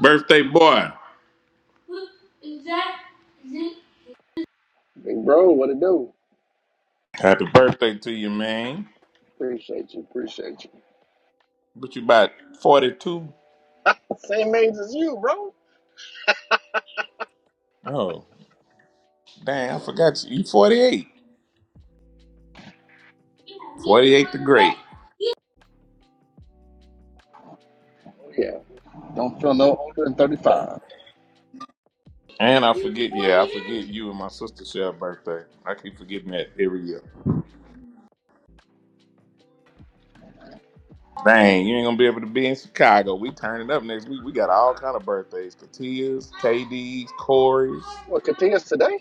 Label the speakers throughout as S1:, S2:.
S1: Birthday boy.
S2: Big bro, what it do?
S1: Happy birthday to you, man.
S2: Appreciate you, appreciate you.
S1: But you about 42?
S2: Same age as you, bro.
S1: Oh, dang, I forgot you. You 48. 48 the great.
S2: Yeah. don't feel no older than 35.
S1: And I forget, yeah, I forget you and my sister share a birthday. I keep forgetting that every year. Dang, you ain't gonna be able to be in Chicago. We turning up next week. We got all kind of birthdays. Katias, KDs, Corey's.
S2: What, Katia's today?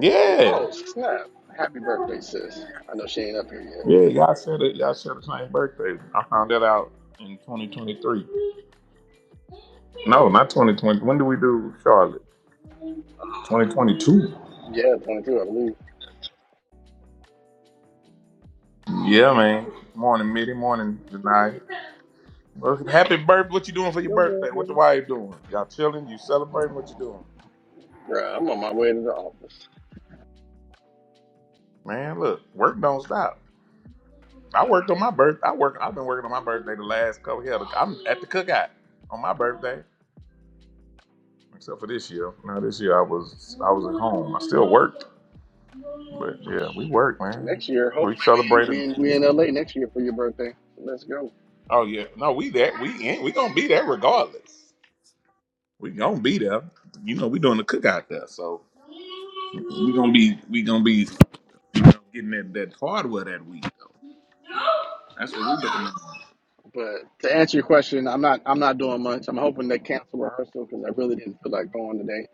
S1: Yeah.
S2: Oh, snap. Happy birthday, sis. I know she ain't up here yet.
S1: Yeah, y'all said it. Y'all said the same birthday. I found that out in 2023. No, not 2020. When do we do Charlotte? 2022.
S2: Yeah, 22, I believe.
S1: Yeah, man. Morning, midi, morning, tonight. Well, happy birthday. What you doing for your
S3: Good
S1: birthday? What the
S3: morning.
S1: wife doing? Y'all chilling? You celebrating? What you doing?
S2: Bruh, I'm on my way to the office.
S1: Man, look, work don't stop. I worked on my birth. I work. I've been working on my birthday the last couple years. I'm at the cookout on my birthday. Except for this year. Now this year I was I was at home. I still worked. But yeah, we worked, man.
S2: Next year,
S1: We
S2: hopefully we
S1: celebrated
S2: we in, we in LA next year for your birthday. Let's go.
S1: oh yeah. No, we that we in we gonna be there regardless. We gonna be there. You know, we doing the cookout there, so we gonna be we gonna be you know, getting that, that hardware that week though. That's what we looking at.
S2: But to answer your question, I'm not I'm not doing much. I'm hoping they cancel rehearsal because I really didn't feel like going today.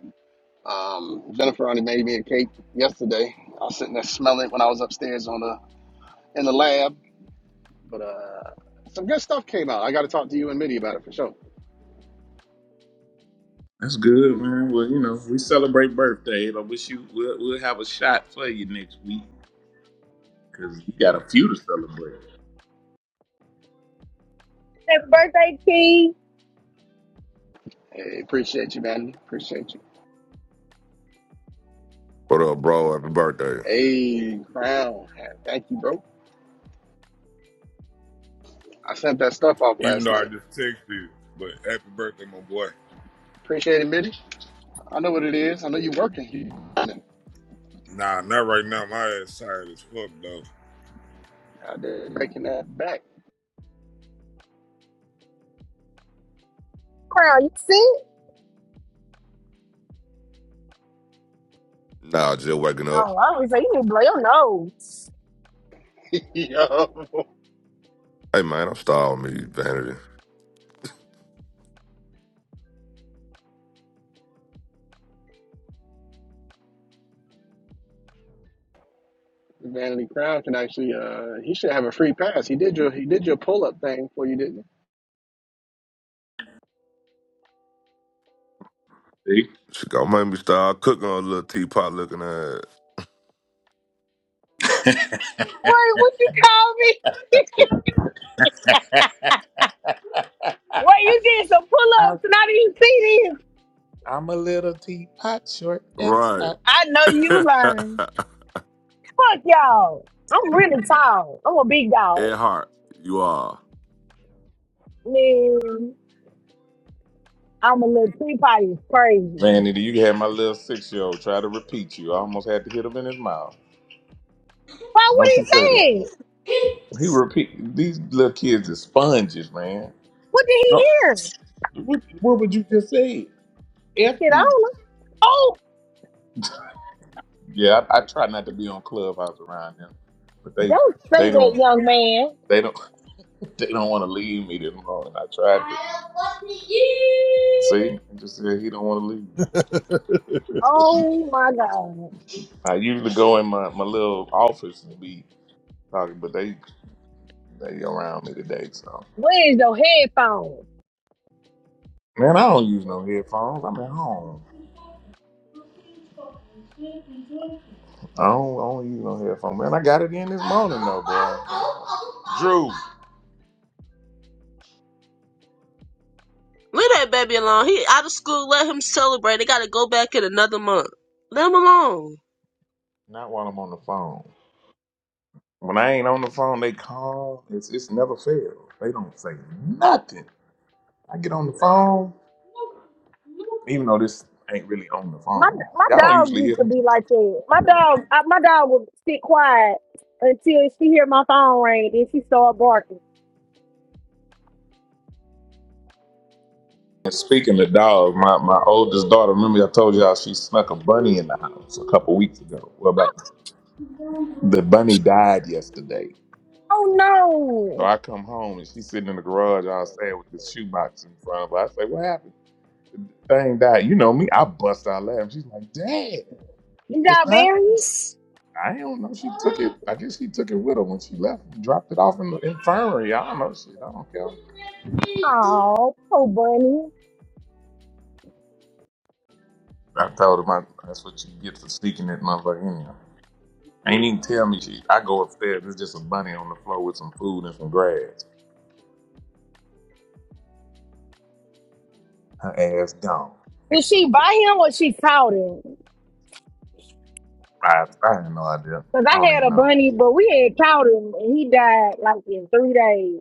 S2: Um, Jennifer only made me a cake yesterday. I was sitting there smelling it when I was upstairs on the in the lab. But uh, some good stuff came out. I got to talk to you and Mitty about it for sure.
S1: That's good, man. Well, you know, we celebrate birthday. I wish you we'll, we'll have a shot for you next week because you got a few to celebrate.
S4: Happy birthday, Key
S2: Hey, appreciate you, man. Appreciate you.
S5: What up, bro? Happy birthday.
S2: Hey, Crown. Thank you, bro. I sent that stuff off
S6: Even
S2: last
S6: though I
S2: night.
S6: just texted you, but happy birthday, my boy.
S2: Appreciate it, Mitty. I know what it is. I know you're working. You
S6: Nah, not right now. My ass tired as fuck though.
S2: out there making that back.
S4: Crown. You sick?
S5: Nah, just waking up.
S4: Oh, I was like, you need to blow your nose.
S2: Yo,
S5: Hey, man, I'm starving me, Vanity.
S2: Vanity Crown can actually. Uh, he should have a free pass. He did your he did your pull up thing for you, didn't he?
S5: She gonna make me start cooking on a little teapot looking at.
S1: See?
S4: What? What you call me?
S1: I,
S4: What you did some pull ups and I didn't see this?
S1: I'm a little teapot, short and
S5: Right.
S1: stout.
S4: I know you lying. Fuck y'all. I'm really tall. I'm a big dog.
S5: Ed Hart, you are.
S4: Man, I'm a little tree potty. It's crazy.
S1: Vanity, you had my little six year old try to repeat you. I almost had to hit him in his mouth.
S4: Why? What
S1: Don't
S4: he
S1: you say that.
S4: saying?
S1: He repeat these little kids are sponges, man.
S4: What did
S1: No,
S4: he hear?
S1: what, what would you just say? F
S4: Shit, I
S1: you.
S4: don't know. Oh,
S1: Yeah, I, I try not to be on clubhouse around them, but they
S4: Don't say
S1: they
S4: that,
S1: don't
S4: young man.
S1: they don't they don't want to leave me this morning. I tried to. See, I just said he don't want to leave.
S4: oh my God!
S1: I usually go in my, my little office and be talking, but they they around me today. So
S4: Where's your headphones?
S1: man, I don't use no headphones. I'm at home. I don't, I don't use no headphones, man. I got it in this morning though, bro. Drew,
S3: Leave that baby alone. He out of school. Let him celebrate. They gotta go back in another month. Let him alone.
S1: not while I'm on the phone. When I ain't on the phone, they call. It's it's never fails. They don't say nothing. I get on the phone, even though this ain't really on the
S4: My
S1: phone.
S4: my
S1: Y'all don't
S4: dog
S1: usually hear
S4: used to
S1: them.
S4: be like that. My dog, I, my dog would sit quiet until she hear my phone ring, then she start barking.
S1: And speaking of dogs, my, my oldest daughter, remember I told y'all she snuck a bunny in the house a couple weeks ago. Well, about the bunny died yesterday.
S4: Oh
S1: So
S4: no!
S1: I come home and she's sitting in the garage all sad with this shoebox in front of her. I say, What happened? Thing died. You know me, I bust out laughing. She's like, Dad,
S4: You
S1: it's
S4: got
S1: not.
S4: berries?
S1: I don't know. She took it. I guess she took it with her when she left and dropped it off in the infirmary. I don't know. Shit, I don't care.
S4: Oh, poor bunny.
S1: I told him I, that's what you get for sneaking that motherfucker in there. Ain't even tell me she. I go upstairs. There's just a bunny on the floor with some food and some grass. Her ass gone.
S4: Did she buy him or she caught him?
S1: I, I had no idea.
S4: Cause
S1: I
S4: I
S1: don't
S4: had
S1: even
S4: a
S1: know.
S4: bunny, but we had caught him and he died like in three days.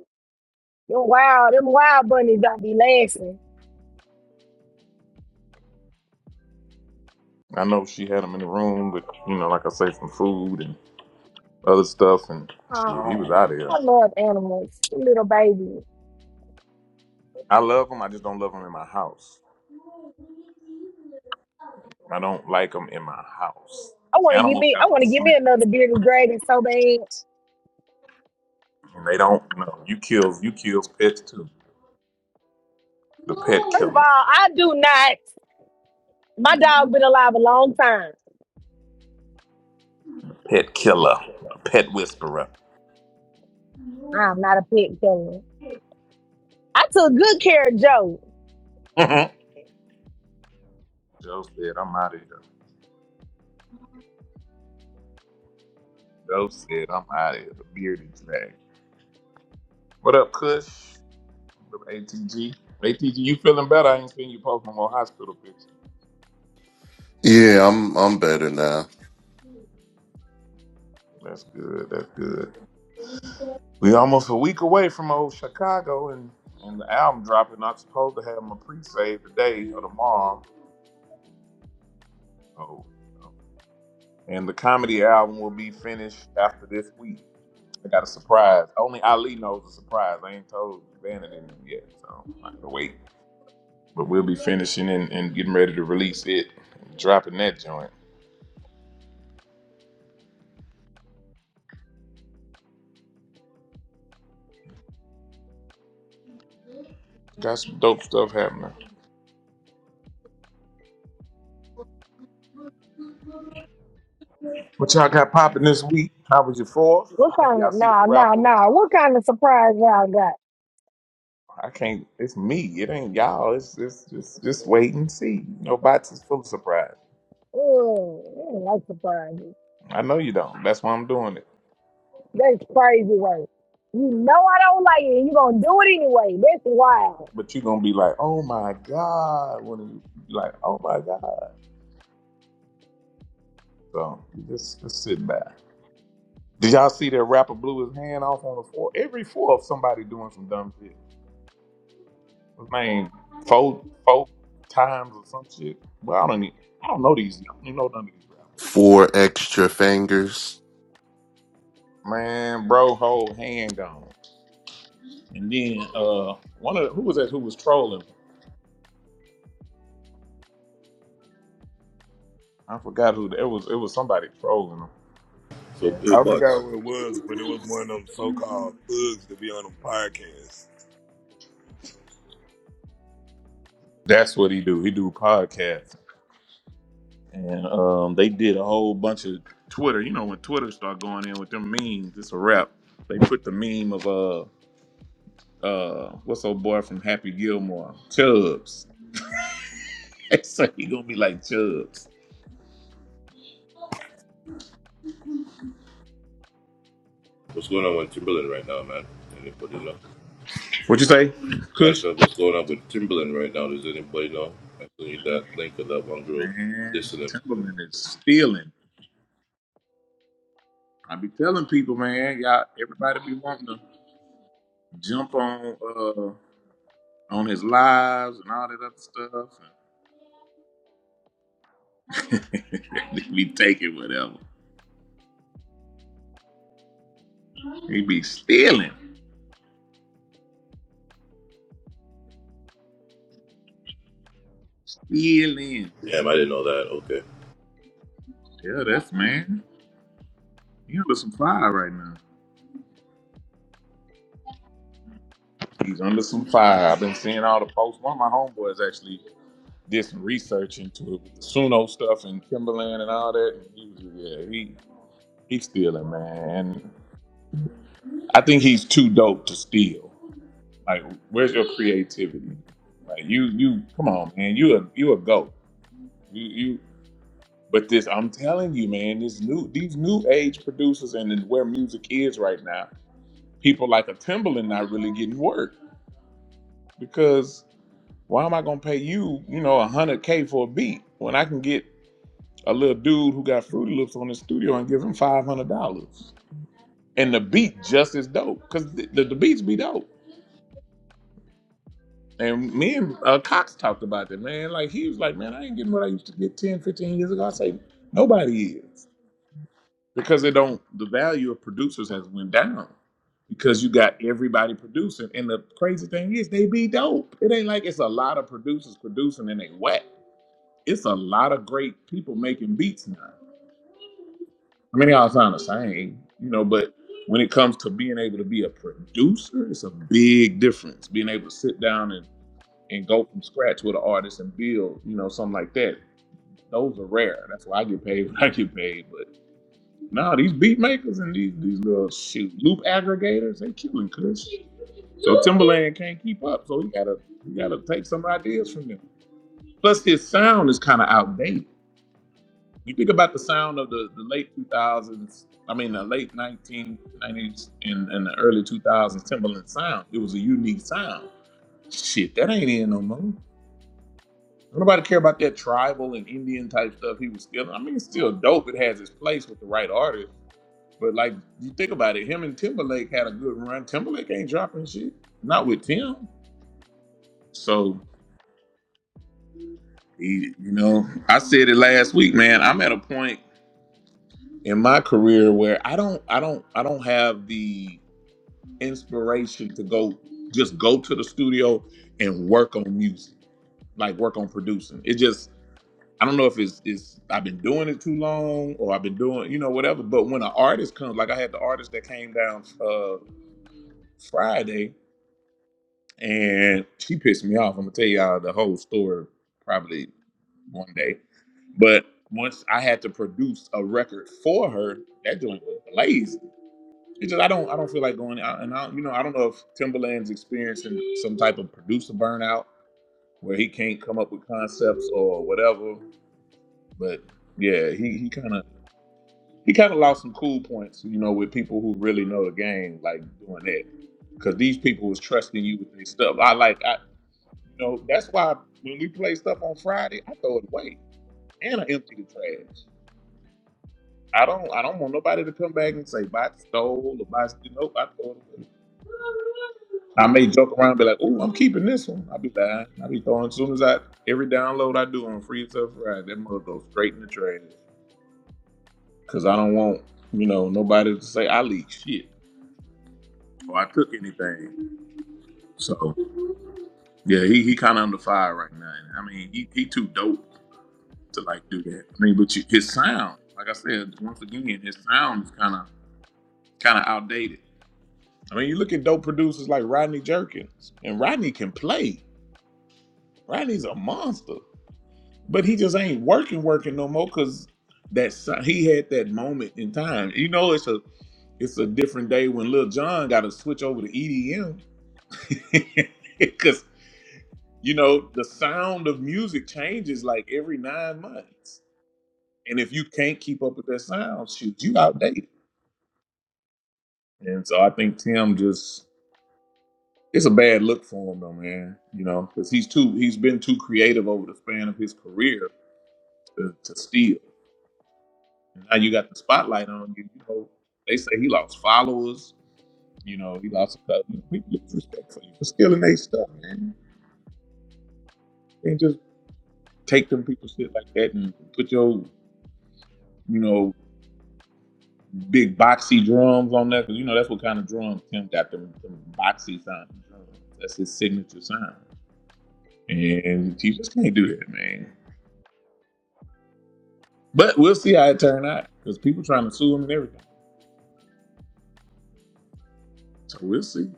S4: Them wild, them wild bunnies don't be lasting.
S1: I know she had him in the room with, you know, like I say, some food and other stuff. And shit, he was out
S4: Oh,
S1: of here.
S4: I love animals. Little baby.
S1: I love him. I just don't love him in my house. I don't like them in my house.
S4: I want to give
S1: Animals
S4: me. I
S1: have
S4: want
S1: a
S4: to give
S1: smell,
S4: me another bearded dragon so bad.
S1: and they don't know. You kill, you kill pets too. The pet
S4: First of all,
S1: killer,
S4: I do not. My dog been alive a long time.
S1: pet killer, the pet whisperer. Joe
S4: I'm not a pet killer. I took good care of Joe.
S1: said, I'm out of here. Joe said, I'm out of here. The beard is back. What up, Kush? What up, ATG? ATG, you feeling better? I ain't seen you post no more hospital pictures.
S7: Yeah, I'm I'm better now.
S1: That's good. That's good. We almost a week away from old Chicago and, and the album dropping. I'm supposed to have my pre-save today or tomorrow. Oh, oh. and the comedy album will be finished after this week. I got a surprise. Only Ali knows the surprise. I ain't told Vanity yet, so I gotta wait. But we'll be finishing and, and getting ready to release it, dropping that joint. Got some dope stuff happening. What y'all got popping this week? How was your fourth?
S4: What
S1: Man,
S4: kind
S1: y'all
S4: of
S1: see that
S4: no no
S1: rapper?
S4: no? What kind of surprise y'all got?
S1: I can't. It's me. It ain't y'all. It's it's just just wait and see. Nobody's is full of surprise.
S4: Oh, I like surprises.
S1: I know you don't. That's why I'm doing it.
S4: That's crazy work. You know I don't like it. You gonna do it anyway. That's wild.
S1: But you gonna be like, oh my god, when you like, oh my god. So just just sit back. Did y'all see that rapper blew his hand off on the floor? Every floor of somebody doing some dumb shit. His name four four times or some shit. Well, I don't even, I don't know these. I don't even know none of these rappers.
S7: Four extra fingers.
S1: Man, bro, whole hand gone. And then uh, one of the, who was that? Who was trolling? I forgot who. It was it was somebody trolling him.
S8: So,
S1: Yeah,
S8: hey,
S6: I
S8: bots,
S6: forgot what it was, but it was one of them so-called thugs to be on them podcasts.
S1: that's what he do. He do podcasts. and um, they did a whole bunch of Twitter. You know, when Twitter start going in with them memes, it's a wrap. They put the meme of uh uh what's old boy from Happy Gilmore, Chubbs. so he gonna be like Chubbs.
S8: what's going on with Timberland right now, man? Anybody know?
S1: What you say,
S8: I
S1: Kush?
S8: said, what's going on with Timberland right now? Does anybody know? I still need that link of that one girl
S1: Man,
S8: dissing him.
S1: Timberland is stealing. I be telling people, man, y'all, everybody be wanting to jump on uh on his lives and all that other stuff. he be taking whatever. He be stealing, stealing.
S8: Damn, I didn't know that. Okay.
S1: Yeah, that's man. He under some fire right now. He's under some fire. I've been seeing all the posts. One of my homeboys actually did some research into it with the Suno stuff and Timberland and all that. And he was, yeah, he he's stealing, man. I think he's too dope to steal. Like, where's your creativity? Like, you you come on, man. You a you a goat. You you. But this, I'm telling you, man. This new these new age producers and where music is right now. People like a Timberland not really getting work. because why am I gonna pay you, you know, a hundred K for a beat when I can get a little dude who got Fruity Loops on his studio and give him five hundred dollars and the beat just as dope because the, the, the beats be dope. And me and uh, Cox talked about that, man. Like he was like, man, I ain't getting what I used to get 10, 15 years ago. I say nobody is because they don't. The value of producers has went down because you got everybody producing. And the crazy thing is, they be dope. It ain't like it's a lot of producers producing and they whack. It's a lot of great people making beats now. I mean, they all sound the same, you know, but when it comes to being able to be a producer, it's a big difference. Being able to sit down and, and go from scratch with an artist and build, you know, something like that. Those are rare. That's why I get paid what I get paid. But no, these beat makers and these these little shoot loop aggregators, they killing cuz. So Timberland can't keep up. So he gotta he gotta take some ideas from them. Plus his sound is kinda outdated. You think about the sound of the, the late 2000s, I mean, the late 1990s and, and the early 2000s Timberland sound. It was a unique sound. Shit, that ain't in no more. Don't Nobody care about that tribal and Indian type stuff he was stealing. I mean, it's still dope. It has its place with the right artist. But like, you think about it, him and Timberlake had a good run. Timberlake ain't dropping shit. Not with Tim. So, he, you know, I said it last week, man. I'm at a point in my career where I don't, I don't, I don't have the inspiration to go just go to the studio and work on music, like work on producing. It just I don't know if it's it's I've been doing it too long or I've been doing you know whatever. But when an artist comes, like I had the artist that came down uh, Friday and she pissed me off. I'm gonna tell y'all the whole story probably one day. But once I had to produce a record for her, that joint was blazing. It's just I don't I don't feel like going out and I you know I don't know if Timberland's experiencing some type of producer burnout where he can't come up with concepts or whatever. But yeah, he he kind of he kind of lost some cool points, you know, with people who really know the game, like doing that. Because these people was trusting you with their stuff. I like I you know that's why when we play stuff on Friday, I throw it away and I empty the trash. I don't I don't want nobody to come back and say bot stole or bot you know I throw it I may joke around and be like, oh, I'm keeping this one. I'll be lying. I'll be throwing as soon as I every download I do on Free Stuff Friday, that mother goes straight in the trash. Cause I don't want, you know, nobody to say I leaked shit or I took anything. So yeah, he, he kinda under fire right now. And, I mean, he, he too dope to like do that. I mean, but you, his sound, like I said, once again, his sound is kinda kinda outdated. I mean, you look at dope producers like Rodney Jerkins, and Rodney can play. Rodney's a monster, but he just ain't working, working no more because that si- he had that moment in time. You know, it's a it's a different day when Lil Jon got to switch over to EDM because you know the sound of music changes like every nine months, and if you can't keep up with that sound, shoot, you outdated. And so I think Tim just It's a bad look for him though, man. You know, because he's too he's been too creative over the span of his career to, to steal. And now you got the spotlight on you. You know, they say he lost followers. You know, he lost a couple. of People lose respect for you for stealing their stuff, man. And just take them people's shit like that and put your you know big boxy drums on that because you know that's what kind of drums Tim got them, them boxy sounding drums. That's his signature sound. And you just can't do that, man. But we'll see how it turned out because people trying to sue him and everything. So we'll see.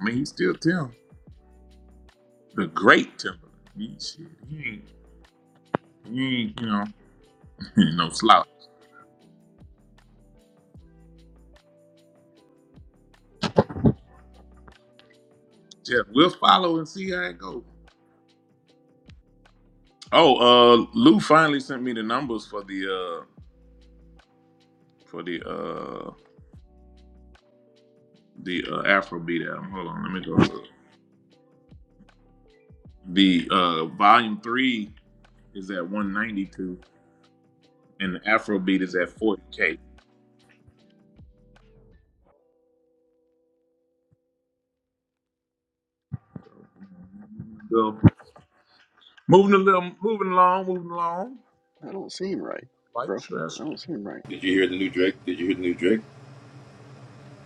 S1: I mean, he's still Tim, the great Timberland. He, shit, he ain't, he ain't, you know, he ain't no slouch. Jeff, we'll follow and see how it goes. Oh, uh, Lou finally sent me the numbers for the uh for the uh the uh, Afrobeat album. Hold on, let me go. look. The uh volume three is at 192, and the Afrobeat is at 40k. So moving a little, moving along, moving along.
S2: That don't seem right,
S1: Like
S2: bro. That
S1: Chester.
S2: don't seem right.
S8: Did you hear the new Drake? Did you hear the new Drake?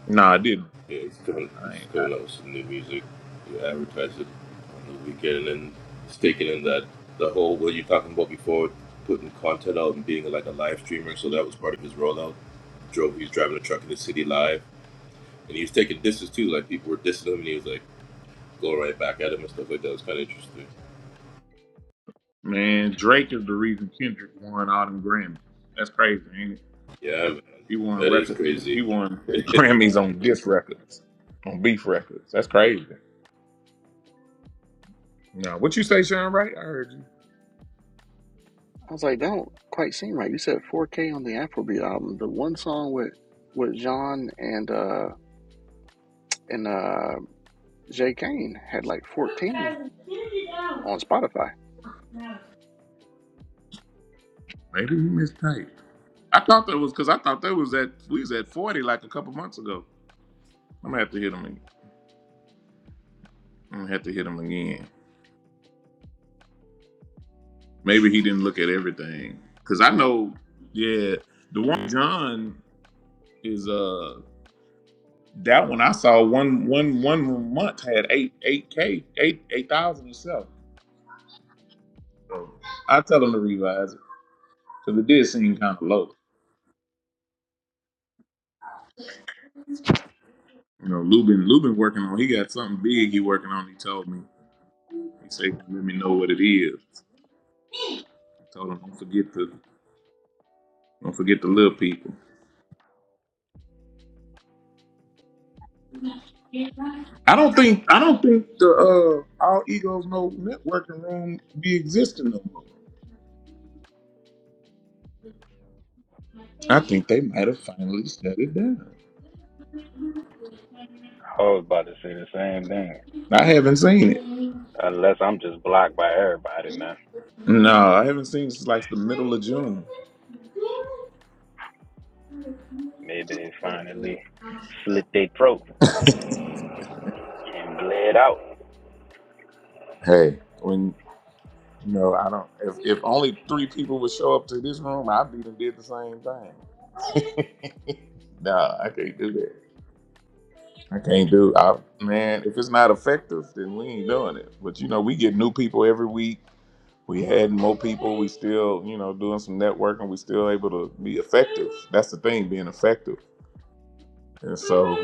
S1: Nah, I didn't.
S8: Yeah, it's coming,
S1: I,
S8: it's
S1: ain't- I,
S8: coming out with some new music. You advertise it on the weekend and then it's taking in that, the whole, what you talking about before, putting content out and being like a live streamer. So that was part of his rollout. Drove, he's driving a truck in the city live And he was taking disses too, like people were dissing him, and he was like going right back at him and stuff like that. It Was kind of interesting.
S1: man, Drake is the reason Kendrick won all them Grammys. That's crazy. Ain't it?
S8: Yeah, man,
S1: He won
S8: that is
S1: record. He
S8: crazy.
S1: won Grammys on diss records, on beef records. That's crazy. Now, what you say, Sean? Right? I heard you.
S2: I was like, that don't quite seem right. You said 4K on the Afrobeat album. The one song with with John and uh and uh Jay Kane had like 14 on Spotify.
S1: Maybe you mistyped. I thought that was because I thought that was at we was at forty like a couple months ago. I'm gonna have to hit him. ag- I'm gonna have to hit him again. Maybe he didn't look at everything because I know. Yeah, the one John. is uh that one I saw one one one month had eight eight k eight eight thousand itself. So I tell them to revise it because it did seem kind of low. You know, Lubin Lubin working on he got something big he working on. He told me he said let me know what it is. I told him don't forget to don't forget the little people. I don't think I don't think the uh all egos no networking room be existing no more. I think they might have finally shut it down.
S9: I was about to say the same thing.
S1: I haven't seen
S9: Unless I'm just blocked by everybody
S1: it.
S9: now.
S1: No, I haven't seen it since like the middle of June.
S9: Maybe they finally slit their throat and bled out.
S1: Hey, when you know, I don't. If, if only three people would show up to this room, I'd be done did the same thing. nah, I can't do that. I can't do. I man, if it's not effective, then we ain't doing it. But you know, we get new people every week. we had more people. We still, you know, doing some networking. We still able to be effective. That's the thing, being effective. And so,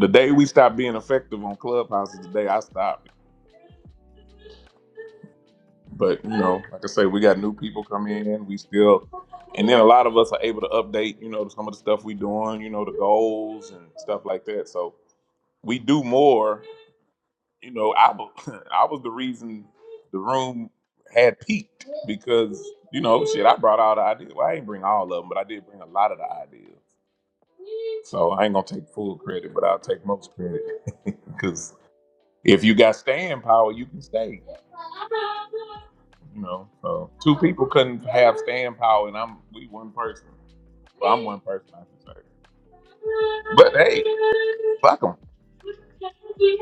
S1: the day we stopped being effective on Clubhouse is the day I stopped. But you know, like I say, we got new people come in. We still, and then a lot of us are able to update. You know, some of the stuff we doing. You know, the goals and stuff like that. So we do more. you know, I was I was the reason the room had peaked because you know, shit, I brought all the ideas. Well, I didn't bring all of them, but I did bring a lot of the ideas. So I ain't gonna take full credit, but I'll take most credit because if you got staying power, you can stay. You know, so two people couldn't have staying power, and I'm we one person. Well, I'm one person, I should say. But hey, fuck them.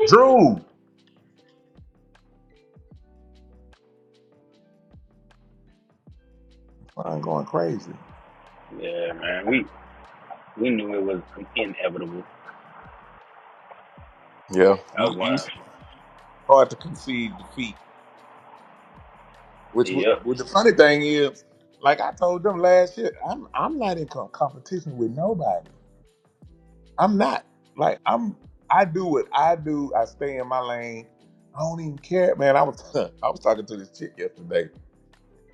S1: Drew, I'm going crazy.
S9: Yeah, man. We we knew it was inevitable.
S1: Yeah. You
S9: That was
S1: you hard to concede defeat. Which w-
S9: yep.
S1: which the funny thing is, like I told them last year, I'm I'm not in com- competition with nobody. I'm not like I'm. I do what I do. I stay in my lane. I don't even care, man. I was I was talking to this chick yesterday,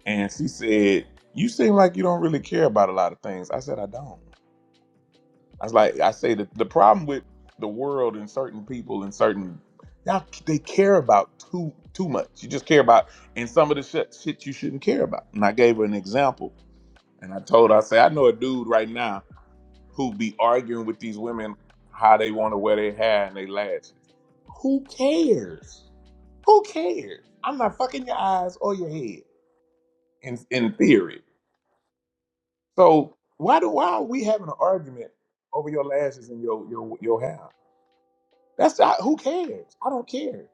S1: and she said, "You seem like you don't really care about a lot of things." I said, "I don't." I was like, I say that the problem with the world and certain people and certain y'all, they care about too too much. You just care about and some of the shit, shit you shouldn't care about. And I gave her an example, and I told her, I say, I know a dude right now who be arguing with these women how they want to wear their hair and their lashes. Who cares? Who cares? I'm not fucking your eyes or your head in in theory. So why do why are we having an argument over your lashes and your your your hair? That's I, who cares. I don't care.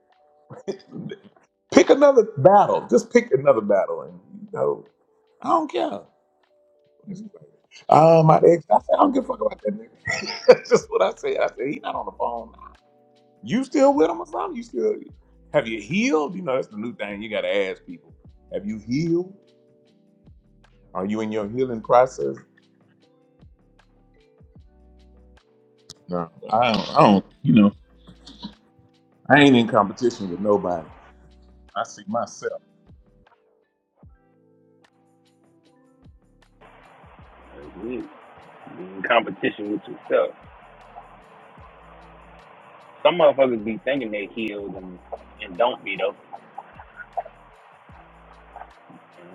S1: Pick another battle. Just pick another battle, and you know, I don't care. Oh, my ex. I said I don't give a fuck about that nigga. That's just what I said. I said he not on the phone. now. You still with him or something? You still have you healed? You know that's the new thing. You gotta ask people. Have you healed? Are you in your healing process? No, I don't. I don't you know, I ain't in competition with nobody. I see myself.
S9: That's it. Be In competition with yourself. Some motherfuckers be thinking they healed and, and don't be though.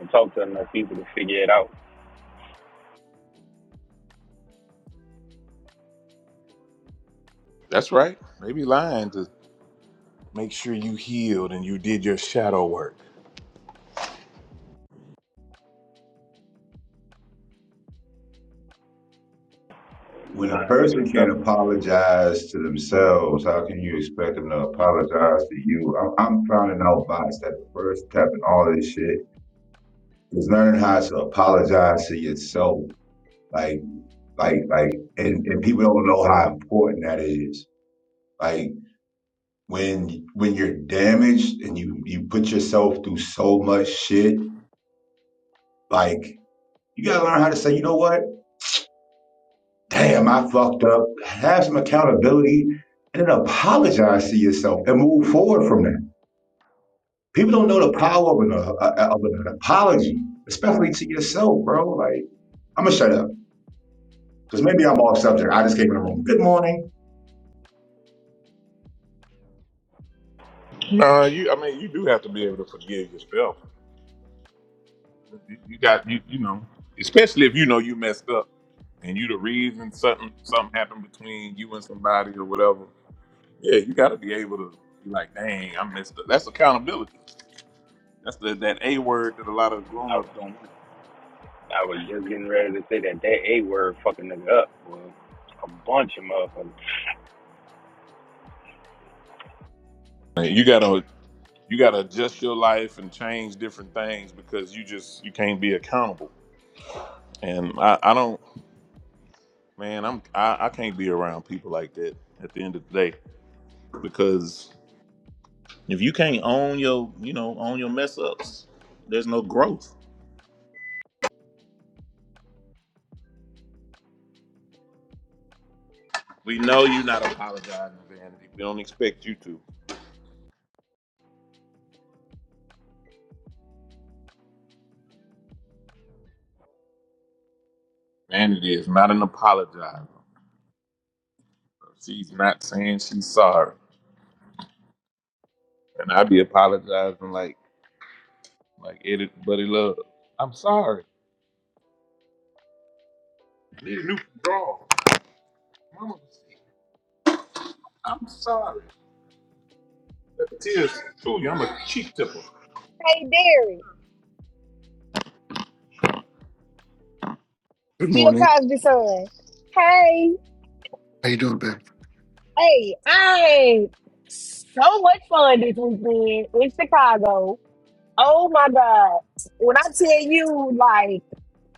S9: And don't talk to enough people to figure it out.
S1: That's right. They be lying to make sure you healed and you did your shadow work.
S9: And
S10: When a
S9: lying to
S10: person can't
S9: themselves.
S10: apologize to themselves, how can you expect them to apologize to you? I'm, I'm finding out bots that the first step in all this shit is learning how to apologize to yourself. Like, like, like, and, and people don't know how important that is. Like, when when you're damaged and you you put yourself through so much shit, like you gotta learn how to say, you know what? damn, I fucked up. Have some accountability and then apologize to yourself and move forward from that. People don't know the power of an, uh, uh, of an apology, especially to yourself, bro. Like, I'm gonna shut up because maybe I'm off subject. I just came in the room. Good morning.
S1: No, you. I mean, you do have to be able to forgive yourself. You, you got you. You know, especially if you know you messed up and you the reason something something happened between you and somebody or whatever. Yeah, you got to be able to be like, dang, I messed up. That's accountability. That's the that a word that a lot of grown ups
S9: I,
S1: don't like.
S9: I was just getting ready to say that that A word fucking nigga up. Well, a bunch of motherfuckers.
S1: Man, You gotta you gotta adjust your life and change different things because you just you can't be accountable. And I, I don't. Man, I'm I, I can't be around people like that at the end of the day because if you can't own your you know own your mess ups, there's no growth. We know you're not apologizing, Vanity. We don't expect you to. Vanity is not an apologizer. She's not saying she's sorry, and I be apologizing like like Edit Buddy Love. I'm sorry. Need a new draw. Mama I'm sorry. Let the tears fool you. I'm a cheek tipper.
S4: Hey, Derek,
S11: Good
S4: Bill
S11: morning.
S4: Cosby son. Hey,
S11: How you doing, babe?
S4: Hey, I so much fun this weekend in Chicago. Oh my God. When I tell you, like,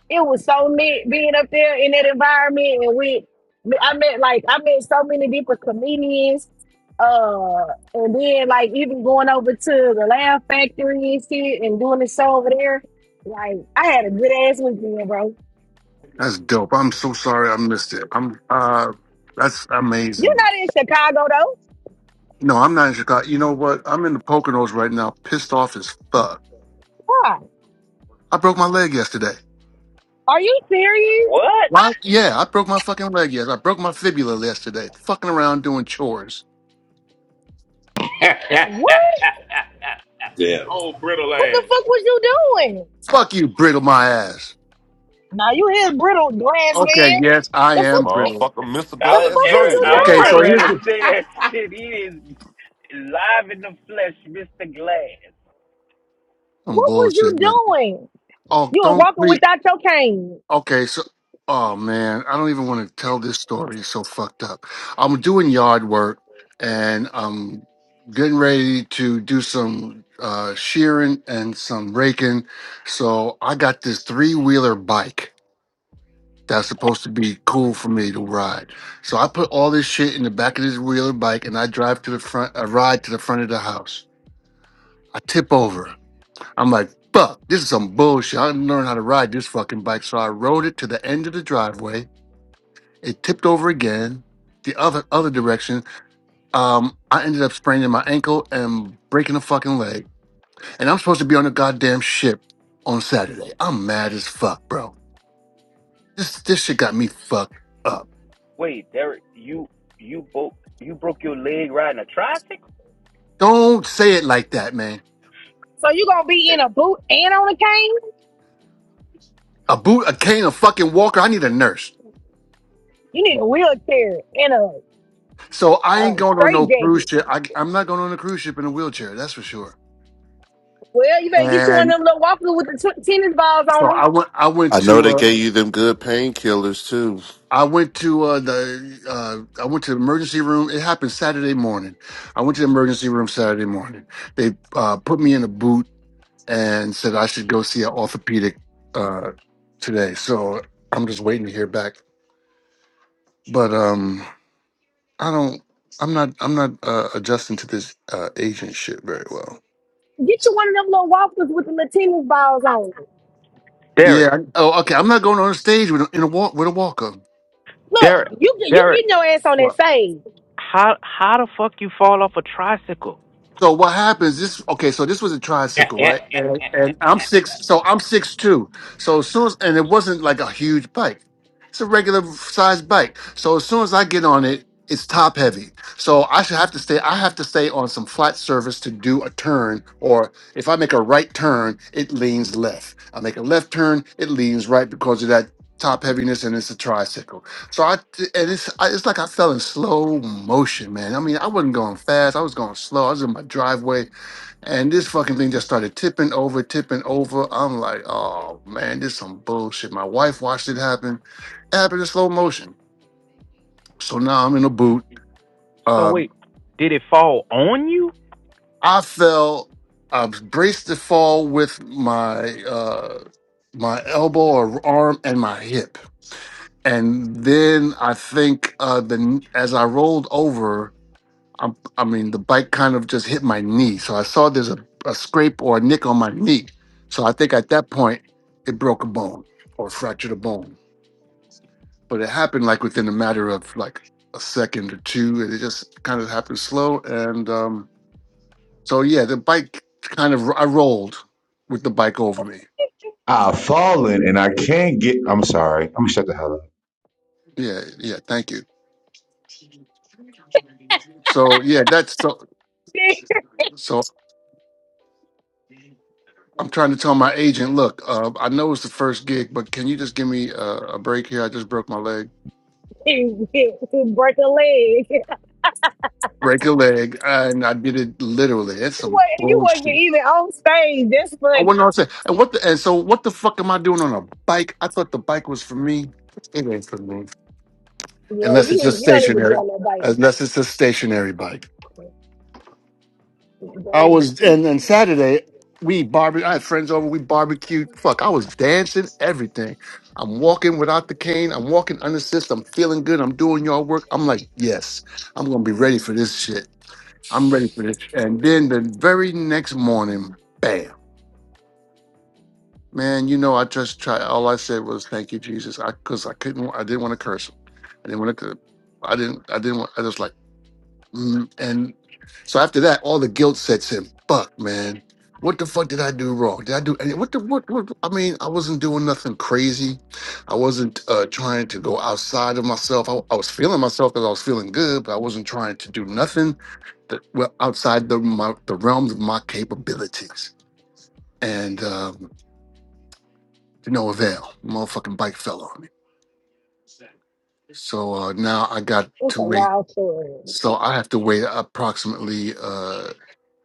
S4: it was so neat being up there in that environment and we I met like I met so many different comedians. Uh and then like even going over to the Laugh Factory and shit and doing the show over there. Like I had a good ass weekend, bro.
S11: That's dope. I'm so sorry I missed it. I'm uh that's
S4: You're
S11: amazing.
S4: not in Chicago though.
S11: No, I'm not in Chicago. You know what? I'm in the Poconos right now, pissed off as fuck.
S4: Why?
S11: I broke my leg yesterday.
S4: Are you serious?
S9: What?
S11: What? Yeah, I broke my fucking leg yesterday. I broke my fibula yesterday. Fucking around doing chores.
S4: What?
S8: Damn.
S1: Oh, brittle
S4: What the fuck
S1: ass.
S4: was you doing?
S11: Fuck you, brittle my ass.
S4: Now you his brittle glass
S11: Okay,
S4: man.
S11: yes, I
S4: The
S5: This
S11: am
S4: fuck,
S11: brittle.
S5: motherfucker, Mr.
S9: I
S4: the
S9: was
S5: Glass
S4: fuck
S9: getting
S4: was
S9: re-
S5: Jr.,
S4: you
S9: I was
S11: Okay,
S5: goddamn.
S9: getting
S11: so
S4: doing?
S9: ready
S11: here's
S9: to
S11: the
S9: say that shit. He is live in the flesh, Mr. Glass.
S11: some
S4: What was you
S11: bullshit, man.
S4: doing?
S11: Oh,
S4: You was
S11: don't
S4: walking without your cane.
S11: Okay, so oh man, I don't even want to tell this story. It's so fucked up. I'm doing yard work and I'm getting ready to do some uh shearing and some raking. So I got this three-wheeler bike that's supposed to be cool for me to ride. So I put all this shit in the back of this wheeler bike and I drive to the front I ride to the front of the house. I tip over. I'm like, fuck, this is some bullshit. I didn't learn how to ride this fucking bike. So I rode it to the end of the driveway it tipped over again, the other other direction. Um, I ended up spraining my ankle and breaking a fucking leg. And I'm supposed to be on a goddamn ship on Saturday. I'm mad as fuck, bro. This this shit got me fucked up.
S9: Wait, Derek, you you broke you broke your leg riding a tricycle?
S11: Don't say it like that, man.
S4: So you gonna be in a boot and on a cane?
S11: A boot, a cane, a fucking walker. I need a nurse.
S4: You need a wheelchair and a,
S11: So I
S4: a
S11: ain't going on
S4: straight
S11: no cruise
S4: jacket.
S11: ship. I, I'm not going on a cruise ship in a wheelchair. That's for sure.
S4: Well, you better get you one
S11: And
S4: of them little walkers with the t- tennis balls on
S11: so I
S4: them.
S11: went. I went
S7: I know
S11: to.
S7: they
S11: uh,
S7: gave you them good painkillers too.
S11: I went to uh, the uh, I went to the emergency room. It happened Saturday morning. I went to the emergency room Saturday morning. They uh, put me in a boot and said I should go see an orthopedic uh, today. So I'm just waiting to hear back. But um, I don't. I'm not. I'm not uh, adjusting to this uh, agent shit very well.
S4: Get you one of them little walkers with the little tennis balls on them.
S11: Yeah.
S9: Derek,
S11: I- oh, okay. I'm not going on a stage with a, in a walk with a walker.
S4: Look,
S9: Derek,
S4: you you
S9: Derek,
S4: getting your ass on that stage.
S9: how how the fuck you fall off a tricycle?
S11: So what happens? This okay. So this was a tricycle, right? And, and I'm six. So I'm six two. So as soon as and it wasn't like a huge bike. It's a regular sized bike. So as soon as I get on it, it's top heavy. So I should have to stay. I have to stay on some flat surface to do a turn. Or if I make a right turn, it leans left. I make a left turn, it leans right because of that top heaviness, and it's a tricycle. So I and it's I, it's like I fell in slow motion, man. I mean, I wasn't going fast. I was going slow. I was in my driveway, and this fucking thing just started tipping over, tipping over. I'm like, oh man, this some bullshit. My wife watched it happen. It happened in slow motion. So now I'm in a boot.
S9: So
S11: Uh,
S9: wait, did it fall on you?
S11: I fell. I braced the fall with my uh, my elbow or arm and my hip, and then I think uh, the as I rolled over. i I mean, the bike kind of just hit my knee. So I saw there's a, a scrape or a nick on my knee. So I think at that point, it broke a bone or fractured a bone. But it happened like within a matter of like a second or two. And it just kind of happened slow. And um, so, yeah, the bike kind of, I rolled with the bike over me.
S10: I've fallen and I can't get. I'm sorry. I'm gonna shut the hell up.
S11: Yeah, yeah, thank you. So, yeah, that's so, so I'm trying to tell my agent, look, uh, I know it's the first gig, but can you just give me a, a break here? I just broke my leg
S4: Break a leg.
S11: break a leg, and I did it literally. That's
S4: You
S11: some
S4: wasn't, you wasn't
S11: bullshit.
S4: even on stage. That's
S11: I
S4: funny.
S11: wasn't on set. And what the and so what the fuck am I doing on a bike? I thought the bike was for me. It ain't for me.
S4: Yeah,
S11: Unless
S4: you
S11: it's
S4: need
S11: a
S4: you don't need to be
S11: stationary
S4: on no bike.
S11: unless it's a stationary bike. I
S4: Dang,
S11: was and then Saturday we barbecue I had friends over, we barbecued. Fuck, I was dancing, everything. I'm walking without the cane. I'm walking unassisted. I'm feeling good. I'm doing yard work. I'm like, yes, I'm gonna be ready for this shit. I'm ready for this. And then the very next morning, bam. Man, you know, I just tried. All I said was, "Thank you, Jesus," because I, 'cause I couldn't. I didn't want to curse him. I didn't want to. I didn't. I didn't want. I just like. Mm, And so after that, all the guilt sets in. Fuck, man. What the fuck did I do wrong? Did I do any what the what, what I mean, I wasn't doing nothing crazy. I wasn't uh trying to go outside of myself. I, I was feeling myself because I was feeling good, but I wasn't trying to do nothing that well outside the my the realms of my capabilities. And um to no avail. Motherfucking bike fell on me. So uh now I got
S4: It's a
S11: to wait.
S4: wild story.
S11: So I have to wait approximately uh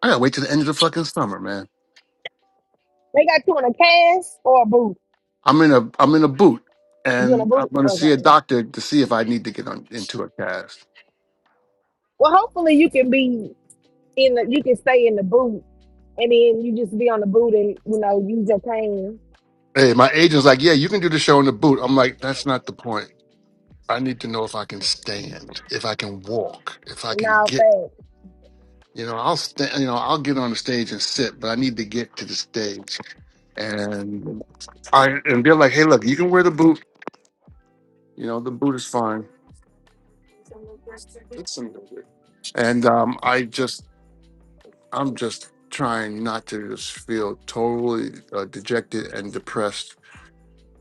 S11: I gotta wait till the end of the fucking summer, man.
S4: They got you in a cast or a boot.
S11: I'm in a I'm in a boot,
S4: You in a
S11: and I'm
S4: boot?
S11: going to see a
S4: Okay.
S11: doctor to see if I need to get on, into a cast.
S4: Well, hopefully you can be in the you can stay in the boot and then you just be on the boot and you know use your cane
S11: Hey, my agent's like, yeah, you can do the show in the boot. I'm like, that's not the point. I need to know if I can stand, if I can walk, if I
S4: and
S11: can
S4: all
S11: get.
S4: that.
S11: You know, I'll stand. You know, I'll get on the stage and sit, but I need to get to the stage. And I and they're like, hey, look, you can wear the boot. You know, the boot is fine. It's some- And um, I just I'm just trying not to just feel totally uh, dejected and depressed.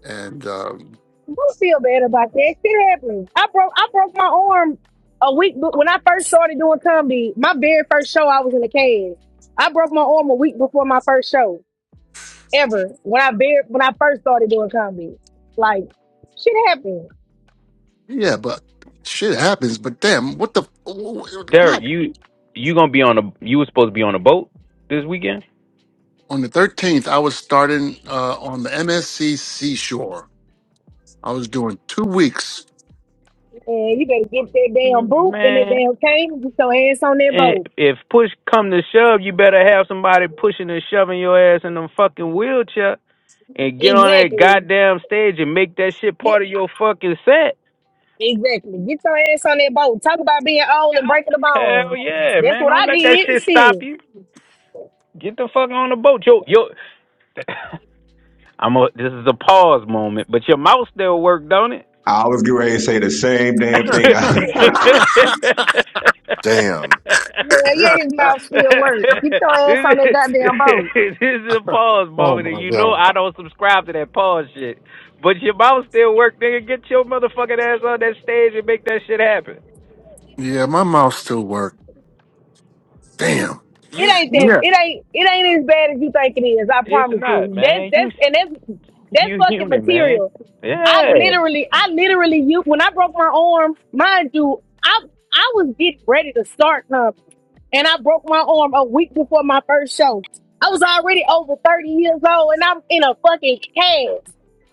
S11: And um,
S4: Don't feel bad about that. Shit happens. I broke I broke my arm a week be- when I first started doing comedy. My very first show, I was in a cast. I broke my arm a week before my first show. ever when I bar- when I first started doing comedy. Like shit happened,
S11: yeah, but shit happens. But damn, what the wh- wh-
S9: Derek,
S11: God?
S9: you you gonna be on a you was supposed to be on a boat this weekend?
S11: On the 13th, I was starting uh, on the MSC Seashore. I was doing two weeks.
S4: and you better get that damn
S9: Mm,
S4: boot and that
S9: Man,
S4: damn cane. and Get your ass on that
S9: eh,
S4: boat.
S9: if push come to shove, you better have somebody pushing and shoving your ass in them fucking wheelchair and get on that
S4: Exactly.
S9: goddamn stage and make that shit
S4: Get
S9: part of your fucking set.
S4: exactly. Get your ass on that boat. Talk about being old and breaking the
S9: Hell
S4: bones.
S9: yeah,
S4: That's
S9: man.
S4: what
S9: Don't
S4: I
S9: let that
S4: did.
S9: shit stop
S4: Shit.
S9: you. Get the fuck on the boat. Yo, yo. I'm a, this is a pause moment, but your mouth still work, don't it?
S10: I was getting ready to say the same damn thing,
S9: this
S7: Damn.
S4: Yeah, yeah, his mouth still works. Get your ass on that goddamn boat.
S9: is a pause
S11: oh
S9: moment, and
S11: my
S9: you know
S11: god.
S9: I don't subscribe to that pause shit. But your mouth still work, nigga. Get your motherfucking ass on that stage and make that shit happen.
S11: Yeah, my mouth still worked. Damn.
S4: It
S9: You,
S4: ain't that.
S9: you,
S11: Yeah.
S4: It ain't. It ain't as bad as you think it is. I
S9: it's
S4: promise
S9: not,
S4: you. That's
S9: man. You,
S4: that's and that's that's
S9: you
S4: fucking
S9: human, man.
S4: material. I
S9: Yeah,
S4: literally, I literally, you when I broke my arm, mind you, I I was getting ready to start. something and I broke my arm a week before my first show. I was already over 30 years old and I'm in a fucking cast.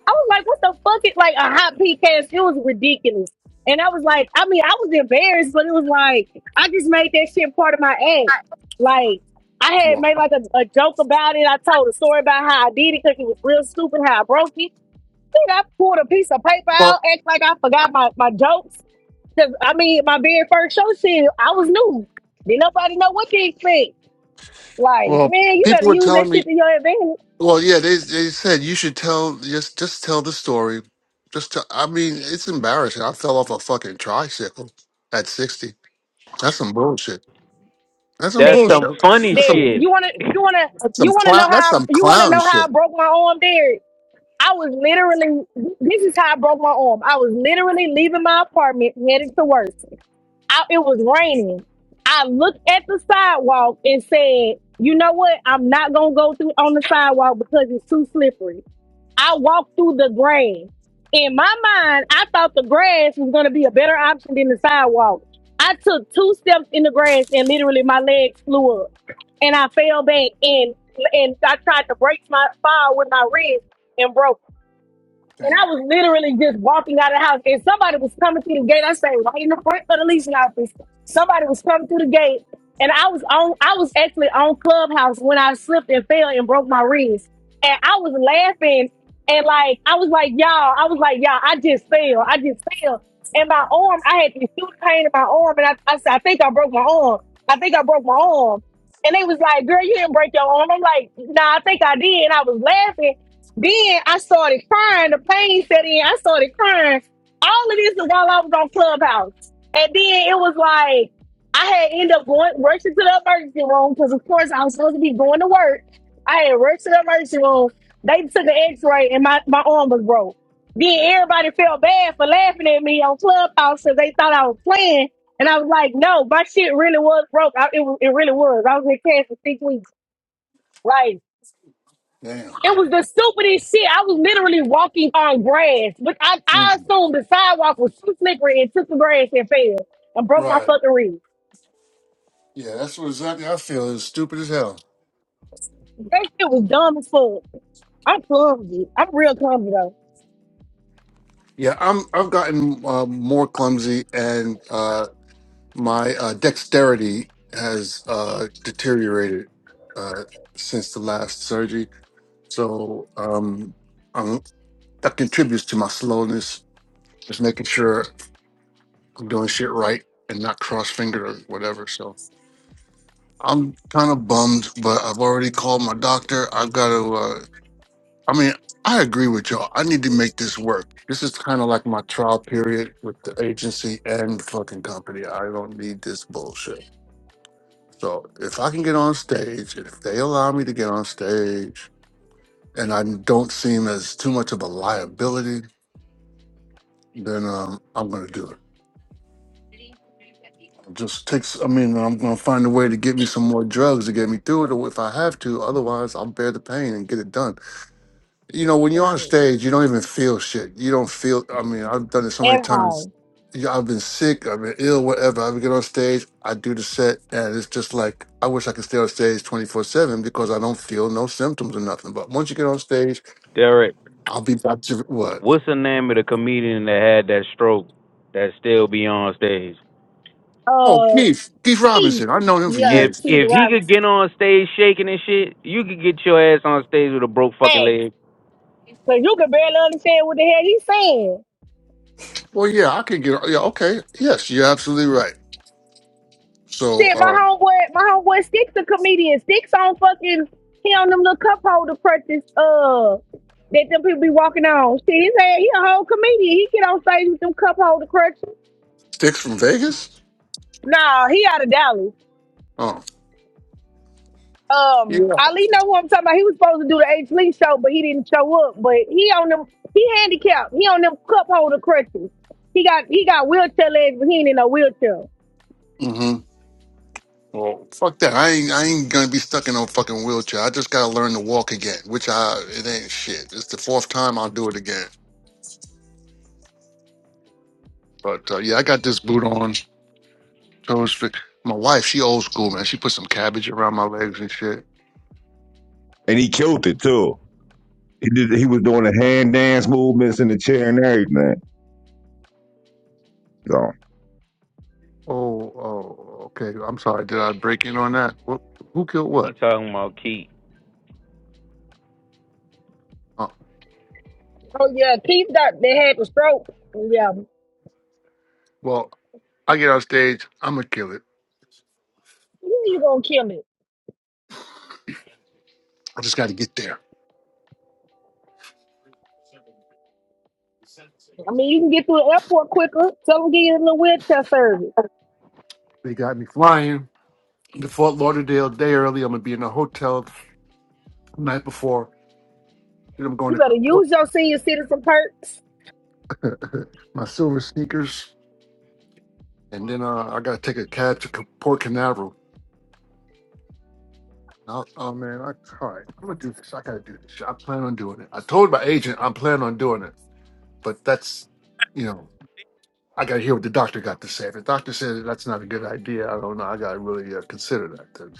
S4: I was like, what the fuck is like a hot pea cast? It was ridiculous. And I was like, I mean, I was embarrassed, but it was like, I just made that shit part of my act. Like, I had
S11: Well,
S4: made like a, a joke about it. I told a story about how I did it because it was real stupid how I broke it. Then I pulled a piece of paper
S11: well,
S4: out, act like I forgot my, my jokes the- I mean, my very first show said I was new. Did nobody know what to expect? Like,
S11: well
S4: man, you
S11: people
S4: better
S11: were
S4: use
S11: telling
S4: that
S11: me
S4: shit to your advantage.
S11: Well, yeah, they they said you should tell just just tell the story. Just to, I mean, it's embarrassing. I fell off a fucking tricycle at sixty. That's some bullshit. That's some
S9: that's
S4: There,
S9: some
S11: bullshit.
S9: funny
S11: That's some
S4: there.
S9: shit.
S4: You wanna, you wanna,
S11: that's some
S4: you wanna know
S11: clown. That's
S4: how?
S11: some
S4: You wanna
S11: clown
S4: know how I
S11: shit.
S4: broke my arm? There. I was literally. This is how I broke my arm. I was literally leaving my apartment, headed to work. I, it was raining. I looked at the sidewalk and said, "You know what? I'm not gonna go through on the sidewalk because it's too slippery." I walked through the grass. In my mind, I thought the grass was going to be a better option than the sidewalk. I took two steps in the grass and literally my legs flew up and I fell back and and I tried to brace my fall with my wrist and broke. And I
S11: Damn,
S4: was literally just walking out of the house, and somebody was coming through the gate. I say, right in the front of the leasing office, somebody was coming through the gate, and I was on. I was actually on Clubhouse when I slipped and fell and broke my wrist, and I was laughing and like I was like, y'all, I was like, y'all, I just fell, I just fell, and my arm, I had this huge pain in my arm, and I, I said, I think I broke my arm. I think I broke my arm. And they was like, girl, you didn't break your arm. I'm like, nah, I think I did. And I was laughing. Then I started crying. The pain set in. I started crying. All of this is while I was on Clubhouse. And then it was like I had ended up going rushing to the emergency room because, of course, I was supposed to be going to work. I had rushed to the emergency room. They took an X-ray and my my arm was broke. Then everybody felt bad for laughing at me on Clubhouse because they thought I was playing. And I was like, no, my shit really was broke. I, it, was- it really was. I was in cash for six weeks. Like,
S11: damn.
S4: it was the stupidest shit. I was literally walking on grass, but I, I
S11: hmm
S4: assumed the sidewalk was too slippery and took the grass and fell and broke my
S11: Right.
S4: fucking rib.
S11: Yeah, that's what exactly I feel is stupid as hell.
S4: That shit was dumb as fuck. I'm clumsy. I'm real clumsy though.
S11: Yeah, I'm. I've gotten uh, more clumsy, and uh, my uh, dexterity has uh, deteriorated uh, since the last surgery. So um, um, that contributes to my slowness, just making sure I'm doing shit right and not cross finger or whatever. So I'm kind of bummed, but I've already called my doctor. I've got to, uh, I mean, I agree with y'all. I need to make this work. This is kind of like my trial period with the agency and the fucking company. I don't need this bullshit. So if I can get on stage, if they allow me to get on stage, and I don't seem as too much of a liability, then um, I'm gonna do it. It Just takes. I mean, I'm gonna find a way to get me some more drugs to get me through it, or if I have to. Otherwise, I'll bear the pain and get it done. You know, when you're on stage, you don't even feel shit. You don't feel. I mean, I've done it so many
S4: And
S11: times.
S4: um,
S11: Yeah, I've been sick. I've been ill. Whatever. I would get on stage. I do the set, and it's just like I wish I could stay on stage twenty four seven because I don't feel no symptoms or nothing. But once you get on stage,
S9: Derek,
S11: I'll be back to what?
S9: what's the name of the comedian that had that stroke that still be on stage?
S11: Oh,
S4: uh,
S11: Keith. Keith
S4: Keith,
S11: Robinson. I've known him for
S4: yeah,
S9: If
S11: years.
S4: Keith
S9: if he could get
S4: Robinson.
S9: on stage shaking and shit, you could get your ass on stage with a broke fucking
S4: Facts.
S9: leg.
S4: Cause you can barely understand what the hell he's saying.
S11: Well, yeah, I can get. Yeah, okay. Yes, you're absolutely right. So,
S4: Shit, my
S11: um,
S4: homeboy, my homeboy Sticks a comedian. Sticks on fucking he on them little cup holder practice uh that them people be walking on. Shit, he said he a whole comedian. He get on stage with them cup holder crutches.
S11: sticks from Vegas.
S4: Nah, he out of Dallas.
S11: Oh,
S4: Um,
S11: yeah.
S4: Ali know who I'm talking about. He was supposed to do the H Lee show, but he didn't show up. But he on them he handicapped. He on them cup holder crutches. He got he got wheelchair legs, but he ain't in no wheelchair.
S11: Mm-hmm. Well, fuck that. I ain't. I ain't gonna be stuck in no fucking wheelchair. I just gotta learn to walk again, which I. It ain't shit. It's the fourth time I'll do it again. But uh, yeah, I got this boot on. Toes fit. My wife, she old school man. She put some cabbage around my legs and shit.
S10: and he killed it too. He did. He was doing the hand dance movements in the chair and everything. So
S11: Oh, oh, okay. I'm sorry. Did I break in on that? What, who killed
S9: He
S11: what?
S9: talking about Keith.
S11: Oh,
S4: Oh yeah, Keith got they had the stroke. Yeah,
S11: well, I get on stage. I'm gonna kill it.
S4: you you gonna kill it.
S11: I just got to get there.
S4: I mean, you can get through the airport quicker. Tell them get you a little wheelchair service.
S11: They got me flying to Fort Lauderdale a day early. I'm gonna be in the hotel the night before. Then I'm going
S4: You
S11: to
S4: better
S11: Port,
S4: use your senior citizen perks.
S11: my silver sneakers, and then uh, I gotta take a cab to Ca- Port Canaveral. Oh, oh man, I, all right, I'm gonna do this. I gotta do this. I plan on doing it. I told my agent I'm planning on doing it, but that's, you know, I gotta hear what the doctor got to say. If the doctor said that's not a good idea, I don't know. I gotta really uh, consider that.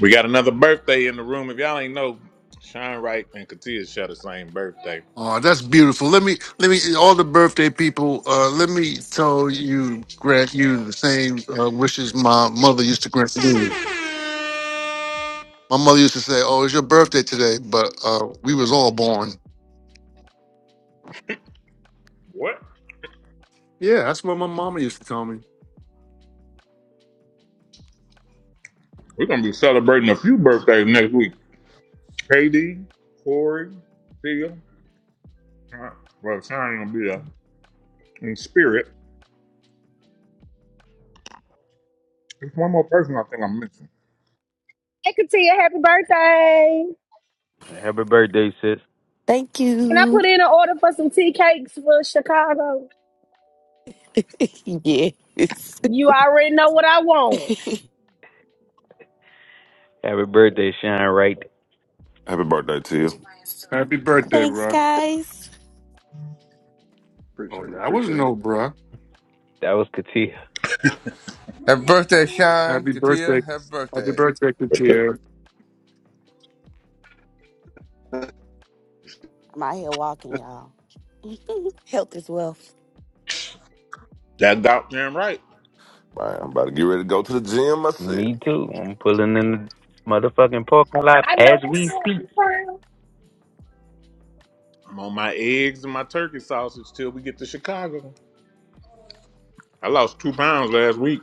S1: we got another birthday in the room. If y'all ain't know, Sean Wright and Katia share the same birthday.
S11: Oh, that's beautiful. Let me, let me, all the birthday people, uh, let me tell you, grant you the same uh, wishes my mother used to grant me. My mother used to say, "Oh, it's your birthday today," but uh, we was all born.
S1: What?
S11: Yeah, that's what my mama used to tell me.
S1: We're gonna be celebrating a few birthdays next week. KD, Corey, Thea. Sean- Well, Sean ain't gonna be there. In spirit, there's one more person I think I'm missing.
S4: I can tell you happy birthday.
S9: Happy birthday, sis.
S12: Thank
S4: Can I
S12: you.
S4: put in an order for some tea cakes for Chicago?
S12: yes.
S4: You already know what I want.
S9: Happy birthday, Shine Right.
S5: Happy birthday to you.
S11: Happy birthday,
S12: Thanks,
S11: bruh.
S12: guys.
S11: Oh,
S2: Appreciate it,
S11: that was
S2: appreciate it.
S11: no bruh.
S9: That was Katia.
S13: Happy birthday, Shine.
S11: Happy
S13: Katia,
S11: birthday,
S13: happy
S11: happy
S13: birthday.
S11: birthday, Katia.
S12: I'm out here walking, y'all. Health is wealth.
S1: That goddamn right.
S5: Man, I'm about to get ready to go to the gym myself.
S9: Me too. I'm pulling in the motherfucking parking lot
S4: I know
S9: as
S4: that's
S9: we
S4: right.
S9: speak.
S4: Crown.
S1: I'm on my eggs and my turkey sausage till we get to Chicago. I lost two pounds last week.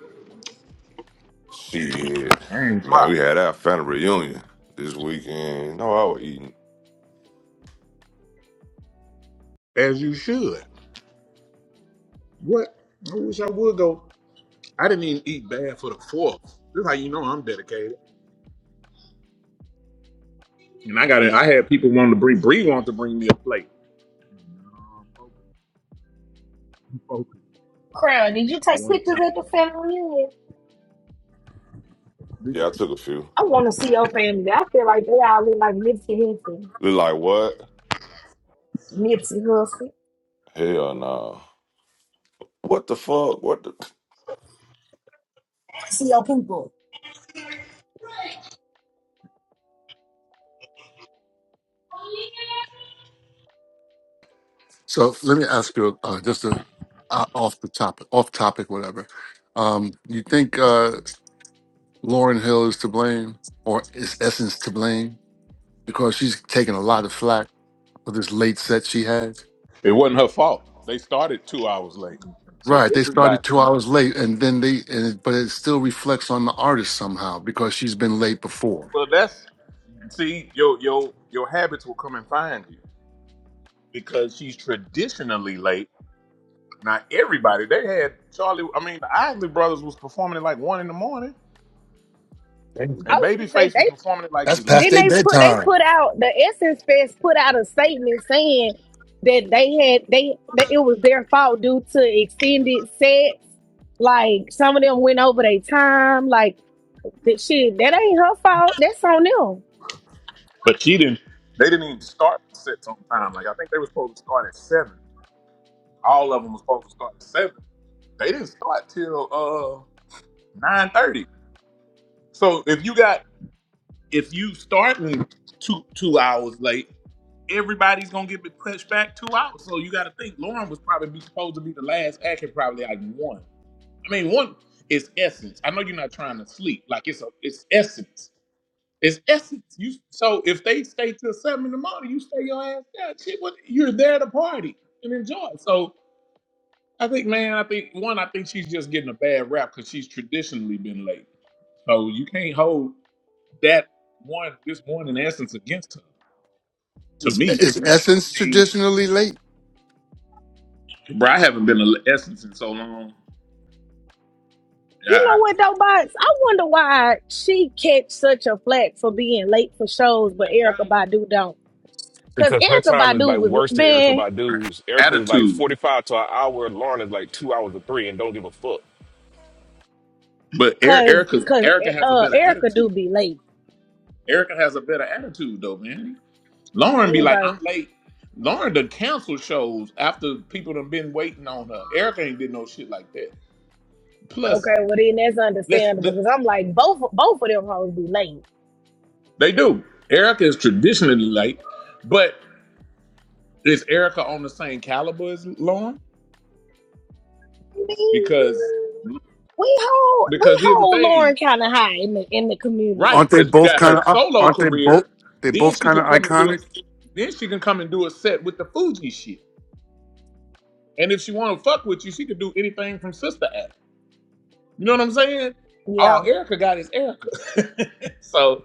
S5: Shit.
S1: I ain't
S5: Man,
S1: tried.
S5: we had our family reunion this weekend. No, I was eating.
S1: As you should. What? I wish I would go. I didn't even eat bad for the fourth. This is how you know I'm dedicated. And I got it. I had people wanting to bring Bree wanted to bring me a plate. Um, focus, focus.
S4: Crown, did you
S1: I
S4: take
S1: wanted to
S4: pictures
S1: stop
S4: of the family? reunion?
S1: to do
S5: Yeah, I took a few.
S4: I want to see your family. I feel like they all look like Nipsey Hussle.
S5: Look like what?
S4: Nipsey Hussle.
S5: Hell no. What the fuck? What the
S4: see your people.
S11: So let me ask you uh, just a, uh, off the topic, off topic, whatever. Um, you think uh, Lauren Hill is to blame, or is Essence to blame because she's taking a lot of flack for this late set she had?
S1: It wasn't her fault. They started two hours late. So
S11: Right, they
S1: everybody.
S11: started two hours late, and then they, and it, but it still reflects on the artist somehow because she's been late before.
S1: Well, that's see your your your habits will come and find you because she's traditionally late. Now everybody they had Charlie. I mean, the Isley Brothers was performing at like one in the morning,
S4: I
S1: and
S4: was gonna say
S1: Babyface was
S4: they
S1: performing at like
S11: That's past
S1: eleven.
S4: then
S11: their
S4: they put they
S11: bedtime.
S4: put out the Essence Fest put out a statement saying that they had they that it was their fault due to extended sets. Like some of them went over their time. Like that shit. That ain't her fault. That's on them.
S1: But she didn't. They didn't even start the sets on time. Like I think they were supposed to start at seven. All of them was supposed to start at seven. They didn't start till uh nine thirty. So if you got if you starting two two hours late, everybody's gonna get pushed back two hours. So you got to think Lauren was probably be supposed to be the last act and probably like one. I mean, one is essence. I know you're not trying to sleep. Like it's a it's essence. It's essence. You so if they stay till seven in the morning, you stay your ass down. Shit, what you're there to party and enjoy. So I think, man, I think one, I think she's just getting a bad rap because she's traditionally been late. So you can't hold that one this one in essence against her. To me,
S11: Is
S1: Like,
S11: Essence
S1: I mean,
S11: traditionally late?
S1: bro, I haven't been to essence in so long. I,
S4: You know
S1: I,
S4: what though, Box? I wonder why she catch such a flack for being late for shows, but Erica Badu don't. Cause
S14: because her
S4: Erica
S14: time is like
S4: Badu was
S14: worse than Erica
S4: man,
S1: her
S14: Badu's. Erica is like
S1: attitude,
S14: 45 to an hour. Lauren is like two hours or three and don't give a fuck.
S1: but
S4: cause
S1: Erica,
S4: cause
S1: Erica has a
S4: uh
S1: better
S4: Erica
S1: attitude.
S4: do be late.
S1: Erica has a better attitude though, man. Lauren be like, I'm
S4: Anyway,
S1: late. Lauren done cancel shows after people done been waiting on her. Erica ain't did no shit like that. Plus,
S4: okay, well then that's
S1: let's,
S4: understandable.
S1: let
S4: Cause I'm like both both of them hoes be late.
S1: they do. Erica is traditionally late, but is Erica on the same caliber as Lauren?
S4: mean,
S1: Because
S4: we hold we
S1: because here's the
S4: hold Lauren
S1: thing,
S4: kind of high in the in the
S1: right?
S4: community.
S11: Aren't they
S1: Because you
S11: both
S1: got her
S11: kind of?
S1: solo
S11: Aren't they both?
S1: career,
S11: They
S1: then
S11: both
S1: she
S11: kind of
S1: could come and do it.
S11: iconic.
S1: Then she can come and do a set with the Fuji shit. And if she want to fuck with you, she could do anything from Sister Act. You know what I'm saying?
S4: Yeah,
S1: All Erica got is Erica. so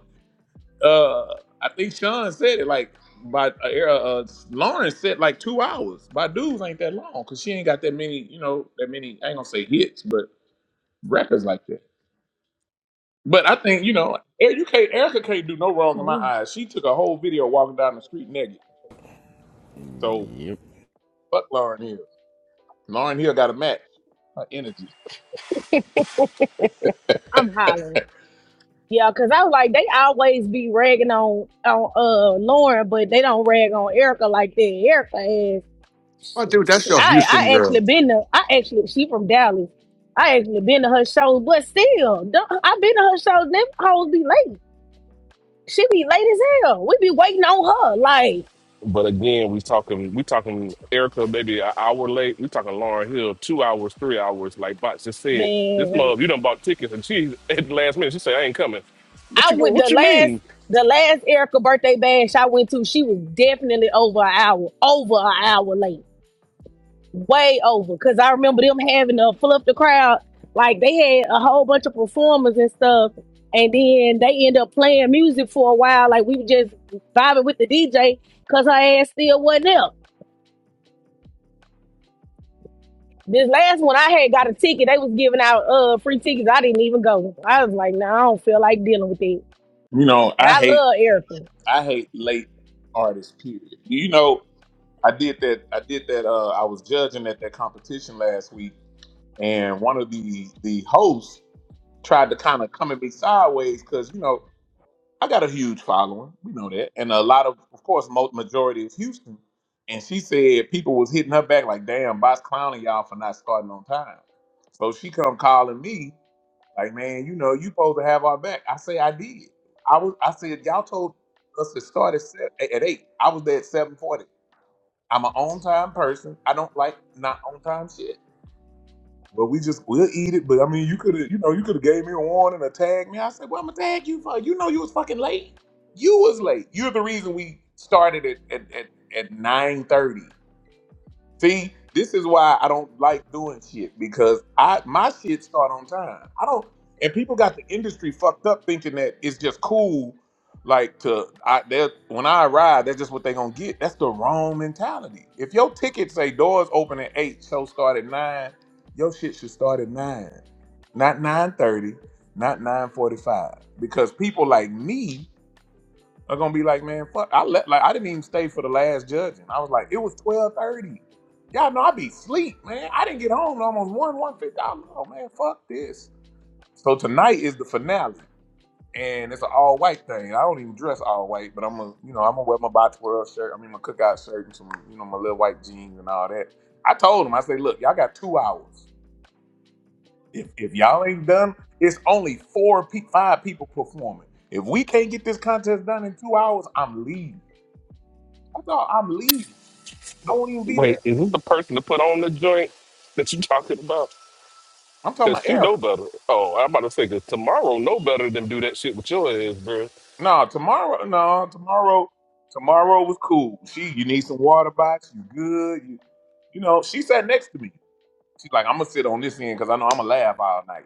S1: uh I think Sean said it like by uh, uh Lauren said like two hours. By dudes ain't that long because she ain't got that many, you know, that many I ain't gonna say hits, but records like that. But I think, you know, Erica, you can't, Erica can't do no wrong in my
S4: mm-hmm.
S1: eyes. She took a whole video walking down the street naked. So
S15: Yep.
S1: fuck Lauren Hill. Lauren Hill got a match. Her energy.
S4: I'm hollering. Yeah, cause I was like they always be ragging on on uh Lauren, but they don't rag on Erica like that. Erica
S11: Oh, dude, that's
S4: She,
S11: your
S4: I
S11: Houston
S4: I actually
S11: girl.
S4: been to I actually she from Dallas. I actually been to her shows, but still, don't- I been to her shows. Them hoes be late. She be late as hell. We be waiting on her. Like
S14: But again, we talking we talking Erica maybe an hour late. We talking Lauren Hill two hours, three hours. Like Bots just said, this
S4: man,
S14: mother you done bought tickets and she at the last minute she say I ain't coming. What
S4: I
S14: you go?
S4: went the
S14: What you
S4: last
S14: mean?
S4: the last Erica birthday bash I went to. She was definitely over an hour, over an hour late. way over because I remember them having to fluff the crowd. Like they had a whole bunch of performers and stuff, and then they end up playing music for a while. Like we were just vibing with the DJ because her ass still wasn't up. This last one, I had got a ticket. They was giving out uh free tickets. I didn't even go. I was like, no, I don't feel like dealing with it.
S1: You know,
S4: And
S1: I
S4: I
S1: hate
S4: love Erica.
S1: I hate late artists, period. You know, I did that. I did that. Uh, I was judging at that competition last week, and one of the the hosts tried to kind of come at me sideways because you know I got a huge following. We know that, and a lot of, of course, most majority is Houston. And she said people was hitting her back like, "Damn, boss clowning y'all for not starting on time." So she come calling me like, "Man, you know you supposed to have our back." I say I did. I was. I said y'all told us to start at, se- at eight. I was there at seven forty. I'm an on time person. I don't like not on time shit. But we just we'll eat it. But I mean, you could have, you know, you could have gave me a warning or tagged me. I said, "Well, I'm gonna tag you for you know you was fucking late. You was late. You're the reason we started at at at, at nine thirty. See, this is why I don't like doing shit because I my shit start on time. I don't, and people got the industry fucked up thinking that it's just cool. Like to, I they when I arrive, that's just what they gonna get. That's the wrong mentality. If your ticket say doors open at eight, show start at nine, your shit should start at nine, not nine thirty, not nine forty five, because people like me are gonna be like, man, fuck. I left. Like I didn't even stay for the last judging. I was like, it was twelve thirty. Y'all know I be sleep, man. I didn't get home till almost one one fifty. I'm like, oh man, fuck this. So tonight is the finale, and it's an all white thing. I don't even dress all white, but I'm gonna, you know, I'm gonna wear my box world shirt. I mean, my cookout shirt and some, you know, my little white jeans and all that. I told them, I say, look, y'all got two hours. If if y'all ain't done, it's only four, pe- five people performing. If we can't get this contest done in two hours, I'm leaving. I thought I'm leaving. I won't even be
S14: Wait,
S1: there.
S14: is this the person to put on the joint that you talking about?
S1: I'm talking
S14: Cause
S1: about
S14: she know
S1: Erica.
S14: better. Oh, I'm about to say, cause tomorrow know better than do that shit with your ass, bro.
S1: No, tomorrow. No, tomorrow. Tomorrow was cool. She, you need some water box. You good? You, you know. She sat next to me. She's like, I'm gonna sit on this end because I know I'm gonna laugh all night.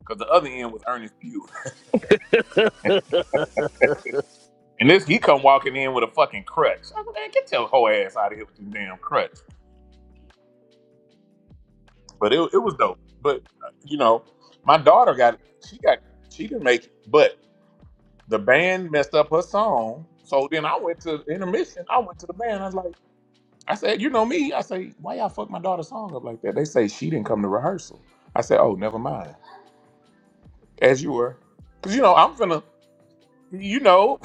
S1: Because the other end was Ernest Pugh, and this he come walking in with a fucking crutch. I was like, man, get your whole ass out of here with your damn crutch. But it, it was dope. But uh, you know, my daughter got she got she didn't make it, but the band messed up her song. So then I went to intermission. I went to the band. I was like, I said, you know me. I say, why y'all fuck my daughter's song up like that? They say she didn't come to rehearsal. I said, oh, never mind. As you were, because you know I'm finna, you know,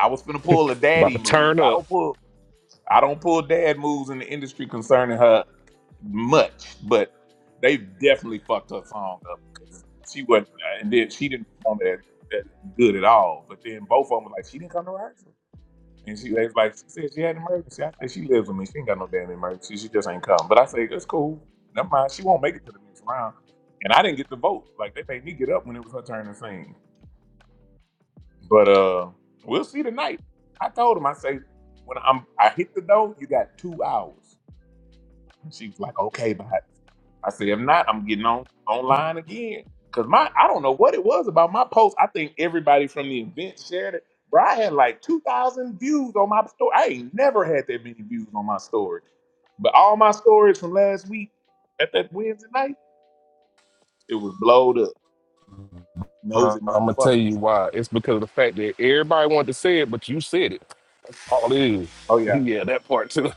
S1: I was finna pull a
S14: About
S1: daddy
S14: to turn
S1: move. I
S14: up.
S1: don't pull, I don't pull dad moves in the industry concerning her much, but they definitely fucked her song up. 'cause She wasn't, and then she didn't perform it as, as good at all. But then both of them were like, she didn't come to rehearsal. And she was like, she said she had an emergency. I said she lives with me. She ain't got no damn emergency. She just ain't come. But I say that's cool. Never mind. She won't make it to the next round. And I didn't get the vote. Like they made me get up when it was her turn to sing. But uh, we'll see tonight. I told him. I say when I'm I hit the door, you got two hours. And she was like, okay, bye. I said, if not, I'm getting on online again. Cause my I don't know what it was about my post. I think everybody from the event shared it. Bro, I had like two thousand views on my story. I ain't never had that many views on my story. But all my stories from last week at that Wednesday night, it was blowed up.
S14: I'm
S1: Nosy
S14: gonna tell you
S1: motherfuckers.
S14: why. It's because of the fact that everybody wanted to say it, but you said it. All it is.
S1: Oh yeah.
S14: yeah, that part too.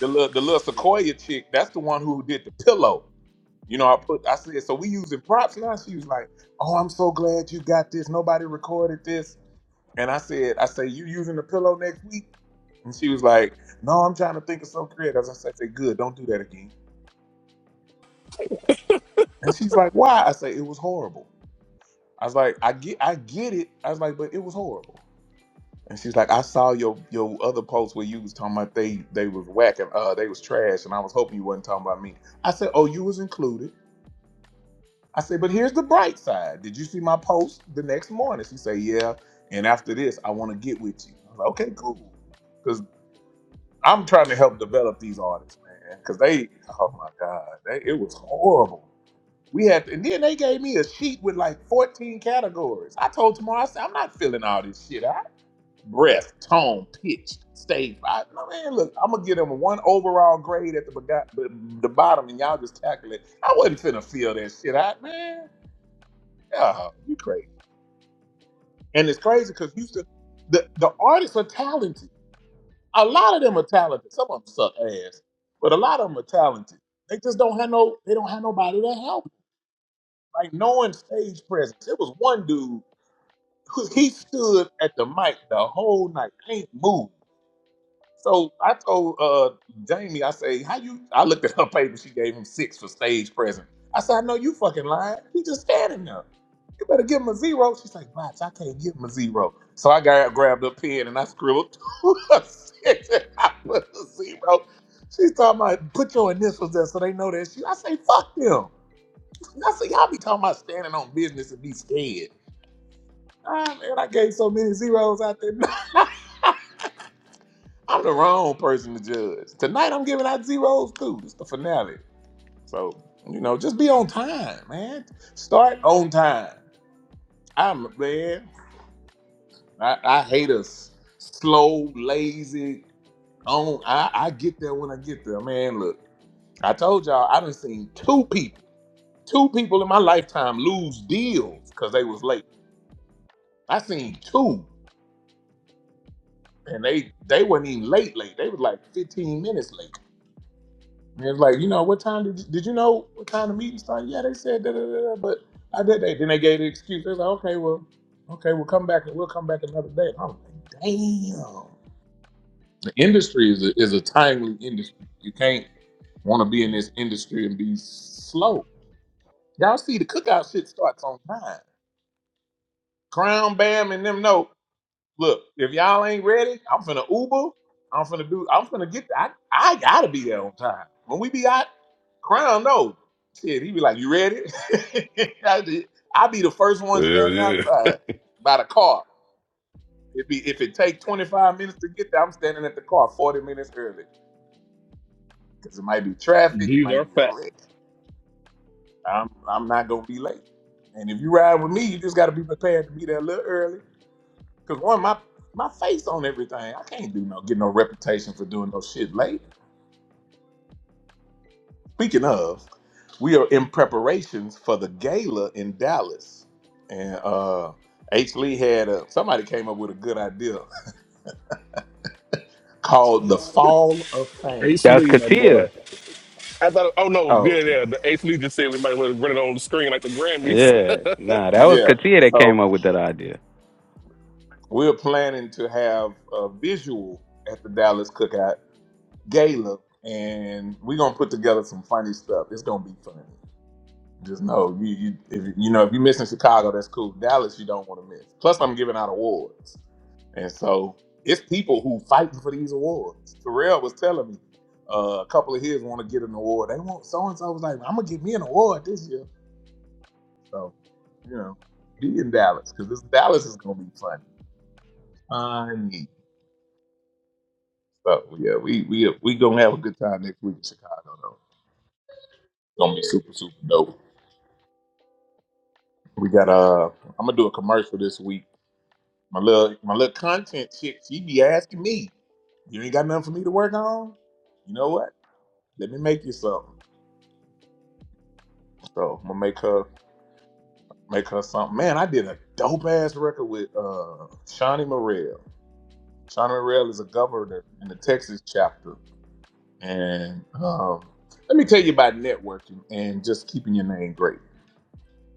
S1: The little the little Sequoia chick, that's the one who did the pillow. You know, I put I said, so we using props now. She was like, Oh, I'm so glad you got this. Nobody recorded this. And I said, I say, you using the pillow next week? And she was like, No, I'm trying to think of something creative. I said, I Good, don't do that again. And she's like, Why? I say, It was horrible. I was like, I get, I get it. I was like, But it was horrible. And she's like, I saw your your other post where you was talking about they they was whacking, uh, they was trash, and I was hoping you wasn't talking about me. I said, Oh, you was included. I said, But here's the bright side. Did you see my post the next morning? She said, Yeah. And after this, I want to get with you. I was like, Okay, cool Cause. I'm trying to help develop these artists, man, because they, oh my god, they, it was horrible. We had, and then they gave me a sheet with like 14 categories. I told tomorrow, I said, I'm not filling all this shit out. Breath, tone, pitch, stage. I, no, man, look, I'm gonna give them one overall grade at the bega- the the bottom, and y'all just calculate. I wasn't finna fill that shit out, man. Yeah, you crazy. And it's crazy because Houston, the the artists are talented A lot of them are talented. Some of them suck ass, but a lot of them are talented. They just don't have no. They don't have nobody to help. 'em. Like no one stage presence. It was one dude who he stood at the mic the whole night, ain't moved. So I told uh, Jamie, I say, how you? I looked at her paper. She gave him six for stage present. I said, I know you fucking lying. He just standing there. You better give him a zero. She's like, Bots, I can't give him a zero. So I got, grabbed a pen and I scribbled two a six and I put a zero. She's talking about put your initials there so they know that shit. I say, fuck them. I say, y'all be talking about standing on business and be scared. Ah, man, I gave so many zeros out there. I'm the wrong person to judge. Tonight I'm giving out zeros too. It's the finale. So, you know, just be on time, man. Start on time. I'm man. I, I hate us slow, lazy, on I, I get there when I get there. Man, look, I told y'all I done seen two people, two people in my lifetime lose deals because they was late. I seen two. And they they weren't even late late. They was like 15 minutes late. And it's like, you know, what time did you, did you know what time the meeting started? Yeah, they said da da da, da, but I did they. Then they gave the excuse. They're like, okay, well, okay, we'll come back and we'll come back another day. And I'm like, damn. The industry is a, is a timely industry. You can't want to be in this industry and be slow. Y'all see the cookout shit starts on time. Crown Bam and them know. Look, if y'all ain't ready, I'm finna Uber. I'm finna do. I'm finna get. I I gotta be there on time. When we be out, Crown no shit. He be like, "You ready?" I be I be the first one
S5: Yeah,
S1: standing
S5: yeah.
S1: outside by the car. It be if it take 25 minutes to get there, I'm standing at the car 40 minutes early because it might be traffic. It
S14: These
S1: might
S14: are
S1: be a
S14: facts.
S1: wreck. I'm I'm not gonna be late. And if you ride with me, you just gotta be prepared to be there a little early Cause one, my my face on everything. I can't do no get no reputation for doing no shit late. Speaking of, we are in preparations for the gala in Dallas, and uh H. Lee had a somebody came up with a good idea called the Fall of Fame.
S14: Ace
S9: That's
S14: Lee, my
S9: Katia.
S14: boy. I thought. Oh no, yeah,
S1: Oh,
S14: yeah. The Ace Lee just said we might want to run it on the screen like the Grammys.
S9: Yeah, nah, that was
S1: yeah.
S9: Katia that came
S1: So
S9: up with that idea.
S1: we're planning to have a visual at the Dallas Cookout Gala, and we're gonna put together some funny stuff. It's gonna be fun. Just know you, you if you know if you're missing Chicago, that's cool. Dallas, you don't want to miss. Plus, I'm giving out awards, and so it's people who fighting for these awards. Terrell was telling me uh, a couple of his want to get an award. They want so and so was like, I'm gonna get me an award this year. So you know, be in Dallas because this Dallas is gonna be funny. Funny. So yeah, we we we gonna have a good time next week in Chicago though. It's gonna be super super dope. We got uh, I'm gonna do a commercial this week My little my little content shit, she be asking me. You ain't got nothing for me to work on? You know what? Let me make you something. So I'm gonna make her make her something. Man, I did a dope ass record with uh Shawnee Morrell. Shawnee Morrell is a governor in the Texas chapter. And um let me tell you about networking and just keeping your name great.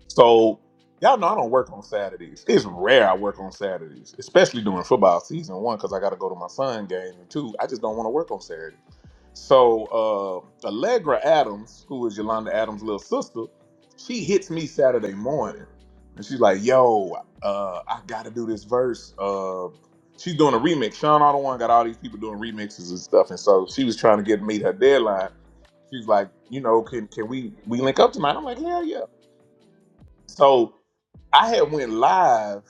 S1: So y'all know I don't work on Saturdays. It's rare I work on Saturdays, especially during football season. One, because I got to go to my son game, and two, I just don't want to work on Saturday. So uh, Allegra Adams, who is Yolanda Adams' little sister, she hits me Saturday morning, and she's like, "Yo, uh, I got to do this verse." Uh, she's doing a remix. Sean Otto one got all these people doing remixes and stuff, and so she was trying to get meet her deadline she's like, you know, can can we we link up tonight? I'm like, hell yeah. So I had went live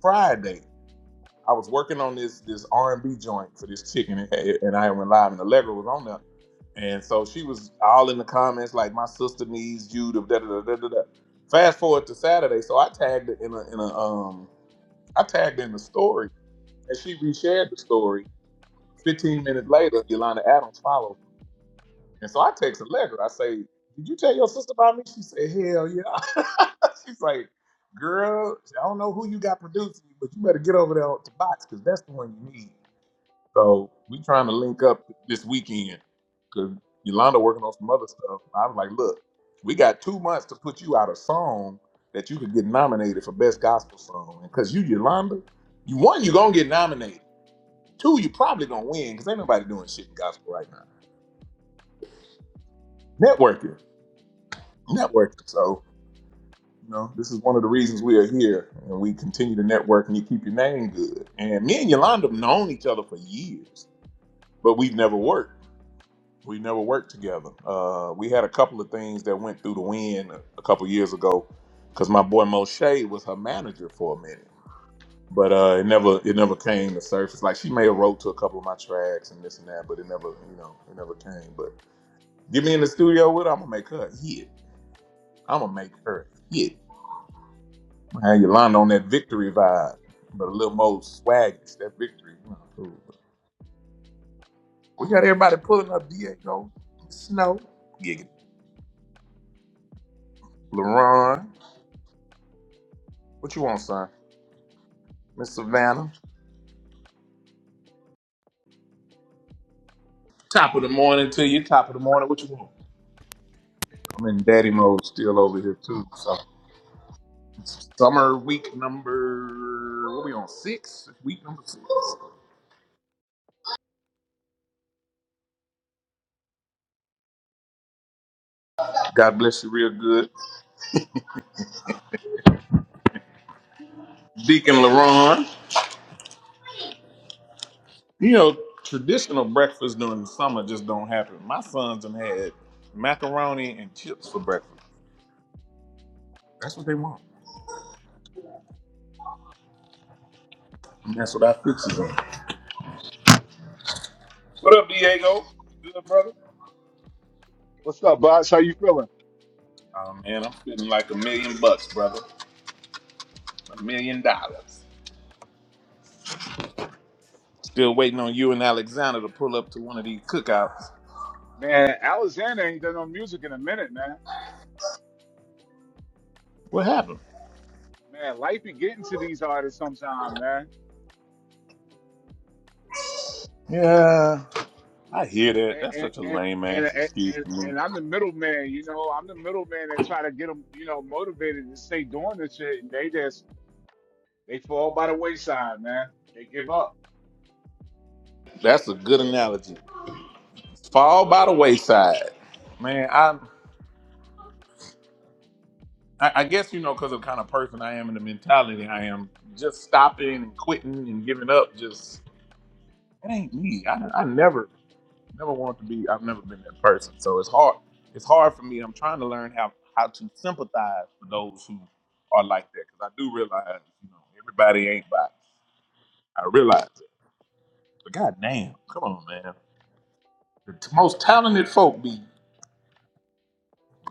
S1: Friday. I was working on this this R and B joint for this chicken, and it- and I went live, and Allegra was on there, and so she was all in the comments like, "My sister needs you." To da da da da da. da." Fast forward to Saturday, so I tagged it in a in a um I tagged in the story, and she reshared the story. Fifteen minutes later, Yolanda Adams followed. And so I text Allegra. I say, "Did you tell your sister about me?" She said, "Hell yeah." She's like, "Girl, I don't know who you got producing you, but you better get over there to box because that's the one you need." So we trying to link up this weekend because Yolanda working on some other stuff. I was like, "Look, we got two months to put you out a song that you could get nominated for best gospel song, and because you Yolanda, you one you gonna get nominated, two you probably gonna win because ain't nobody doing shit in gospel right now. Networking, networking. So You know, this is one of the reasons we are here, and we continue to network, and you keep your name good. And me and Yolanda have known each other for years, but we've never worked. We never worked together. Uh, we had a couple of things that went through the wind a couple years ago, because my boy Moshe was her manager for a minute, but uh, it never it never came to surface. Like she may have wrote to a couple of my tracks and this and that, but it never you know it never came. But get me in the studio with her, I'm gonna make her a hit. I'm gonna make her a hit. Had Yolanda on that victory vibe, but a little more swaggish. That victory. you know, cool. We got everybody pulling up. Diego, Snow, Giggity, LaRon. What you want, son? Miss Savannah. Top of the morning to you. Top of the morning. What you want? I'm in daddy mode still over here too. So summer week number what we on six? Week number six. God bless you real good. Deacon LaRon. You know, traditional breakfast during the summer just don't happen. My sons done had macaroni and chips for breakfast. That's what they want. And that's what I fix it on. What up, Diego? Good, brother?
S16: What's up, boss? How you feeling?
S1: Oh, man, I'm feeling like a million bucks, brother. A million dollars. Still waiting on you and Alexander to pull up to one of these cookouts.
S16: Man, Alexander ain't done no music in a minute, man.
S1: What happened?
S16: Man, life be getting to these artists sometime, man.
S1: Yeah, I hear that. That's
S16: And
S1: such a
S16: and
S1: lame
S16: and
S1: ass
S16: and,
S1: excuse
S16: and,
S1: to me.
S16: and I'm the middleman, you know. I'm the middleman that try to get them, you know, motivated to stay doing this shit, and they just they fall by the wayside, man. They give up.
S1: That's a good analogy. Fall by the wayside. Man, I. I, I guess you know because of the kind of person I am and the mentality I am, just stopping and quitting and giving up just it ain't me. I, I never never wanted to be. I've never been that person, so it's hard. It's hard for me. I'm trying to learn how how to sympathize for those who are like that because I do realize you know everybody ain't by. I realize it, but goddamn, come on, man. The t- most talented folk be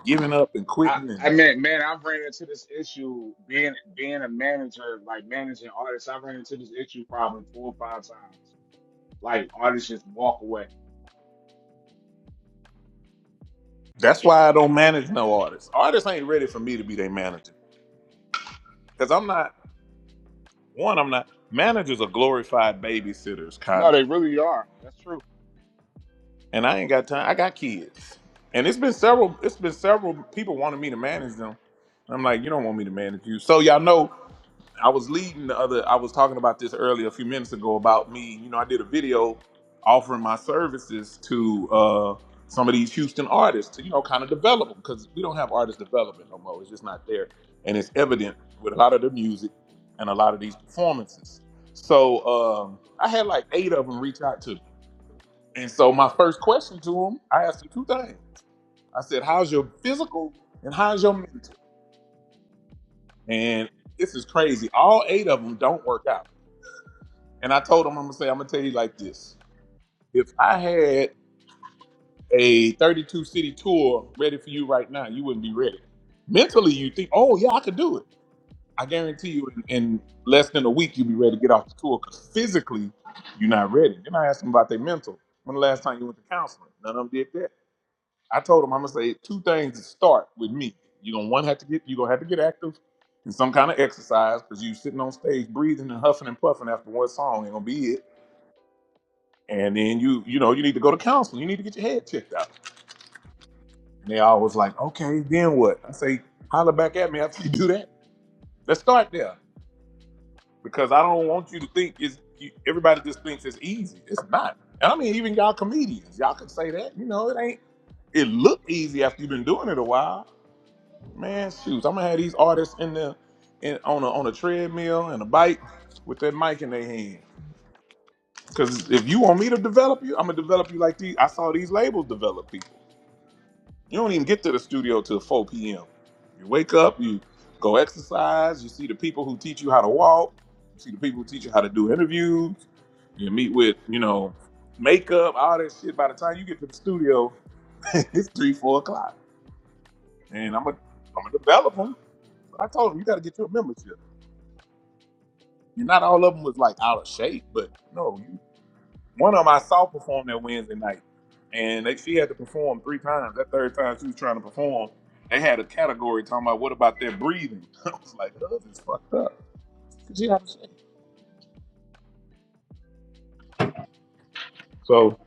S1: giving up and
S16: I
S1: quitting,
S16: I
S1: and
S16: mean, man, I've ran into this issue being being a manager, like managing artists. I've ran into this issue probably four or five times. Like artists just walk away.
S1: that's why I don't manage no artists. Artists ain't ready for me to be their manager because I'm not. One, I'm not. Managers are glorified babysitters,
S16: No,
S1: kinda.
S16: they really are. That's true.
S1: And I ain't got time. I got kids, and it's been several. It's been several people wanting me to manage them. And I'm like, you don't want me to manage you. So y'all know I was leading the other. I was talking about this earlier a few minutes ago about me. You know, I did a video offering my services to uh, some of these Houston artists to you know kind of develop them because we don't have artist development no more. It's just not there, and it's evident with a lot of the music and a lot of these performances. So um, I had like eight of them reach out to me, and so my first question to them, I asked them two things. I said, "How's your physical and how's your mental?" And this is crazy. All eight of them don't work out. And I told him, I'm gonna say, I'm gonna tell you like this. If I had a 32 city tour ready for you right now, you wouldn't be ready. Mentally, you think, oh yeah, I could do it. I guarantee you, in, in less than a week, you'll be ready to get off the tour because physically, you're not ready. Then I asked them about their mental. When the last time you went to counseling? None of them did that. I told them, I'm gonna say two things to start with me. You're gonna one have to get you're gonna have to get active in some kind of exercise because you sitting on stage breathing and huffing and puffing after one song ain't gonna be it and then you you know you need to go to counseling you need to get your head checked out and they always like okay then what i say holler back at me after you do that let's start there because i don't want you to think it's you, everybody just thinks it's easy it's not and i mean even y'all comedians y'all can say that you know it ain't it look easy after you've been doing it a while man shoot i'm gonna have these artists in the in on a on a treadmill and a bike with that mic in their hand because if you want me to develop you i'm gonna develop you like these i saw these labels develop people You don't even get to the studio till 4 p.m. You wake up, you go exercise, you see the people who teach you how to walk, you see the people who teach you how to do interviews, you meet with, you know, makeup, all that shit. By the time you get to the studio, it's three, four o'clock. And I'm a, I'm a developer. I told him, you got to get your membership. And not all of them was like out of shape, but no, you One of them I saw perform that Wednesday night, and they, she had to perform three times. That third time she was trying to perform, they had a category talking about what about their breathing. I was like, oh, "This is fucked up." you have to say- So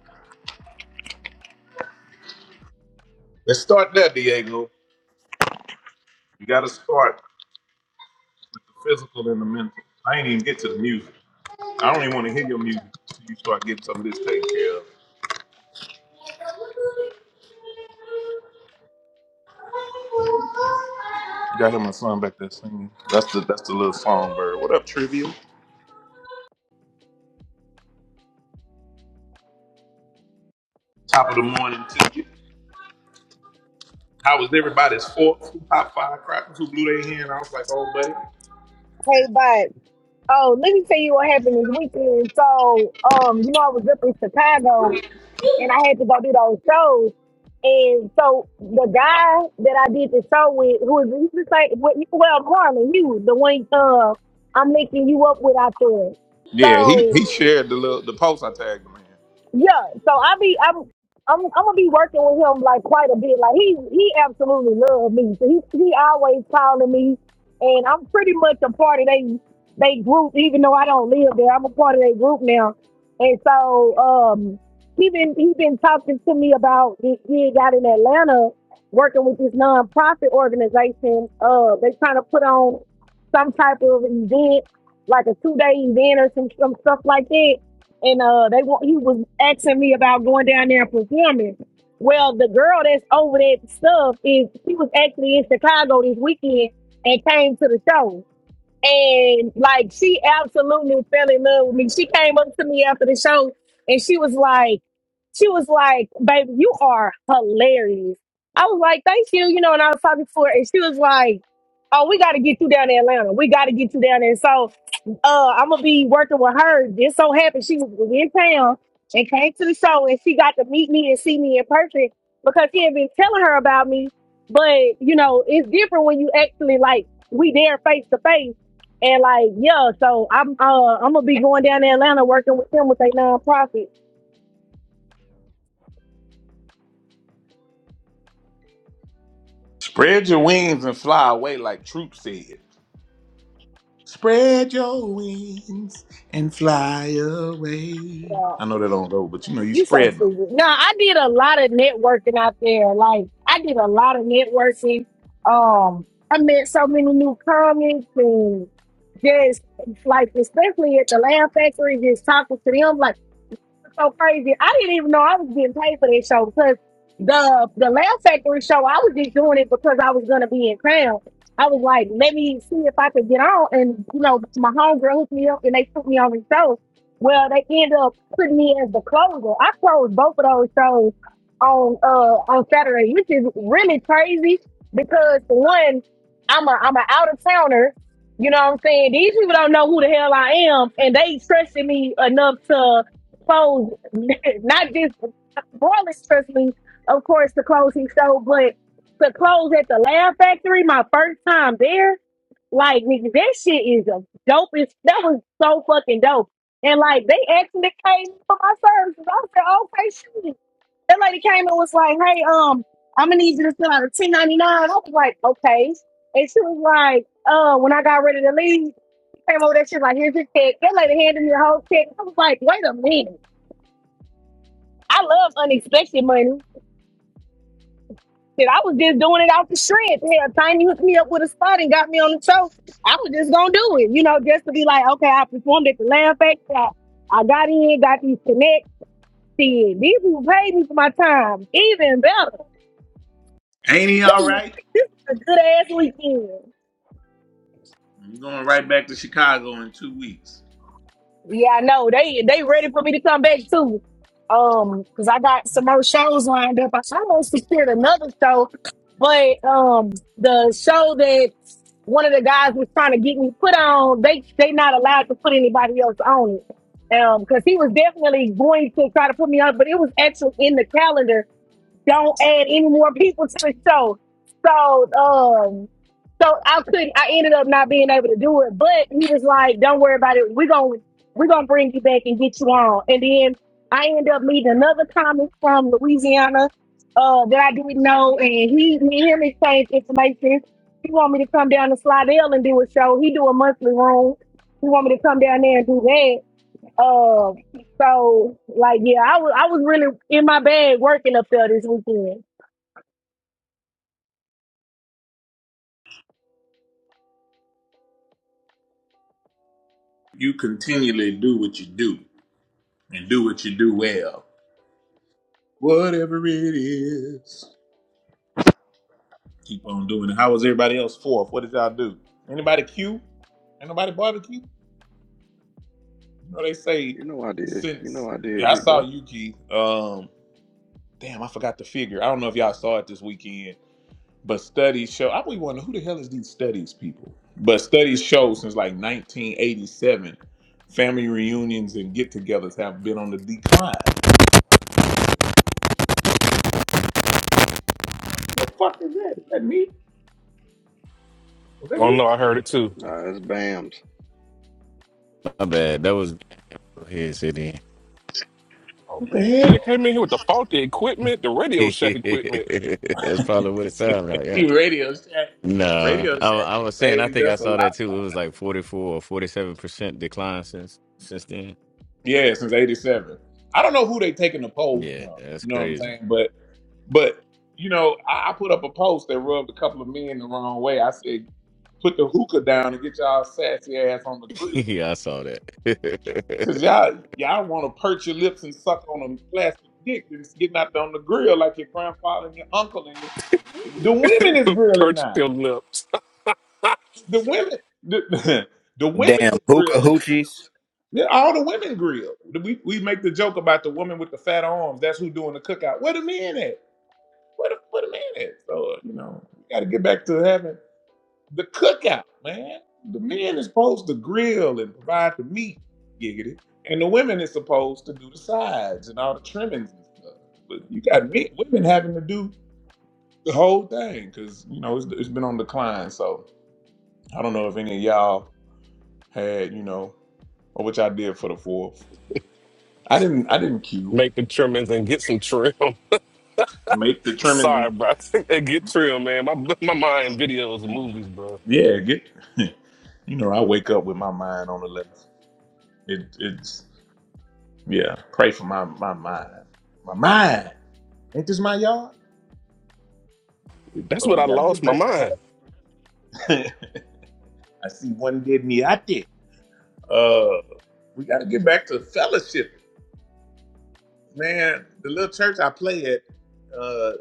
S1: let's start there, Diego. You got to start with the physical and the mental. I ain't even get to the music. I don't even want to hear your music until you start getting some of this taken care of. You got to hear my son back there singing. That's the that's the little songbird. What up, Trivial? Top of the morning to you. How was everybody's fourth? Who popped firecrackers? Who blew their hand? I was like, oh, buddy.
S4: Hey, but oh, let me tell you what happened this weekend. So, um, you know, I was up in Chicago and I had to go do those shows. And so the guy that I did the show with, who was he was like, well, well, Carmen, you, the one uh, I'm linking you up with out there.
S1: Yeah, he
S4: So
S1: he shared the little, the post I tagged him in.
S4: yeah, so I be I'm I'm I'm gonna be working with him like quite a bit. Like he he absolutely loved me. So he he always calling me, and I'm pretty much a part of they they group. Even though I don't live there, I'm a part of their group now. And so um he been he been talking to me about this gig out in Atlanta, working with this nonprofit organization. Uh, they trying to put on some type of event, like a two day event or some some stuff like that and uh they want he was asking me about going down there and performing. Well, the girl that's over that stuff is she was actually in Chicago this weekend and came to the show. And like she absolutely fell in love with me. She came up to me after the show and she was like, she was like, baby, you are hilarious. I was like, thank you, you know, and I was talking to her and she was like, Oh, we gotta get you down to Atlanta. We gotta get you down there. So uh I'm gonna be working with her. It so happened she was in town and came to the show and she got to meet me and see me in person because he had been telling her about me. But you know, it's different when you actually like we there face to face and like, yeah, so I'm uh I'm gonna be going down to Atlanta working with them with a nonprofit.
S1: Spread your wings and fly away, like Troop said. Spread your wings and fly away.
S4: Yeah,
S1: I know that don't go, but you know you
S4: you so
S1: spreading them.
S4: stupid. No, I did a lot of networking out there. Like I did a lot of networking. Um I met so many new comics and just like especially at the Lamb Factory, just talking to them. Like so crazy. I didn't even know I was getting paid for that show because the the Laugh Factory show, I was just doing it because I was gonna be in Crown. I was like, let me see if I could get on, and you know, my homegirl hooked me up, and they put me on the show. Well, they ended up putting me as the closer. I closed both of those shows on uh on Saturday, which is really crazy because for one, I'm a I'm an out of towner. You know what I'm saying? These people don't know who the hell I am, and they trusted me enough to clothes, not just Borland, trust me, of course, the clothes he sold, but the clothes at the Lab Factory, my first time there, like, nigga, that shit is a dope. It's, that was so fucking dope. And like, they actually came for my services. I said, okay, shoot. That lady came and was like, hey, um, I'm gonna need you to fill out a 1099. I was like, okay. And she was like, uh, when I got ready to leave, she came over there, she was like, here's your check. That lady handed me a whole check. I was like, wait a minute. I love unexpected money. Shit, I was just doing it out the shred. Hell, Tiny hooked me up with a spot and got me on the show. I was just gonna do it, you know, just to be like, okay, I performed at the Lamb Factory. I, I got in, got these connects. Shit, These people paid me for my time. Even better.
S1: Ain't he all right?
S4: This was a good ass weekend.
S1: You're going right back to Chicago in two weeks.
S4: Yeah, I know. They they ready for me to come back too. Um, because I got some more shows lined up. I almost secured another show, but um the show that one of the guys was trying to get me put on, they they not allowed to put anybody else on it. Um, because he was definitely going to try to put me on, but it was actually in the calendar don't add any more people to the show. So um so I couldn't I ended up not being able to do it. But he was like, Don't worry about it. We're gonna we're gonna bring you back and get you on. And then I end up meeting another comic from Louisiana uh that I didn't know and he me and him exchange information. He want me to come down to Slidell and do a show. He do a monthly room. He want me to come down there and do that. Uh, so like, yeah, I was I was really in my bag working up there this weekend.
S1: You continually do what you do and do what you do well. Whatever it is. Keep on doing it. How was everybody else fourth? What did y'all do? Anybody Q? Ain't nobody barbecue? You know they say
S2: You know I did. You
S1: since
S2: know I did,
S1: yeah, I
S2: big
S1: saw
S2: bro.
S1: Yuki. Um, damn, I forgot the figure. I don't know if y'all saw it this weekend, but studies show. I be wondering who the hell is these studies people. But studies show since like 1987, family reunions and get-togethers have been on the decline. What the fuck is that? Is that me? Was that
S14: Oh
S1: me?
S14: no, I heard it too.
S2: Nah, it's BAMs.
S15: My bad. That was here city.
S14: Oh
S1: What the
S14: man, he
S1: hell?
S14: came in here with the faulty equipment, the Radio Shack equipment.
S15: That's probably what it sounds like. Yeah.
S1: radio Shack,
S15: Nah,
S1: Radio
S15: I,
S1: Shack
S15: I was saying. I
S1: saved
S15: think I
S1: us a
S15: saw that
S1: lot.
S15: too. It was like forty four or forty seven percent decline since since then.
S1: Yeah, since '87. I don't know who they taking the polls
S15: Yeah,
S1: from.
S15: that's
S1: You know what I'm
S15: crazy.
S1: saying? But but you know, I, I put up a post that rubbed a couple of men the wrong way. I said, put the hookah down and get y'all sassy ass on the grill,
S15: yeah, I saw that.
S1: cause y'all y'all want to perch your lips and suck on a plastic dick that's getting out there on the grill like your grandfather and your uncle and your, the women is grilling now.
S14: Churchill lips.
S1: The women, the, the women
S17: Damn
S1: is
S17: hookah
S1: grilling
S17: hoochies.
S1: Yeah, all the women grill. We we make the joke about the woman with the fat arms. That's who doing the cookout. Where the men at? Where the where the men at? So uh, you know, we got to get back to having the cookout, man. The men is supposed to grill and provide the meat, giggity, and the women is supposed to do the sides and all the trimmings and stuff. But you got men, women having to do the whole thing because you know it's, it's been on decline. So I don't know if any of y'all had you know or which I did for the fourth. I didn't I didn't queue.
S14: Make the trimmings and get some trim.
S1: Make the
S14: Sorry,
S1: trimming.
S14: bro. and get trim, man. My my mind videos and movies, bro.
S1: Yeah, get. You know, I wake up with my mind on the left. It, it's yeah. Pray for my my mind. My mind. Ain't this my yard?
S14: That's
S1: But
S14: what
S1: we
S14: I
S1: got to
S14: lost
S1: get
S14: my
S1: back to
S14: mind.
S1: having. I see one dead me out there. Uh, we got to get back to fellowship, man. The little church I play at, uh,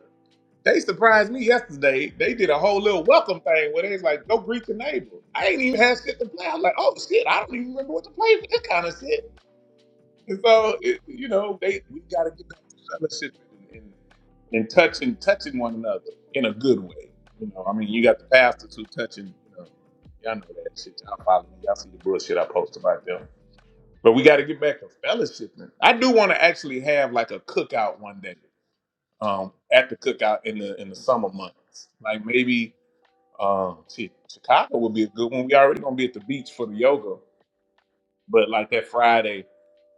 S1: they surprised me yesterday. They did a whole little welcome thing where they was like, "Go greet your neighbor." I ain't even had shit to play. I was like, "Oh shit, I don't even remember what to play for this kind of shit." And so, it, you know, they we got to get back to fellowship and, and, and touching touching one another in a good way. You know, I mean, you got the pastors who touching. You know, y'all know that shit. Y'all follow me. Y'all see the bullshit I post about them. But we got to get back to fellowship. I do want to actually have like a cookout one day. Um, at the cookout in the in the summer months, like maybe um, shit, Chicago would be a good one. We already gonna be at the beach for the yoga, but like that Friday,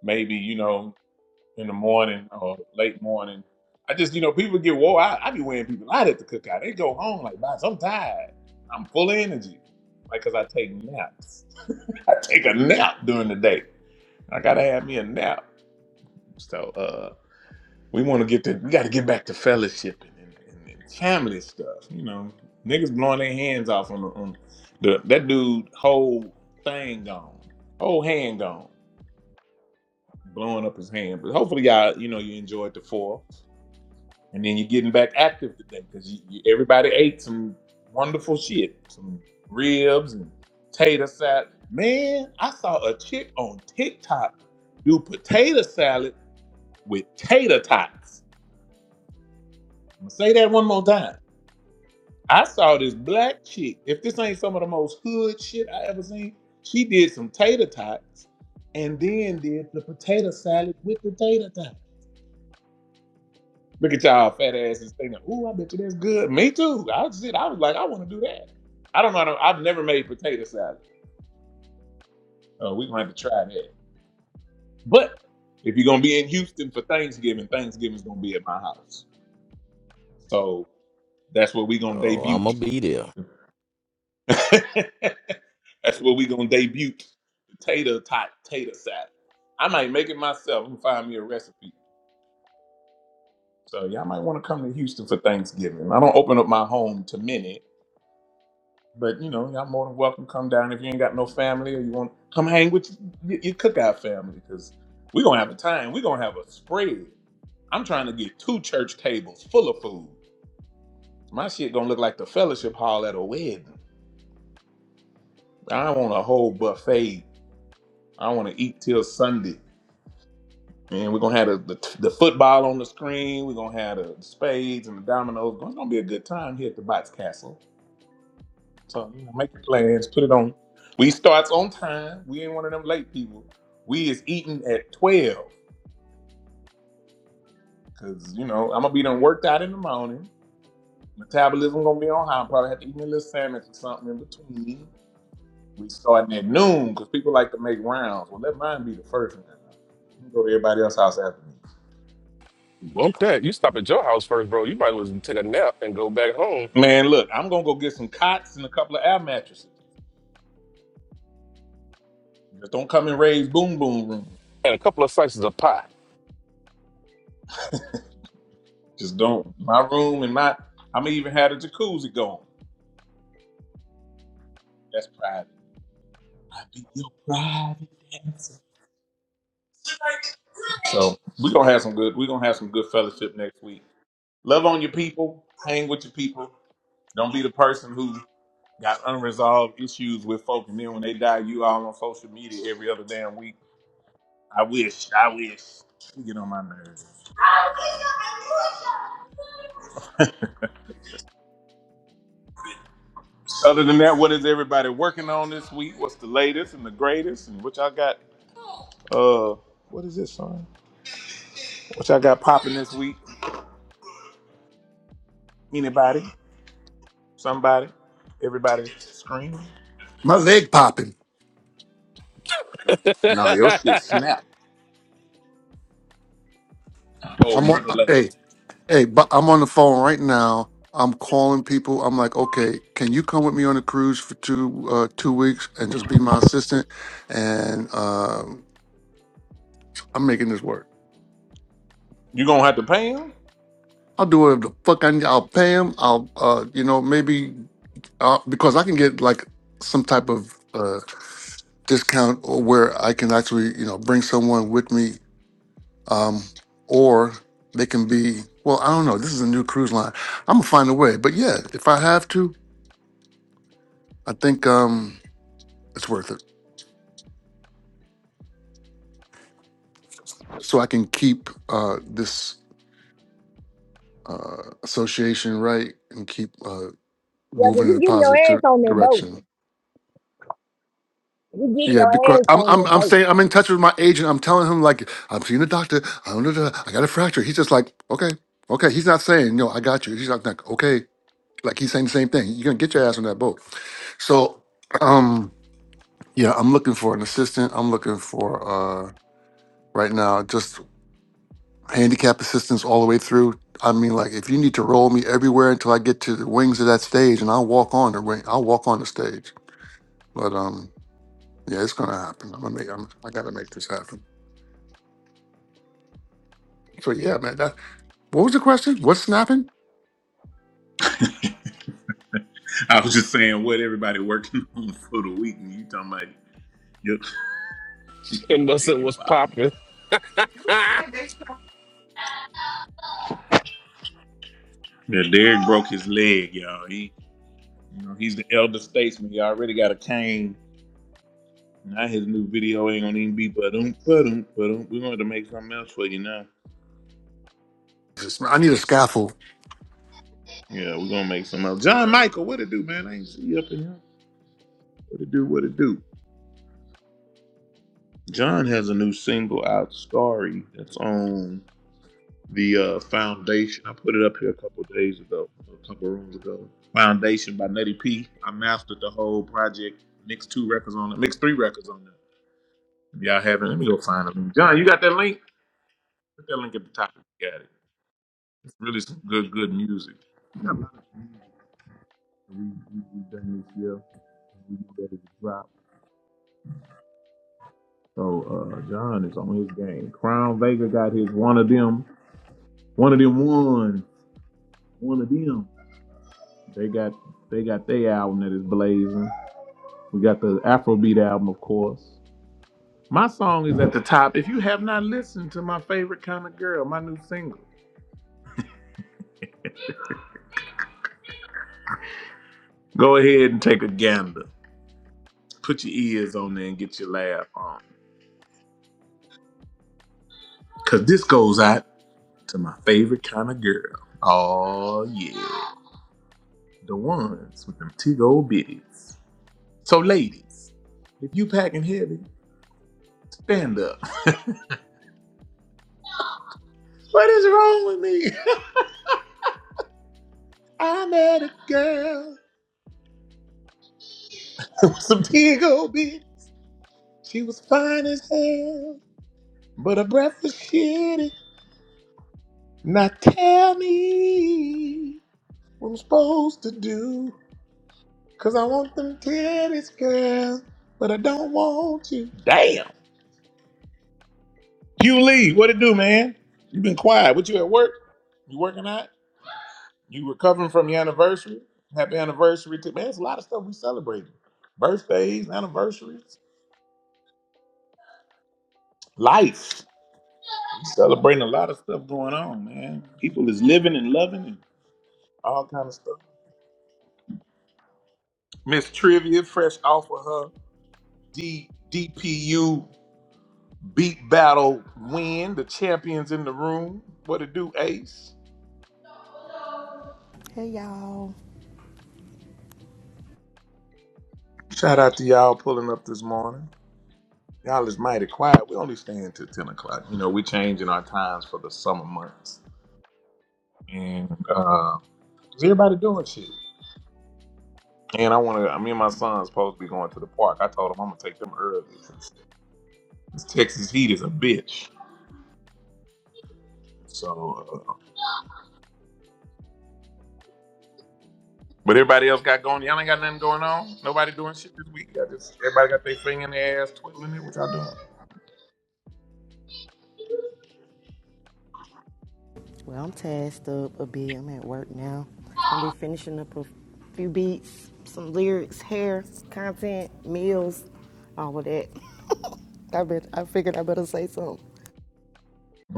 S1: maybe you know in the morning or late morning. I just, you know, people get wore out. I be wearing people out at the cookout. They go home like, "Boss, I'm tired. I'm full of energy. Like, cause I take naps. I take a nap during the day. I gotta have me a nap. So uh we wanna get to we gotta get back to fellowship and, and, and family stuff, you know. Niggas blowing their hands off on the on the that dude whole thing gone. Whole hand gone. Blowing up his hand. But hopefully y'all, you know, you enjoyed the four. and then you're getting back active today because you, you, everybody ate some wonderful shit, some ribs and potato salad. Man, I saw a chick on TikTok do potato salad with tater tots. I'm gonna say that one more time. I saw this black chick. If this ain't some of the most hood shit I ever seen, she did some tater tots and then did the potato salad with the tater tots. Look at y'all fat asses thinking, "Ooh, I bet you that's good." Me too. I was, I was like, I want to do that. I don't know. I don't, I've never made potato salad. Oh, we're gonna have to try that. But if you're gonna be in Houston for Thanksgiving, Thanksgiving's gonna be at my house. So that's where we're gonna
S15: oh,
S1: debut.
S15: I'm gonna be there.
S1: that's where we're gonna debut potato type potato salad. I might make it myself and find me a recipe. So y'all might want to come to Houston for Thanksgiving. I don't open up my home to many, But you know, y'all more than welcome to come down if you ain't got no family or you want come hang with your, your cookout family because we gonna have a time. we gonna have a spread. I'm trying to get two church tables full of food. My shit gonna look like the fellowship hall at a wedding. I want a whole buffet. I want to eat till Sunday. And we're gonna have the, the, the football on the screen. We're gonna have the spades and the dominoes. It's gonna be a good time here at the Bots Castle. So you know, make your plans, put it on. We starts on time. We ain't one of them late people. We is eating at twelve because you know I'm gonna be done worked out in the morning. Metabolism gonna be on high. I probably have to eat me a little sandwich or something in between. We starting at noon because people like to make rounds. Well, let mine be the first round. You Go to everybody else's house after me.
S14: Bump that. You stop at your house first, bro. You might as well take a nap and go back home.
S1: Man, look, I'm gonna go get some cots and a couple of air mattresses. Just don't come and raise boom boom room.
S14: And a couple of slices of pie.
S1: Just don't. My room and my I'm gonna even have a jacuzzi going. That's private. I be your private dancer. So we're gonna have some good we're gonna have some good fellowship next week. Love on your people, hang with your people. Don't be the person who got unresolved issues with folk and then when they die you all on social media every other damn week. I wish, I wish. You get on my nerves. Other than that, what is everybody working on this week? What's the latest and the greatest and what y'all got uh what is this, son? What y'all got popping this week? Anybody? Somebody? Everybody screaming?
S11: My leg popping.
S14: and
S1: No, your shit snapped. Oh,
S11: I'm on.
S1: brother
S11: uh,
S1: lad.
S11: Hey, hey, but I'm on the phone right now. I'm calling people. I'm like, okay, can you come with me on a cruise for two uh, two weeks and just be my assistant? And um I'm making this work.
S1: You gonna have to pay him?
S11: I'll do whatever the fuck I need. I'll pay him. I'll, uh, you know, maybe uh, because I can get like some type of uh, discount or where I can actually, you know, bring someone with me, um, or they can be. Well, I don't know. This is a new cruise line. I'm gonna find a way. But yeah, if I have to, I think um, it's worth it. So I can keep uh, this uh, association right and keep uh,
S4: Yeah, but
S11: moving in
S4: you
S11: a
S4: getting your
S11: positive
S4: ass
S11: dir-
S4: on that boat.
S11: direction.
S4: You getting
S11: Yeah,
S4: your
S11: because
S4: ass
S11: I'm
S4: on
S11: I'm
S4: that
S11: I'm
S4: boat.
S11: saying I'm in touch with my agent. I'm telling him like I'm seeing a doctor. I don't know. I got a fracture. He's just like, okay, okay. He's not saying no. I got you. He's not like okay. Like he's saying the same thing. You're gonna get your ass on that boat. So, um, yeah, I'm looking for an assistant. I'm looking for uh right now just handicap assistance all the way through. I mean, like if you need to roll me everywhere until I get to the wings of that stage, and I'll walk on the wing. I'll walk on the stage. But um, yeah, it's gonna happen. I'm gonna make. I'm, I gotta make this happen. So yeah, man, that's What was the question? What's snapping?
S1: I was just saying what everybody working on for the week and you talking about your, your
S14: Mustard
S1: leg
S14: was
S1: popping.
S14: popping.
S1: Yeah, Derek broke his leg, y'all. He you know, he's the elder statesman. He already got a cane. Now his new video ain't gonna even be but um but um but um. We're gonna have to make something else for you now.
S11: I need a scaffold.
S1: Yeah, we're gonna make something else. John Michael, what it do, man? I ain't see you up in here. What it do, what it do. John has a new single out, Starry, that's on the uh, Foundation. I put it up here a couple of days ago, a couple of rooms ago. Foundation by Nutty P. I mastered the whole project, mixed two records on it, mixed three records on it. If y'all haven't, let me go find them. John, you got that link? Put that link at the top. if You got it. It's really some good, good music. We got a lot of music we, have done this year. We get ready to drop. So uh, John is on his game. Crown Vega got his one of them. One of them won. one of them. They got they got their album that is blazing. We got the Afrobeat album, of course. My song is at the top. If you have not listened to my favorite kind of girl, my new single, go ahead and take a gander. Put your ears on there and get your laugh on. Cause this goes out to my favorite kind of girl. Oh yeah. The ones with them tig old bitties. So ladies, if you packing heavy, stand up. What is wrong with me? i met a girl. It was a big old bitch. She was fine as hell, but her breath was shitty. Now tell me what I'm supposed to do? 'Cause I want them titties, girl, but I don't want you. Damn. You Lee, what it do, man? You been quiet. What you at work? You working out? You recovering from your anniversary? Happy anniversary to man, it's a lot of stuff we celebrating. Birthdays, anniversaries, life. I'm celebrating a lot of stuff going on, man. People is living and loving and all kind of stuff. Miss Trivia, fresh off of her D DPU beat battle win, the champions in the room. What it do, Ace?
S18: Hey y'all.
S1: Shout out to y'all pulling up this morning. Y'all is mighty quiet. We only stay until 10 o'clock. You know, we changing our times for the summer months. And uh is everybody doing shit? And I wanna me and my son's supposed to be going to the park. I told him I'm gonna take them early. This Texas heat is a bitch. So, uh, but everybody else got going. Y'all ain't got nothing going on. Nobody doing shit this week. Y'all just everybody got their finger in their ass, twiddling it. What y'all doing?
S18: Well, I'm tasked up a bit. I'm at work now. I'll be finishing up a few beats, some lyrics, hair, content, meals, all of that. I bet I figured I better say something.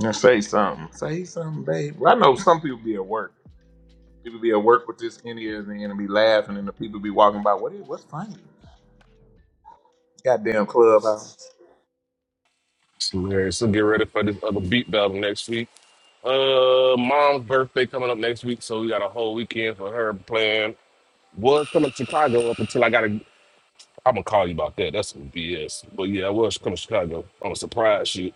S1: Yeah, say something. Say something, babe. Well, I know some people be at work. People be at work with this in ears and then be laughing, and the people be walking by. What is? What's funny? Goddamn clubhouse.
S14: It's hilarious. So get ready for this other beat battle next week. Uh, mom's birthday coming up next week, so we got a whole weekend for her playing. Was coming to Chicago up until I gotta. I'm gonna call you about that. That's some BS. But yeah, I was coming to Chicago. I'm going surprise shoot.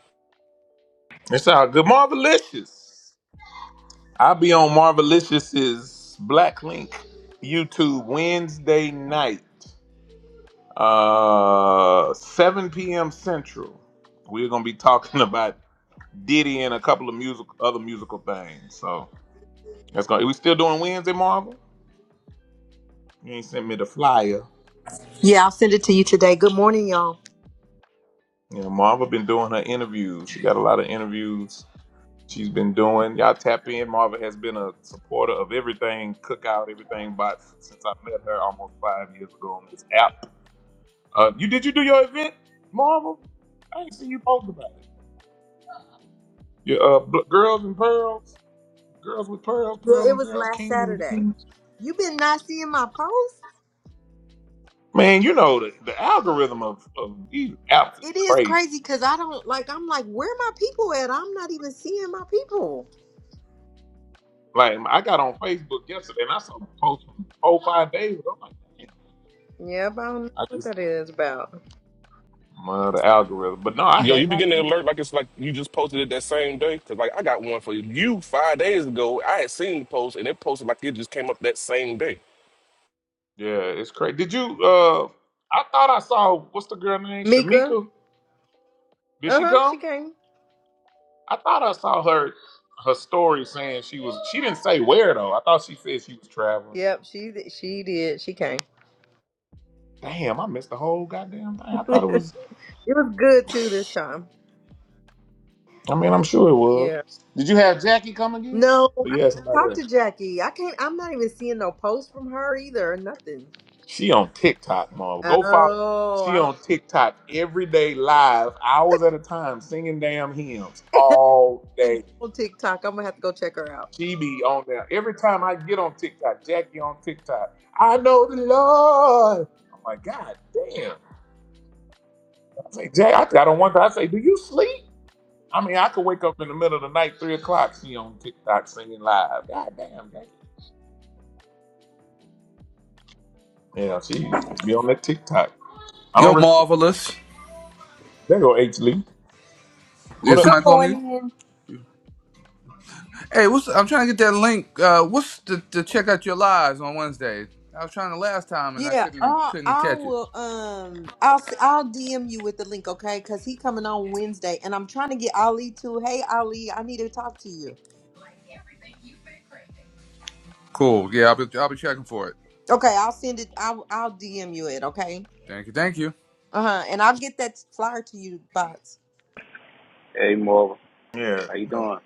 S1: It's all good. Marvelicious. I'll be on Marvelicious's Black Link YouTube Wednesday night. Uh, 7 p.m. Central. We're gonna be talking about Diddy and a couple of music, other musical things. So that's gonna. Are We still doing Wednesday, Marvel. You ain't sent me the flyer.
S19: Yeah, I'll send it to you today. Good morning, y'all.
S1: You know, Marva been doing her interviews. She got a lot of interviews she's been doing. Y'all tap in. Marva has been a supporter of everything Cookout, everything Bots since I met her almost five years ago on this app. Uh, you did you do your event, Marva? I ain't seen you post about it. Your uh, Bl- girls and pearls. Girls with pearls, pearls
S19: Yeah, it
S1: and
S19: was
S1: girls,
S19: last
S1: kings and
S19: Saturday.
S1: beans.
S19: You been not seeing my post?
S1: Man, you know the, the algorithm of, of these apps is
S19: It is
S1: crazy.
S19: crazy because I don't like. I'm like, where my people at? I'm not even seeing my people.
S1: Like I got on Facebook yesterday and I saw a post from four five days ago. I'm like, damn,
S19: Yep, I don't know
S1: I
S19: what
S1: just
S19: that is about.
S1: well, the algorithm. But no, I
S14: Yo,
S1: had
S14: you be
S1: not.
S14: getting the
S1: Been.
S14: alert like it's like you just posted it that same day. Cause like I got one for you five days ago. I had seen the post and it posted like it just came up that same day.
S1: Yeah, it's crazy. Did you? uh I thought I saw what's the girl name?
S19: Mika,
S1: Shamika. Did
S19: uh
S1: she
S19: huh, she
S1: come?
S19: came.
S1: I thought I saw her her story saying she was. She didn't say where though. I thought she said she was traveling.
S19: Yep, she she did. She came.
S1: Damn, I missed the whole goddamn thing. I thought it
S19: it
S1: was.
S19: was good too this time.
S1: I mean, I'm sure it was.
S19: Yeah.
S1: Did you have Jackie come again?
S19: No,
S1: Or
S19: I
S1: you had somebody
S19: talked to
S1: else?
S19: Jackie. I can't. I'm not even seeing no posts from her either. Nothing.
S1: She on TikTok, mom. Go follow.
S19: Oh,
S1: She
S19: I don't
S1: on TikTok every day, live, hours at a time, singing damn hymns all
S19: think
S1: day.
S19: on TikTok. I'm gonna have to go check her out.
S1: She be on there. Every time I get on TikTok, Jackie on TikTok. I know the Lord. I'm like, God damn. I say, Jack, I got on one time. I say, Do you sleep? I mean, I could wake up in the middle of the night, three o'clock. She on TikTok singing live. God damn, Jackie. Yeah, she be on that TikTok. I don't
S13: You're
S1: really.
S13: marvelous.
S1: There go H Lee.
S13: Yeah,
S1: What up?
S19: Good
S13: somebody call me.
S19: morning.
S13: Hey, what's? I'm trying to get that link. Uh, what's to, to check out your lives on Wednesday? I was trying the last time and I
S19: Yeah,
S13: couldn't
S19: I'll,
S13: couldn't
S19: I
S13: catch it.
S19: will. Um, I'll s- I'll DM you with the link, okay? Because he coming on Wednesday, and I'm trying to get Ali to. Hey, Ali, I need to talk to you.
S13: Cool. Yeah, I'll be I'll be checking for it.
S19: Okay, I'll send it. I'll I'll DM you it, okay?
S13: Thank you. Thank you.
S19: Uh huh. And I'll get that flyer to you, bots.
S9: Hey, Marvel,
S1: Yeah. you
S9: how you
S1: know,
S9: doing?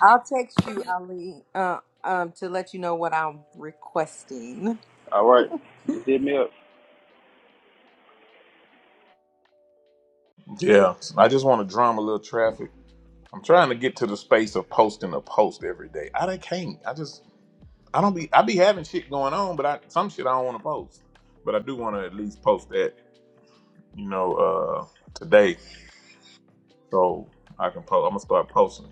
S19: I'll text you, Ali. Uh, um, to let you know what I'm requesting.
S9: All right, just hit me up.
S1: Yeah. I just want to drum a little traffic. I'm trying to get to the space of posting a post every day. I done can't. I just I don't be I be having shit going on, but I some shit I don't want to post. But I do want to at least post that, you know, uh today. So I can post I'm gonna start posting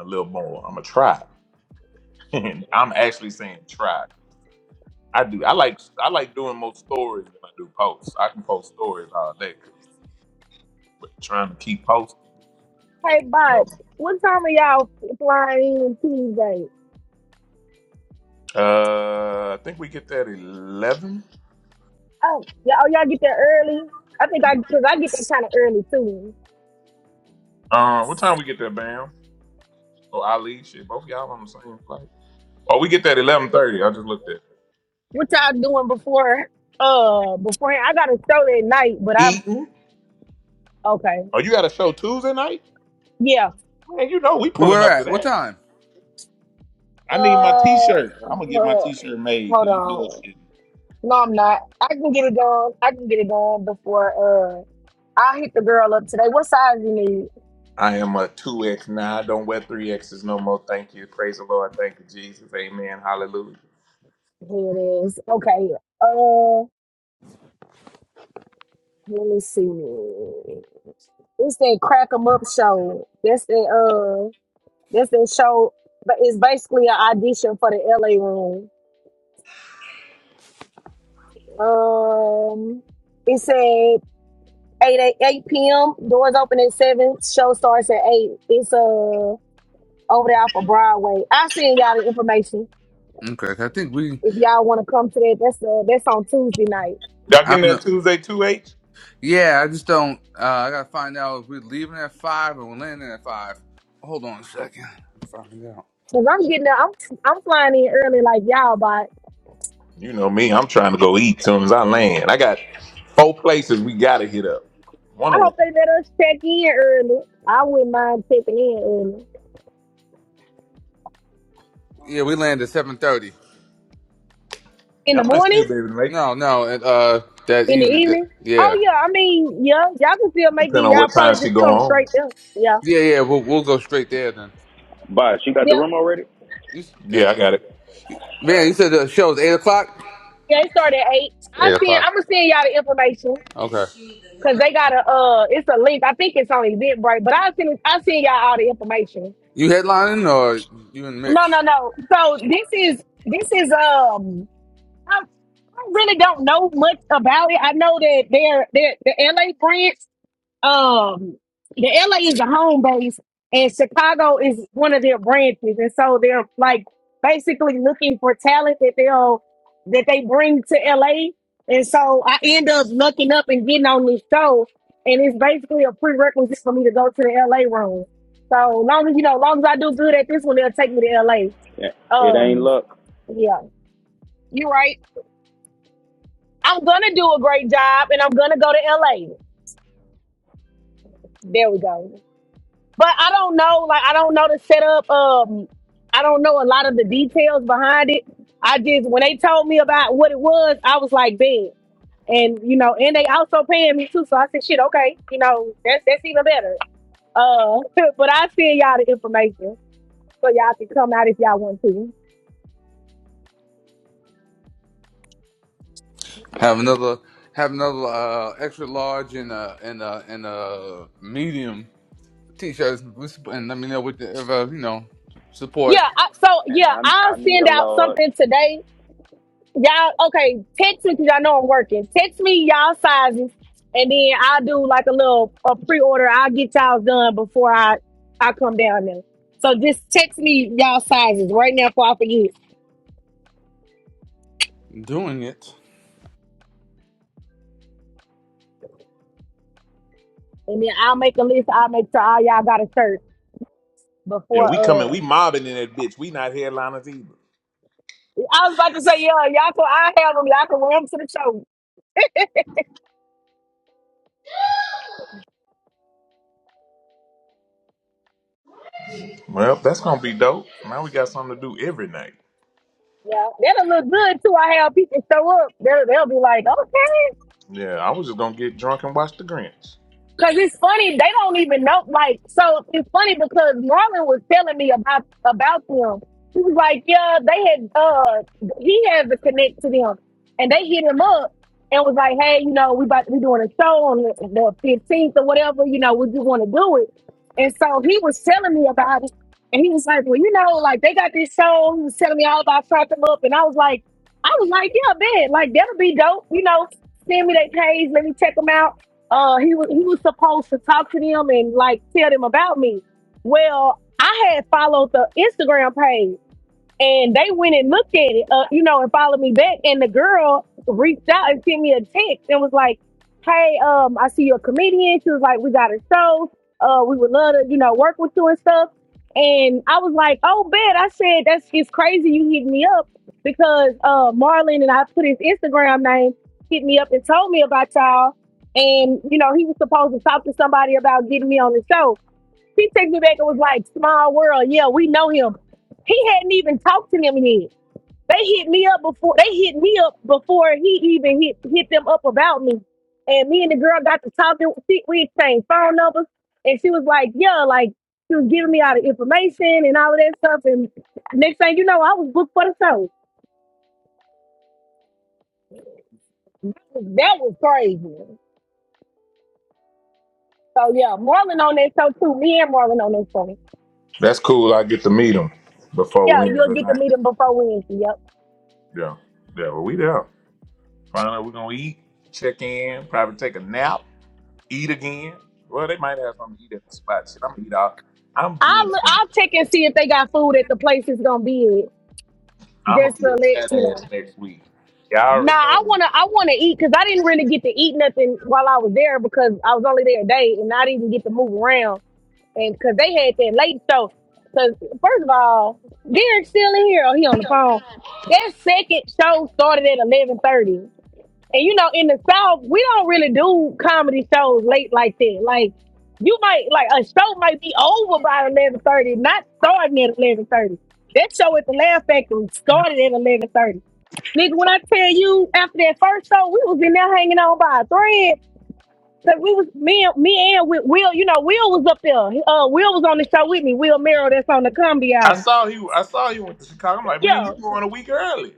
S1: a little more. I'm gonna try. I'm actually saying try. I do. I like I like doing more stories than I do posts. I can post stories all day. But trying to keep posting.
S4: Hey,
S1: No.
S4: bud, what time are y'all flying in Tuesday?
S1: Uh, I think we get that eleven.
S4: Oh, y'all, oh, y'all get there early. I think I because I get there kind of early too.
S1: Uh, what time we get that, Bam? Or Ali? Shit, both y'all on the same flight. Oh, we get that eleven thirty. I just looked at.
S4: What y'all doing before? Uh, before I got a show that night, but I'm
S1: Eaton.
S4: okay.
S1: Oh, you got a show Tuesday night?
S4: Yeah.
S1: Man, you know we pulling
S13: Where
S1: up to
S13: at? What
S1: that.
S13: time?
S1: I need my
S4: Uh,
S1: T-shirt. I'm gonna get my
S4: uh
S1: T-shirt made
S4: hold
S1: because you
S4: on.
S1: bullshit.
S4: No, I'm not. I can get it done. I can get it done before uh I hit the girl up today. What size you need?
S1: I am a two X now. I don't wear three X's no more. Thank you. Praise the Lord. Thank you, Jesus. Amen. Hallelujah.
S4: Here it is. Okay. Uh let me see. It's that crack 'em up show. That's the uh that's that show but it's basically an audition for the LA room. Um it said 8 8 8 p.m. Doors open at 7. Show starts at 8. It's uh over there off of Broadway. I'll send y'all the information.
S13: Okay, I think we.
S4: If y'all want to come to that, that's uh, that's on Tuesday night.
S1: Y'all
S13: I
S1: getting
S13: don't
S1: that
S13: know.
S1: Tuesday two H?
S13: Yeah, I just don't. Uh, I gotta find out if we're leaving at five or we're landing at five. Hold on a second. Find out.
S4: Cause I'm getting there. I'm I'm flying in early like y'all, but
S1: You know me. I'm trying to go eat soon as I land. I got Four places we gotta hit up. One
S4: I
S1: of them.
S4: hope they let us check in early. I wouldn't mind checking in early
S13: Yeah, we land at seven thirty.
S4: in
S1: Yeah,
S4: the
S1: I might still
S4: morning,
S1: be able to make it,
S13: No, no, and uh, that
S4: in the
S13: evening. That,
S4: evening.
S13: yeah,
S4: Oh yeah, I mean yeah, y'all can still make
S1: depending
S4: it.
S1: on
S4: Y'all
S1: what time
S4: probably
S1: she
S4: just
S1: go
S4: come
S1: on.
S4: straight there. Yeah,
S13: yeah, yeah. We'll we'll go straight there then.
S9: Bye. She got the
S4: yep.
S9: room already.
S13: You, s- uh,
S1: Yeah, I got it.
S9: All
S13: man, you
S9: right.
S13: said the show's eight o'clock.
S4: Yeah, it started at eight. I
S13: Eight
S4: send.
S13: o'clock.
S4: I'm gonna send y'all the information.
S13: Okay.
S4: Cause they got a uh, it's a link. I think it's on Eventbrite, but I send I send y'all all the information.
S13: You headlining or you in the
S4: No,
S13: mix?
S4: no, no. So this is this is um. really don't know much about it. I know that they're, they're the LA branch. Um, the LA is the home base, and Chicago is one of their branches, and so they're like basically looking for talent that they'll that they bring to LA. And so I end up looking up and getting on this show, and it's basically a prerequisite for me to go to the LA room. So long as you know, long as I do good at this one, they'll take me to
S9: Yeah.
S4: LA.
S9: It ain't
S4: Um,
S9: luck,
S4: yeah, you're right. I'm gonna do a great job and I'm gonna go to LA. There we go. But I don't know, like I don't know the setup. Um, I don't know a lot of the details behind it. I just when they told me about what it was, I was like, bad. And you know, and they also paying me too. So I said, shit, okay, you know, that's that's even better. Uh, but I send y'all the information so y'all can come out if y'all want to.
S13: Have another have another uh extra large and uh and uh and uh medium t-shirts. We sup- And let me know what the, if, uh, you know support
S4: Yeah, I, so
S9: and
S4: yeah,
S9: I
S4: I'll
S9: I need a
S4: send out
S9: large.
S4: something today Y'all, okay, text me because y'all know I'm working. Text me y'all sizes, and then I'll do like a little a pre-order. I'll get y'all done before I I come down there. So just text me y'all sizes right now before I forget,
S13: doing it.
S4: and then I'll make a list. I'll make sure all y'all got a shirt
S1: Yeah,
S4: before.
S1: we coming. We
S4: Uh,
S1: mobbing in that bitch. We not headliners either.
S4: I was about to say, yeah, y'all can. I have them. Y'all can wear them to the show.
S1: Well, that's gonna be dope. Now we got something to do every night.
S4: Yeah, that'll look good too. I have people show up. They'll, they'll be like, okay,
S1: Yeah, I was just gonna get drunk and watch the Grinch.
S4: Cause it's funny, they don't even know. Like, so it's funny because Marlon was telling me about about them. He was like, yeah, they had uh he has a connect to them. And they hit him up and was like, hey, you know, we about we doing a show on the the fifteenth or whatever, you know, would you wanna do it? And so he was telling me about it. And he was like, Well, you know, like they got this show, he was telling me all about trap them up, and I was like, I was like, Yeah, man, like that'll be dope, you know, send me their page, let me check them out uh he was he was supposed to talk to them and like tell them about me. Well, I had followed the Instagram page and they went and looked at it, uh, you know, and followed me back. And the girl reached out and sent me a text and was like, "Hey, um, I see you're a comedian." She was like, "We got a show. Uh, we would love to, you know, work with you and stuff." And I was like, "Oh, bet." I said, "That's it's crazy you hit me up because uh, Marlon and I put his Instagram name hit me up and told me about y'all." And you know, he was supposed to talk to somebody about getting me on the show she texted me back and was like, small world. Yeah, we know him. He hadn't even talked to them yet. They hit me up before they hit me up before he even hit hit them up about me. And me and the girl got to talking. She, we exchanged phone numbers, and she was like, "Yeah, like she was giving me all the information and all of that stuff." And next thing you know, I was booked for the show. That was crazy. So yeah, Marlon on that show too. Me and Marlon on that show.
S1: That's cool. I get to meet him before
S4: Yeah, you'll
S1: Wednesday
S4: get to
S1: night.
S4: meet him before Wednesday. Yep.
S1: Yeah, yeah. Well, we there. Find out we're gonna eat, check in, probably take a nap, eat again. Well, they might have something to eat at the spot. Shit, I'm gonna eat out. I'm being
S4: I'll
S1: a
S4: I'll check and see if they got food at the place it's gonna be at.
S1: I'm gonna
S4: Just
S1: be
S4: to
S1: a
S4: let
S1: fat
S4: you
S1: ass
S4: know.
S1: next week. Y'all
S4: Nah,
S1: already
S4: I
S1: know.
S4: wanna I wanna eat because I didn't really get to eat nothing while I was there because I was only there a day and I didn't get to move around and because they had that late show. Because first of all, Derek's still in here. Oh, he on the phone. That second show started at eleven thirty. And you know, in the South, we don't really do comedy shows late like that. Like you might like a show might be over by eleven thirty, not starting at eleven thirty. That show at the Laugh Factory started at eleven thirty. Nigga, when I tell you after that first show, we was in there hanging on by a thread. Cause we was me, and me and Wi- Will, you know, Will was up there. Uh, Will was on the show with me. Will Merrill, that's on the comedy
S1: I
S4: album.
S1: saw you. I saw you went to Chicago. I'm like, man,
S4: Yeah,
S1: you going a week early?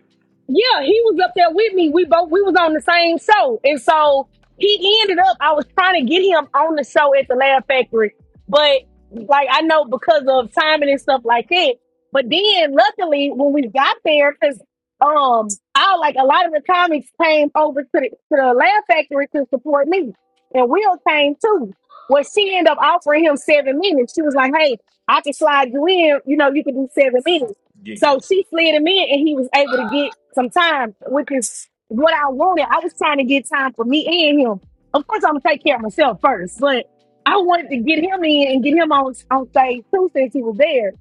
S4: Yeah, he was up there with me. We both we was on the same show, and so he ended up. I was trying to get him on the show at the Laugh Factory, but like I know because of timing and stuff like that. But then, luckily, when we got there, because um, I like a lot of the comics came over to the to the Laugh Factory to support me, and Will came too. Well, she ended up offering him seven minutes. She was like, "Hey, I can slide you in. You know, you can do seven minutes."
S1: Giggity.
S4: So she slid him in, and he was able to get some time, which is what I wanted. I was trying to get time for me and him. Of course, I'm gonna take care of myself first, but I wanted to get him in and get him on on stage too, since he was there,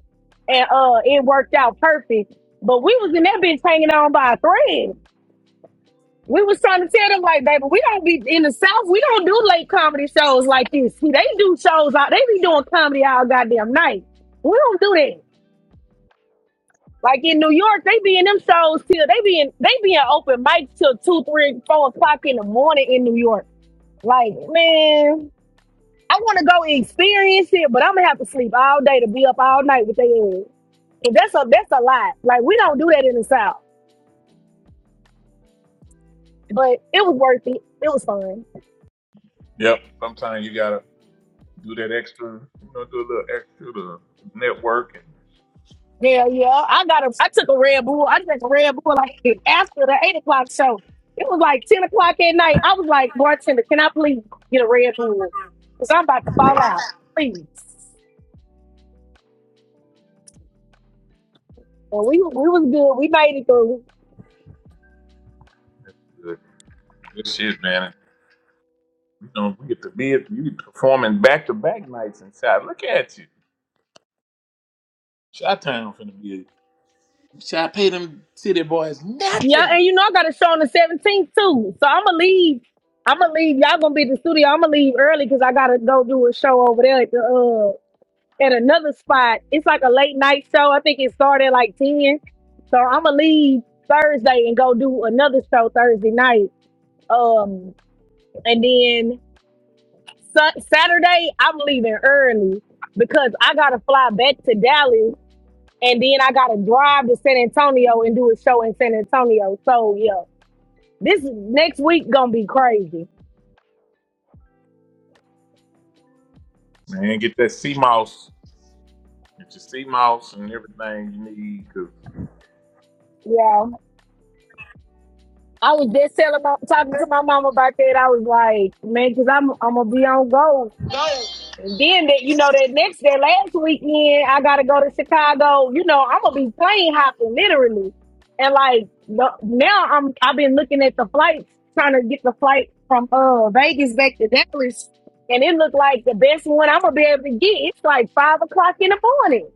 S4: and uh, it worked out perfect. But we was in that bitch hanging on by a thread. We was trying to tell them like, baby, we don't be in the South. We don't do late comedy shows like this. See, they do shows out. They be doing comedy all goddamn night. We don't do that. Like in New York, they be in them shows till they be in they be in open mics till two, three, four o'clock in the morning in New York. Like, man, I wanna go experience it, but I'm gonna have to sleep all day to be up all night with their ass. And that's a that's a lot. Like we don't do that in the South. But it was worth it. It was fun.
S1: Yep. Sometimes you gotta do that extra. You know, do a little extra to network and
S4: Hell yeah. I got a I took a Red Bull. I drank a Red Bull like after the eight o'clock show. It was like ten o'clock at night. I was like, bartender, can I please get a Red Bull? Because I'm about to fall out. Please. And we we was good. We made it through.
S1: good, good shit, man. You know, we get to be you performing back to back nights inside. Look at you. Shot town finna be. Shot pay them city boys
S4: Yeah,
S1: nothing.
S4: and you know I got a show on the seventeenth too. So I'ma leave. I'ma leave. Y'all gonna be at the studio. I'ma leave early because I gotta go do a show over there at the uh, at another spot. It's like a late night show. I think it started like 10. So I'm gonna leave Thursday and go do another show Thursday night. Um, and then Su- Saturday I'm leaving early because I gotta fly back to Dallas and then I gotta drive to San Antonio and do a show in San Antonio. So yeah, this next week gonna be crazy.
S1: Man, get that sea mouse. Get your sea mouse and everything you need. because.
S4: Yeah, I was just telling my, talking to my mom about that. I was like, man, because I'm I'm gonna be on go. Then that you know that next that last weekend I gotta go to Chicago. You know I'm gonna be plane hopping literally, and like the, now I'm I've been looking at the flights trying to get the flight from uh Vegas back to Dallas, and it looked like the best one I'm gonna be able to get. It's like five o'clock in the morning.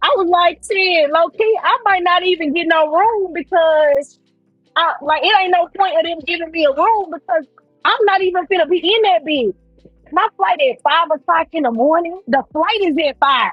S4: I was like, shit, low key, I might not even get no room because I like it ain't no point of them giving me a room because I'm not even gonna be in that bitch. My flight at five o'clock in the morning. The flight is at five.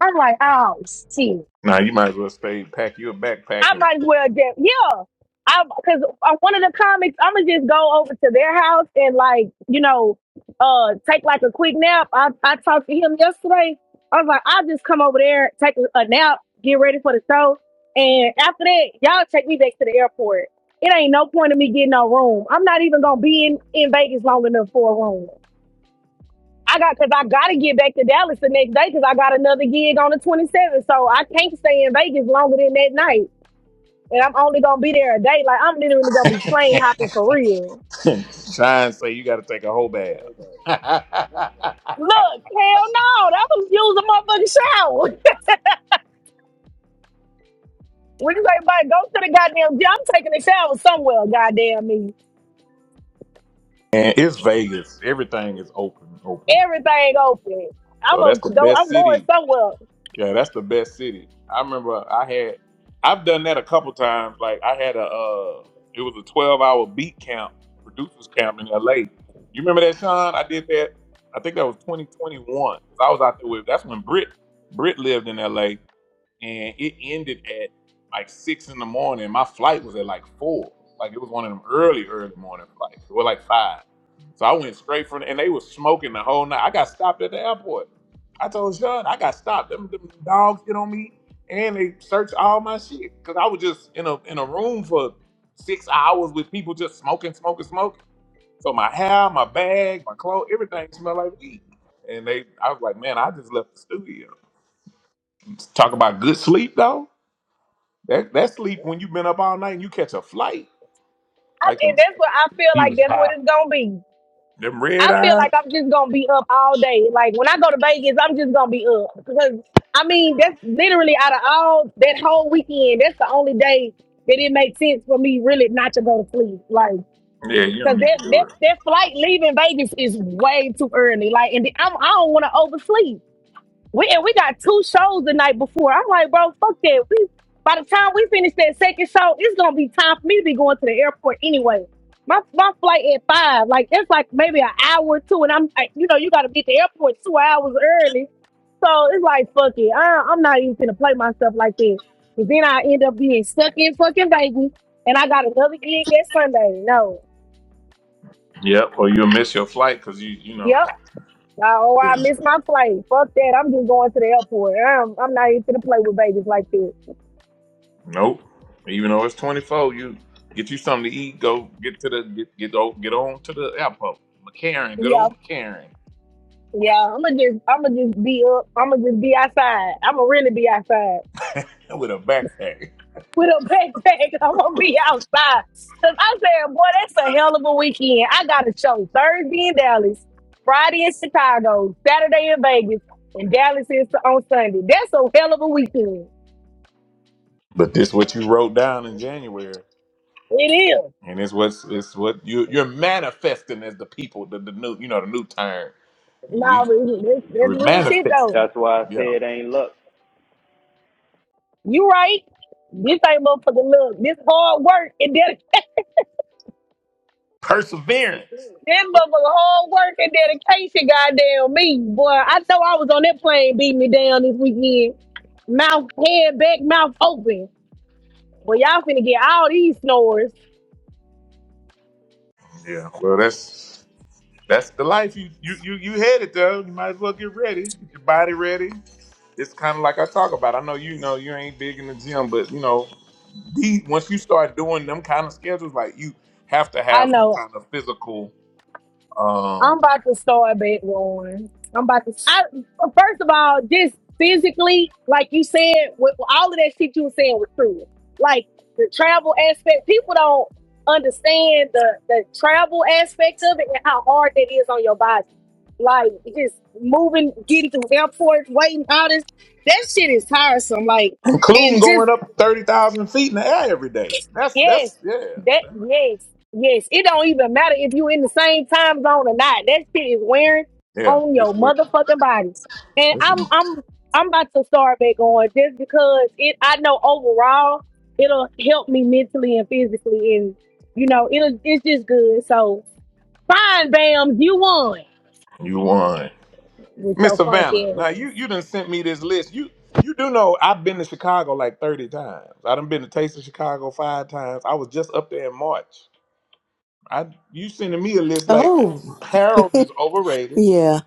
S4: I'm like, oh shit.
S1: Nah, you might as well stay, pack you a backpack
S4: I might as well just yeah. I because one of the comics, I'ma just go over to their house and like you know, uh, take like a quick nap. I I talked to him yesterday. I was like, I'll just come over there, take a a nap, get ready for the show, and after that, y'all take me back to the airport. It ain't no point of me getting no room. I'm not even gonna be in in Vegas long enough for a room. I got because I got to get back to Dallas the next day because I got another gig on the 27th. So I can't stay in Vegas longer than that night. And I'm only going to be there a day. Like, I'm literally going to be plane hopping for real.
S1: and shine. Say you got to take a whole bath.
S4: Look, hell no. That was use a motherfucking shower. When you say, but go to the goddamn gym, I'm taking a shower somewhere, goddamn me.
S1: and it's Vegas. Everything is open, open.
S4: Everything open. I'm
S1: So that's
S4: gonna
S1: the
S4: go.
S1: best
S4: I'm going
S1: city.
S4: somewhere,
S1: Yeah, that's the best city. I remember I had, I've done that a couple times. Like I had a, uh, it was a 12 hour beat camp, producers camp in LA. You remember that, Sean? I did that. I think that was 2021. I was out there with. That's when Brit, Brit lived in LA. and it ended at like six in the morning. My flight was at like four. Like it was one of them early, early morning flights. It was like five. So I went straight from and they was smoking the whole night. I got stopped at the airport. I told Sean, I got stopped. Them, them dogs hit on me and they searched all my shit. Cause I was just in a in a room for six hours with people just smoking, smoking, smoking. So my hair, my bag, my clothes, everything smelled like weed. And they I was like, man, I just left the studio. Talk about good sleep though. That that sleep when you've been up all night and you catch a flight,
S4: I,
S1: like them
S4: and that's what I feel
S14: He
S4: like.
S14: was
S4: That's
S14: hot
S4: what it's gonna be.
S1: them red
S4: I feel
S1: eyes.
S4: like I'm just gonna be up all day. Like when I go to Vegas, I'm just gonna be up because I mean that's literally out of all that whole weekend, that's the only day that it makes sense for me really not to go to sleep. Like
S1: Yeah, you don't
S4: because
S1: need
S4: that
S1: to do
S4: that
S1: it.
S4: that flight leaving Vegas is way too early. Like and I'm, I don't want to oversleep. We and we got two shows the night before. I'm like, bro, fuck that. We by the time we finish that second show, it's gonna be time for me to be going to the airport anyway. My my flight at five, like it's like maybe an hour or two, and I'm like, you know, you got to be at the airport two hours early. So it's like, fuck it, I, I'm not even gonna play myself like that. And then I end up being stuck in fucking Vegas, and I got another gig that Sunday. No,
S1: Yep, or you'll miss your flight because you you know.
S4: yep, oh, I
S1: Yeah.
S4: missed my flight. Fuck that, I'm just going to the airport. I'm, I'm not even gonna play with babies like that.
S1: Nope. Even though it's twenty four, you get you something to eat. Go get to the get get on, get on to the airport. McCarran, good
S4: Yeah.
S1: old McCarran,
S4: Yeah, I'ma just I'ma just be up. I'ma just be outside. I'ma really be outside.
S1: with a backpack.
S4: With a backpack, I'm gonna be outside. Cause I said, boy, that's a hell of a weekend. I got a show Thursday in Dallas, Friday in Chicago, Saturday in Vegas, and Dallas is on Sunday. That's a hell of a weekend.
S1: But this what you wrote down in January,
S4: It is.
S1: and it's what's it's what you you're manifesting as the people the, the new you know the new term we
S4: Nah, but that's, that's
S1: we're
S4: real shit
S1: manifesting.
S4: though.
S9: That's why I
S1: Yeah,
S9: say it ain't luck.
S4: You right. This ain't motherfucking look. This hard work and dedication.
S1: perseverance.
S4: That mother hard work and dedication, goddamn me, boy. I know I was on that plane beating me down this weekend. Mouth head back, mouth open. Well, y'all finna get all these snores.
S1: Yeah. Well, that's that's the life you you you you headed though. You might as well get ready. Get your body ready. It's kind of like I talk about. I know you know you ain't big in the gym, but you know, the, once you start doing them kind of schedules, like you have to
S4: I
S1: have some
S4: know.
S1: kind of physical,
S4: I'm
S1: um,
S4: about to start back roaring. I'm about to. I, well, first of all, just physically, like you said, with all of that shit you were saying was true. Like the travel aspect, people don't understand the the travel aspect of it and how hard that is on your body Like just moving, getting through airports, waiting, all this. That shit is tiresome. Like,
S1: including
S4: and just
S1: going up thirty thousand feet in the air every day. That's that's
S4: yes, that
S1: yeah,
S4: yes, yes. It don't even matter if you in the same time zone or not. That shit is wearing
S1: yeah.
S4: on
S1: It's
S4: your
S1: what
S4: motherfucking bodies. And
S1: it's
S4: I'm I'm I'm about to start back on just because it I know overall it'll help me mentally and physically and you know, it'll it's just good. So fine, Bam, you won
S1: you won.
S4: with
S1: Miss
S4: your
S1: Savannah,
S4: funky
S1: now you
S4: ass.
S1: you done sent me this list. You you do know I've been to Chicago like thirty times. I done been to Taste of Chicago five times. I was just up there in March. I you sending me a list like
S20: Oh,
S1: Harold is overrated.
S20: yeah.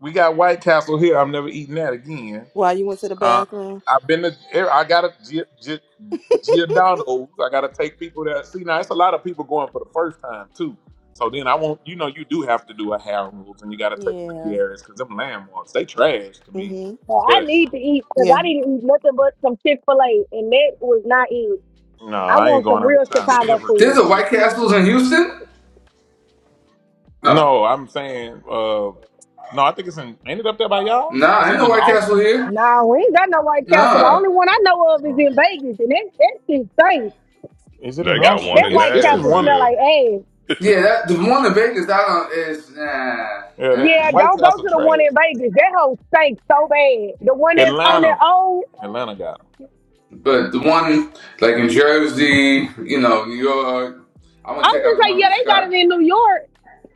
S1: We got White Castle here. I'm never eating that again.
S20: While you went to the
S1: Uh,
S20: bathroom?
S1: I've been to. e, I got to Gi- Gi- Giordano's. I got to take people that see now. It's a lot of people going for the first time too. So then I won't. You know, you do have to do a Harold's, and you got to take them to
S20: Yeah.
S1: Garrett's because them landmarks they trash to me.
S20: Mm-hmm.
S4: Well, I need to eat because
S20: Yeah.
S4: I didn't eat nothing but some Chick Fil A, and that was not it.
S1: No,
S4: I
S1: I ain't
S4: want
S1: going
S4: some
S1: out of
S4: real
S1: town
S4: Chicago
S1: ever
S13: There's
S4: food.
S1: eating
S13: a
S1: Chick
S13: White
S1: Fil
S13: Castles in Houston.
S1: A.
S13: No,
S1: No, I'm saying, uh, no, I think it's in. Ain't it up there by y'all?
S13: nah,
S1: It's
S13: ain't
S1: either
S13: no
S1: in
S13: White Castle
S1: Austin.
S13: here.
S4: No, we ain't got no White Castle. The
S13: No.
S4: only one I know of is
S1: Oh.
S4: in Vegas, and that that shit stinks.
S1: Is it in
S5: They got
S4: That
S5: one
S1: Austin?
S4: that
S5: in
S1: It's
S4: White
S1: it's in
S4: Castle
S1: one of
S4: smell
S1: them.
S5: Nashville.
S4: like ass.
S13: Yeah, that, the one in Vegas, I don't, is, nah,
S1: Yeah, they,
S13: nah.
S4: Yeah,
S1: White
S4: don't go
S1: Castle
S4: to the one
S1: trash.
S4: in Vegas. That whole stinks so bad. The one
S13: Yeah,
S4: that's on
S13: I,
S4: their
S1: Atlanta,
S4: own.
S1: Atlanta got 'em.
S13: but the one, like in Jersey, you know, New York, I
S4: I
S13: want to
S4: was
S13: check
S4: gonna
S13: out the
S4: say,
S13: one
S4: yeah,
S13: in
S4: they got
S13: Chicago.
S4: it in New York,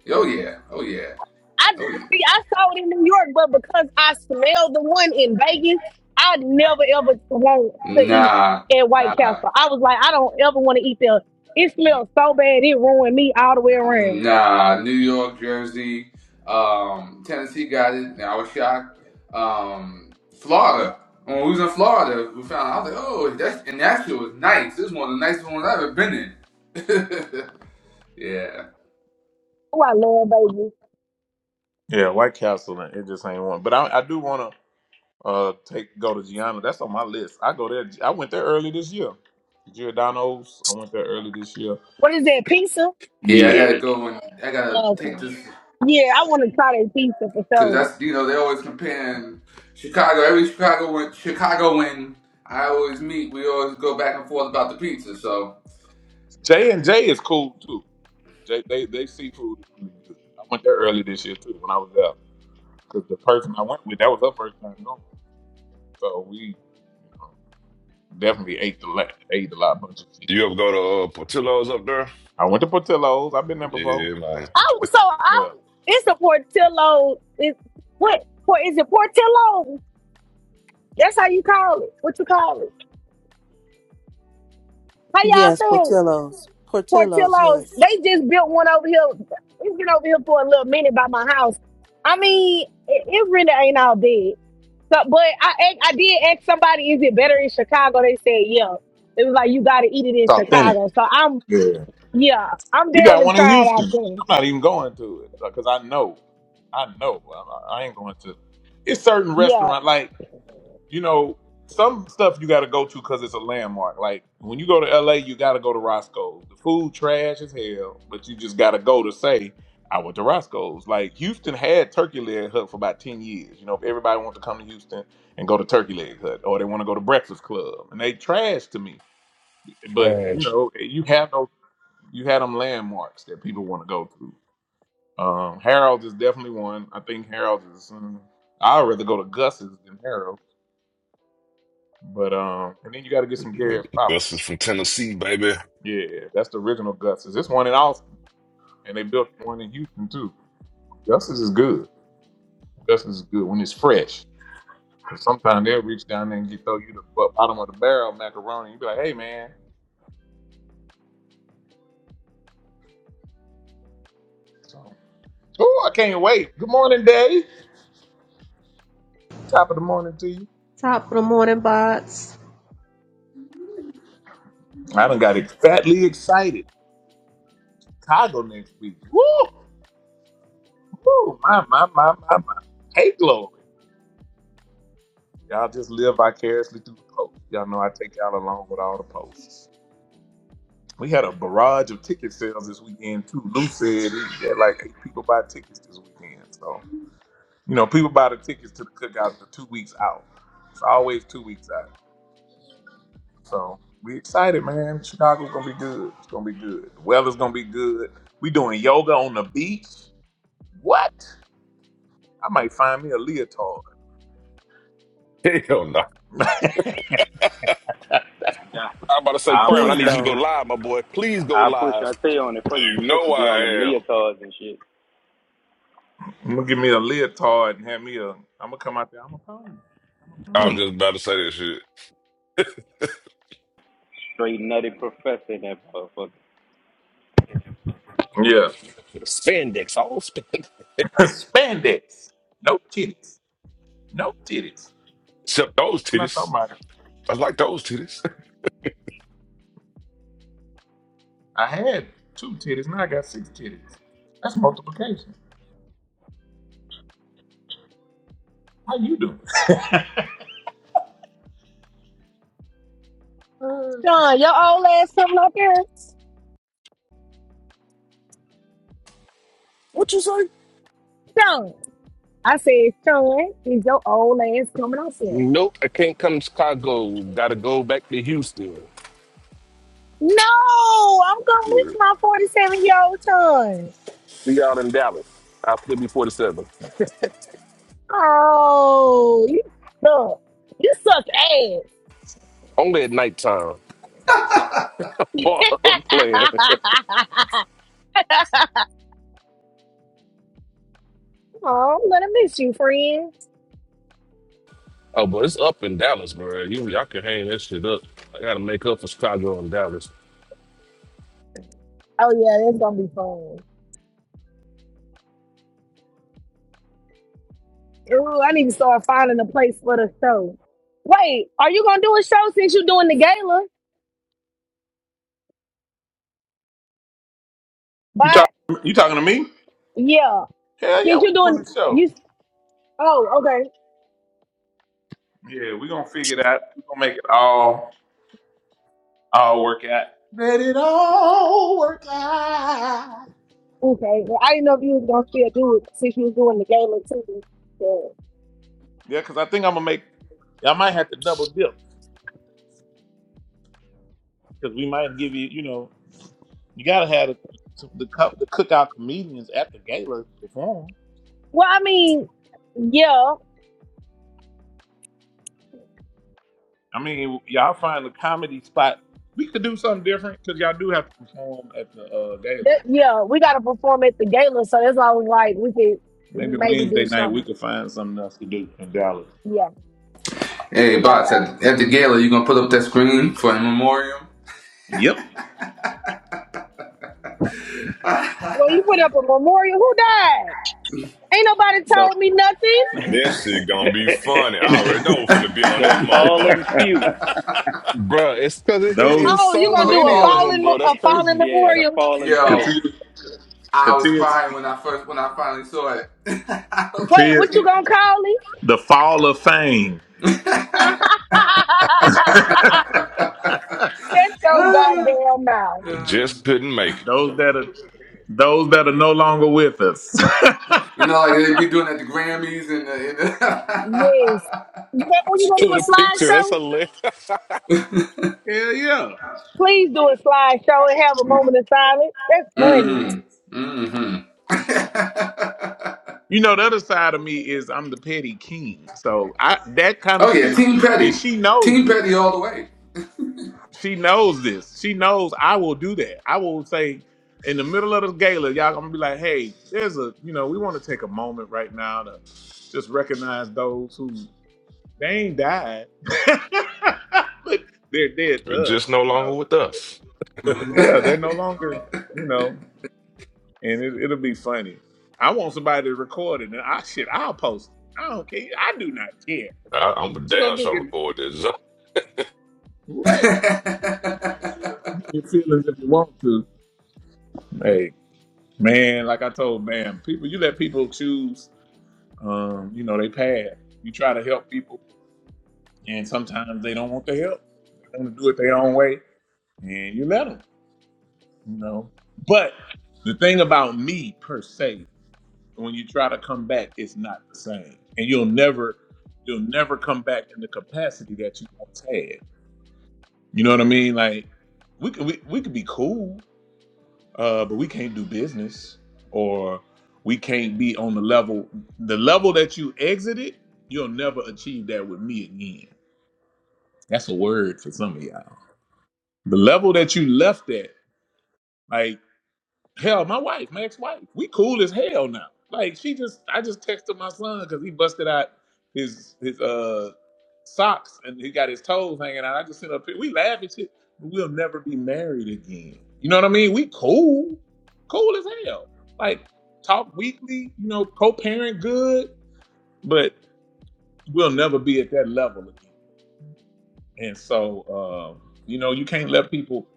S13: Oh, yeah. Oh, yeah.
S4: I
S13: Oh, yeah.
S4: see. I saw it in New York, but because I smelled the one in Vegas, I never ever want to eat
S13: Nah,
S4: at White
S13: nah,
S4: Castle. I was like, I don't ever want to eat there. It smells so bad, it ruined me all the way around.
S13: nah. New York, Jersey, um, Tennessee got it. And I was shocked. Um, Florida. When we was in Florida, we found I was like, oh, that's, and that shit was nice. This is one of the nicest ones I've ever been in. yeah.
S4: Oh, I love Vegas.
S1: Yeah, White Castle. and It just ain't one. But I, I do want to uh take go to Gianna. That's on my list. I go there. I went there early this year. Giordano's. I went there early this year.
S4: What is that pizza?
S13: Yeah, I gotta
S1: Yeah,
S13: go and I gotta take
S4: Okay.
S13: this
S4: Yeah, I want to try that pizza for
S13: because
S4: sure.
S13: that's you know they always comparing Chicago. Every Chicago when Chicago when I always meet, we always go back and forth about the pizza. So
S1: J and J is cool too. They they, they seafood. really I went there early this year too when I was out because the person I went with that was her first time going, so we you know, definitely ate the lot, ate a lot bunch of shit.
S5: You ever go to uh, Portillo's up there?
S1: I went to Portillo's. I've been there before.
S5: Yeah,
S4: Oh, so
S1: Yeah,
S4: I it's a Portillo. It's what? What is it? Portillo. That's how you call it. What you call it? How y'all
S20: Yes,
S4: say it?
S20: Portillo's. Portillo's,
S4: Portillo's,
S20: yes.
S4: they just built one over here. It's been over here for a little minute by my house. I mean, it, it really ain't all bad. So, but I, I I did ask somebody, is it better in Chicago? They said, yeah. It was like you got to eat it in
S1: it's authentic.
S4: Chicago. So I'm,
S1: Yeah,
S4: yeah, I'm
S1: we
S4: down
S1: got
S4: and
S1: one in
S4: try out
S1: Houston.
S4: there.
S1: I'm not even going to it because I know, I know I I ain't going to. It's certain
S4: Yeah,
S1: restaurant like. you know, some stuff you got to go to because it's a landmark. Like when you go to LA, you got to go to Roscoe's. The food trash as hell, but you just got to go to say, I went to Roscoe's. Like Houston had Turkey Leg Hut for about 10 years. You know, if everybody wants to come to Houston and go to Turkey Leg Hut or they want to go to Breakfast Club and they trash to me. But, you
S14: trash.
S1: know, you have those, you had them landmarks that people want to go to. Um, Harold's is definitely one. I think Harold's is, um, I'd rather go to Gus's than Harold's but um, and then you got to get some
S5: man.
S1: Gary's Pop.
S5: This is from Tennessee, baby.
S1: Yeah, that's the original Gus's. This one in Austin, and they built one in Houston too. Gus's is good. Gus's is good when it's fresh. 'Cause sometimes they'll reach down there and get throw you the bottom of the barrel macaroni. You be like, hey man, so, oh I can't wait. Good morning, Dave. Top of the morning to you.
S21: Top of the morning, Bots.
S1: I done got ex- fatly excited. Chicago next week. Woo, woo, my my my my my. Hey glory. Y'all just live vicariously through the post. Y'all know I take y'all along with all the posts. We had a barrage of ticket sales this weekend too. Lou said he had like eight people buy tickets this weekend. So you know, people buy the tickets to the cookout the two weeks out. It's always two weeks out. So we excited, man. Chicago's gonna be good. It's gonna be good. The weather's gonna be good. We doing yoga on the beach. What? I might find me a leotard.
S5: Hell no.
S9: Yeah.
S14: I'm about to say,
S9: I'll
S14: Crown, I
S9: push
S12: Please
S14: need
S9: her.
S14: you to go
S12: don't.
S14: live, my boy. Please go
S9: I'll push
S14: live.
S9: her tail on it for you. You
S5: You
S9: know she
S5: know
S9: be on them
S5: I am.
S9: leotards and shit.
S1: I'm gonna give me a leotard and have me a. I'm gonna come out there. I'm a pony. I'm a
S5: I was
S1: pony.
S5: just about to say that shit.
S9: Straight nutty professor that motherfucker.
S1: Yeah.
S14: Spandex, all spandex.
S1: Spandex. No titties. No titties.
S5: Except those
S1: And i thought
S5: titties.
S1: not about it.
S5: I like those titties.
S1: I had two titties, now I got six titties. That's multiplication. How you doing? Uh,
S4: Sean, your old ass coming up here,
S14: What you say?
S4: Sean. I said, Sean, is your old ass coming up here?
S14: Nope, I can't come to Chicago. Gotta go back to Houston.
S4: No, I'm going
S14: Yeah.
S4: with my 47 year old son.
S14: See y'all in Dallas. I'll flip you 47.
S4: Oh, you suck. You suck
S14: Only at nighttime. Boy, I'm
S4: ass.
S14: playing.
S4: oh, I'm gonna miss you, friend.
S14: Oh, but it's up in Dallas, bro. You y'all can hang that shit up. I gotta make up for Chicago and Dallas,
S4: Oh yeah, it's gonna be fun. Ooh, I need to start finding a place for the show. Wait, are you gonna do a show since you're doing the gala?
S1: You
S4: But
S1: talk, you talking to me?
S4: yeah,
S1: Hell yeah,
S4: since
S1: we
S4: you're
S1: doing
S4: doing
S1: the show.
S4: you. Oh, okay,
S1: Yeah, we gonna figure it out. we gonna make it all all work out. Let it all work out.
S4: okay. Well, I didn't know if you was gonna still do it since you was doing the gala too. But-
S1: Yeah, because I think I'm gonna make. I might have to double dip because we might give you. You know, you gotta have the the, cup the cookout comedians at the gala perform.
S4: well, I mean, yeah.
S1: I mean, y'all find a comedy spot. We could do something different because y'all do have to perform at the uh, gala.
S4: That, yeah, we gotta perform at the gala, so that's why I was like, we could
S1: Maybe
S4: maybe do
S1: Wednesday night we
S4: something.
S1: could find something else to do in Dallas.
S4: Yeah,
S13: hey,
S4: okay.
S13: boss, at, at the gala, you gonna put up that screen for in memoriam
S1: Yep.
S4: Well, you put up a memorial. Who died? Ain't nobody
S9: The
S4: told me nothing.
S5: That shit gonna be funny. I already know finna be on
S9: the
S5: that motherfucker.
S9: fallen few.
S14: bro. It's because it it
S1: Those
S14: is
S4: Oh, you
S14: so
S13: for
S4: gonna
S13: the
S4: do a
S14: many of
S13: fallen?
S14: them,
S4: fallen
S14: bro.
S4: mo-
S14: That's
S4: a fallen
S14: crazy.
S9: Yeah, the
S4: memorial?
S9: fallen few.
S13: Yo,
S1: Katia,
S13: I was
S1: Katia,
S13: crying when I first when I finally saw it. I was-
S4: Wait,
S1: Katia,
S4: what you gonna call it?
S1: the fall of fame. Those
S4: Shut your goddamn mouth.
S5: It Just
S13: you
S5: couldn't make it.
S1: that are those that are no longer with us. Hell
S13: know, like they be doing at the Grammys and the.
S4: Yes. You
S13: And
S4: got- oh, you gonna do
S14: With
S4: a
S14: a picture, that's
S4: slideshow?
S14: hilarious.
S13: the
S1: yeah.
S4: Please do a slideshow and have a moment of silence. That's funny.
S13: hmm hmm
S1: You know the other side of me is I'm the petty king, so I that kind of
S13: oh yeah,
S1: shit,
S13: Team
S1: and
S13: Petty.
S1: she knows
S13: Team
S1: it.
S13: Petty all the way.
S1: She knows this. She knows I will do that. I will say in the middle of the gala, y'all gonna be like, hey, there's a you know, we want to take a moment right now to just recognize those who they ain't died. but they're dead
S5: It
S1: to
S5: Just
S1: us,
S5: no
S1: you
S5: longer
S1: know.
S5: with us.
S1: Yeah, they're no longer, you know, and it, it'll be funny. I want somebody to record it and I shit, I'll post it. I don't care. I do not care.
S5: I, I'm a
S1: What you
S5: damn
S1: gonna do?
S5: sure
S1: Give me
S5: record this.
S1: what? Your feelings if you want to. Hey. Man, like I told man, people you let people choose um, you know, they path. You try to help people and sometimes they don't want the help. They want to do it their own way and you let them, you know. But the thing about me per se, when you try to come back, it's not the same. And you'll never you'll never come back in the capacity that you once had. You know what I mean? Like we could we, we could be cool, uh, but we can't do business or we can't be on the level the level that you exited you'll never achieve that with me again that's a word for some of y'all the level that you left at like. Hell, my wife, my ex-wife, we cool as hell now. Like she just, I just texted my son because he busted out his his uh socks and he got his toes hanging out. I just sent up, we laugh and shit, but we'll never be married again. You know what I mean? We cool, cool as hell. Like talk weekly, you know, co-parent good, but we'll never be at that level again. And so, um, you know, you can't let people.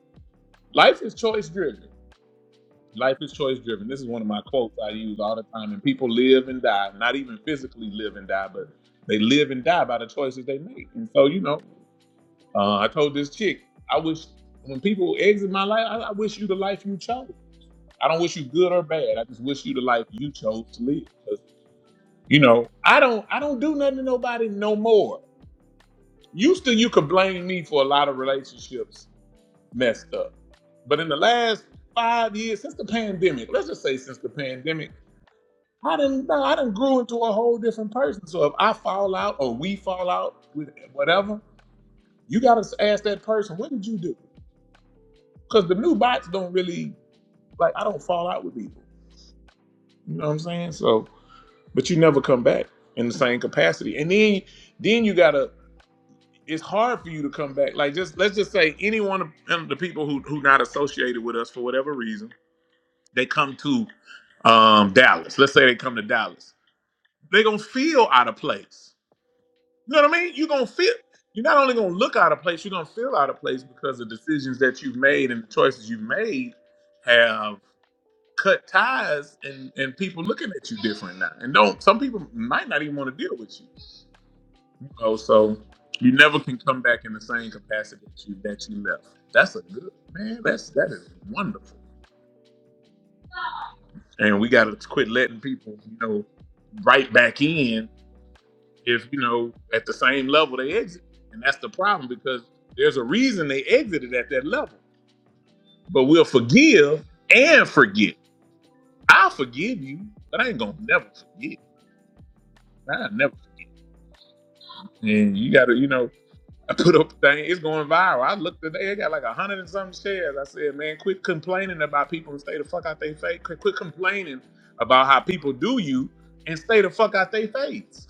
S1: Life is choice driven. Life is choice driven. This is one of my quotes I use all the time. And people live and die, not even physically live and die, but they live and die by the choices they make. And so, you know, uh, I told this chick, I wish when people exit my life, I, I wish you the life you chose. I don't wish you good or bad. I just wish you the life you chose to live. 'Cause, you know, I don't, I don't do nothing to nobody no more. Used to, you could blame me for a lot of relationships messed up, but in the last five years since the pandemic, let's just say since the pandemic. I didn't no, I didn't grew into a whole different person. So if I fall out or we fall out with whatever, you gotta ask that person, what did you do? Because the new bots don't really like I don't fall out with people. You know what I'm saying? So but you never come back in the same capacity. And then then you gotta it's hard for you to come back. Like just let's just say any one of um, the people who who not associated with us for whatever reason, they come to um Dallas. Let's say they come to Dallas. they gonna feel out of place You know what I mean? You're gonna feel. You're not only gonna look out of place. You're gonna feel out of place because the decisions that you've made and the choices you've made have cut ties, and and people looking at you different now. And don't some people might not even want to deal with you. you know? so you never can come back in the same capacity that you that you left. That's a good man. That's that is wonderful. And we gotta quit letting people, you know, right back in is you know at the same level they exit, and that's the problem because there's a reason they exited at that level. But we'll forgive and forget. I'll forgive you, but I ain't gonna never forget. I never. And you gotta, you know, I put up a thing. It's going viral. I looked today. It got like a hundred and something shares. I said, man, quit complaining about people and stay the fuck out they face. Quit, quit complaining about how people do you and stay the fuck out they face.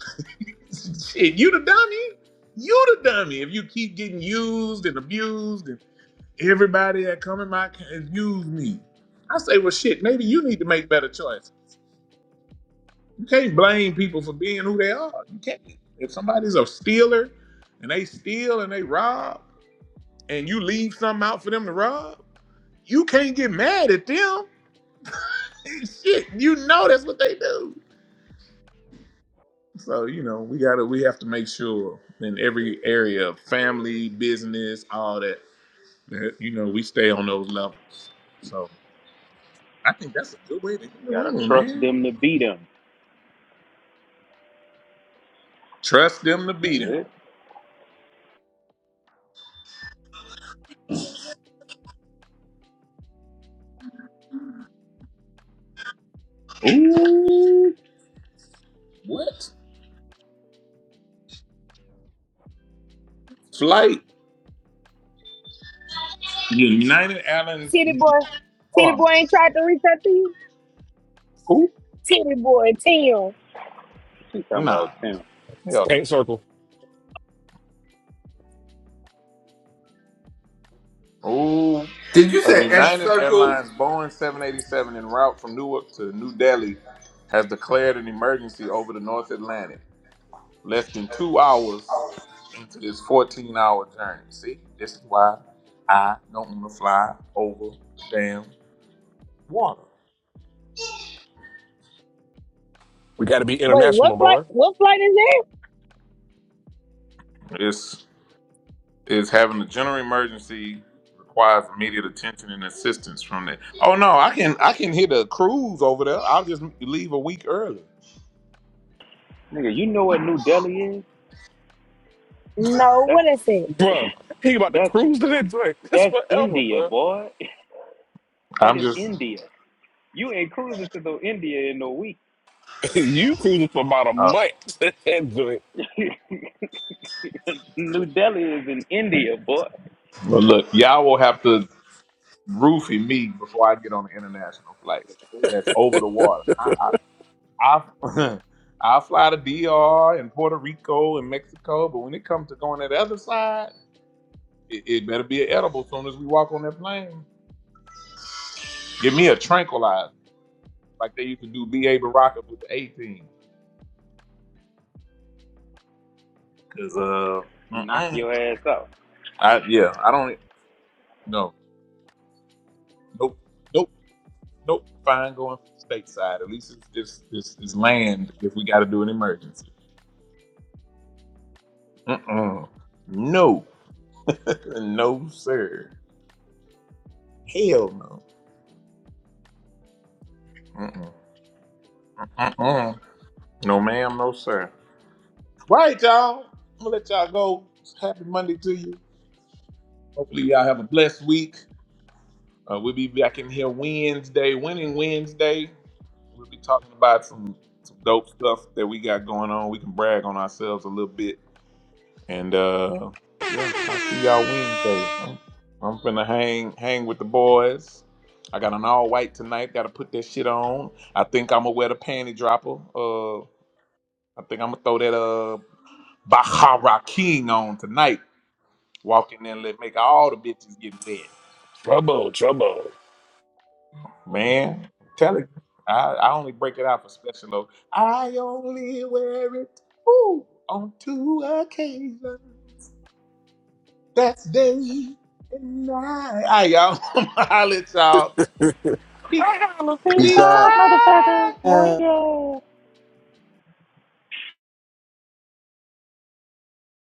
S1: Shit, you the dummy. You the dummy. If you keep getting used and abused, and everybody that come in my ca- has used me, I say, well, shit. Maybe you need to make better choice. You can't blame people for being who they are. You can't. If somebody's a stealer and they steal and they rob, and you leave something out for them to rob, you can't get mad at them. shit, you know that's what they do. So you know we gotta we have to make sure in every area, family, business, all that that you know we stay on those levels. So I think that's a good way to end
S9: You
S1: the
S9: gotta
S1: room,
S9: trust
S1: man.
S9: them to be them.
S1: Trust them to
S9: That's
S1: beat them.
S9: it.
S1: Ooh, what flight? United Airlines.
S4: City boy,
S1: Hold
S4: city
S1: on.
S4: boy ain't tried to reach out to you.
S1: Who?
S4: Titty boy, Tim.
S9: She talking
S1: Nah.
S9: about Tim.
S1: Hell
S14: Paint circle.
S1: no. Ooh,
S13: Did you
S1: a
S13: say X
S1: United
S13: Circle?
S1: Airlines Boeing 787 en route from Newark to New Delhi has declared an emergency over the North Atlantic. Less than two hours into this 14 hour journey. See, this is why I don't want to fly over damn water.
S14: We gotta be
S4: Wait,
S14: international,
S4: what flight?
S14: boy.
S4: What flight is that?
S1: It's, it's having a general emergency requires immediate attention and assistance from the. Oh no, I can I can hit a cruise over there. I'll just leave a week early.
S9: Nigga, you know what New Delhi is?
S4: No,
S9: That's
S4: what is it?
S14: Bruh, he about to
S9: that's
S14: cruise to that joint. That's
S9: that's
S14: forever,
S9: India,
S14: bruh.
S9: boy. That
S1: I'm
S9: is
S1: just.
S9: India. You ain't cruising to no India in no week.
S14: you cruising for about a
S1: Uh,
S14: month to that joint.
S9: New Delhi is in India, boy.
S1: well, look, y'all will have to roofie me before I get on the international flight. That's over the water. I, I I fly to DR and Puerto Rico and Mexico, but when it comes to going to the other side, it, it better be an edible. As soon as we walk on that plane, give me a tranquilizer like they used to do B.A. Baraka with the A team. Cause uh,
S9: Knock
S1: mm-mm.
S9: your ass out.
S1: I yeah, I don't no nope nope nope. Fine going stateside. At least it's this this this land if we got to do an emergency. Mm-mm. No, no sir. Hell no. Mm-mm. Mm-mm. No, ma'am, no, sir Right you All right, y'all. I'm gonna let y'all go. Happy Monday to you. Hopefully, y'all have a blessed week. Uh, we'll be back in here Wednesday, winning Wednesday. We'll be talking about some some dope stuff that we got going on. We can brag on ourselves a little bit. And uh, yeah, I'll see y'all Wednesday. I'm, I'm finna hang hang with the boys. I got an all white tonight. Got to put that shit on. I think I'm gonna wear the panty dropper. Uh, I think I'm gonna throw that. uh. Bahara King on tonight. Walk in there and let make all the bitches get wet.
S14: Trouble, trouble.
S1: Man, tell it. I, I only break it out for special though. I only wear it ooh, on two occasions. That's day and night. All right, y'all. I'll let y'all. Peace.
S22: Peace
S1: Peace.
S22: out.
S1: out.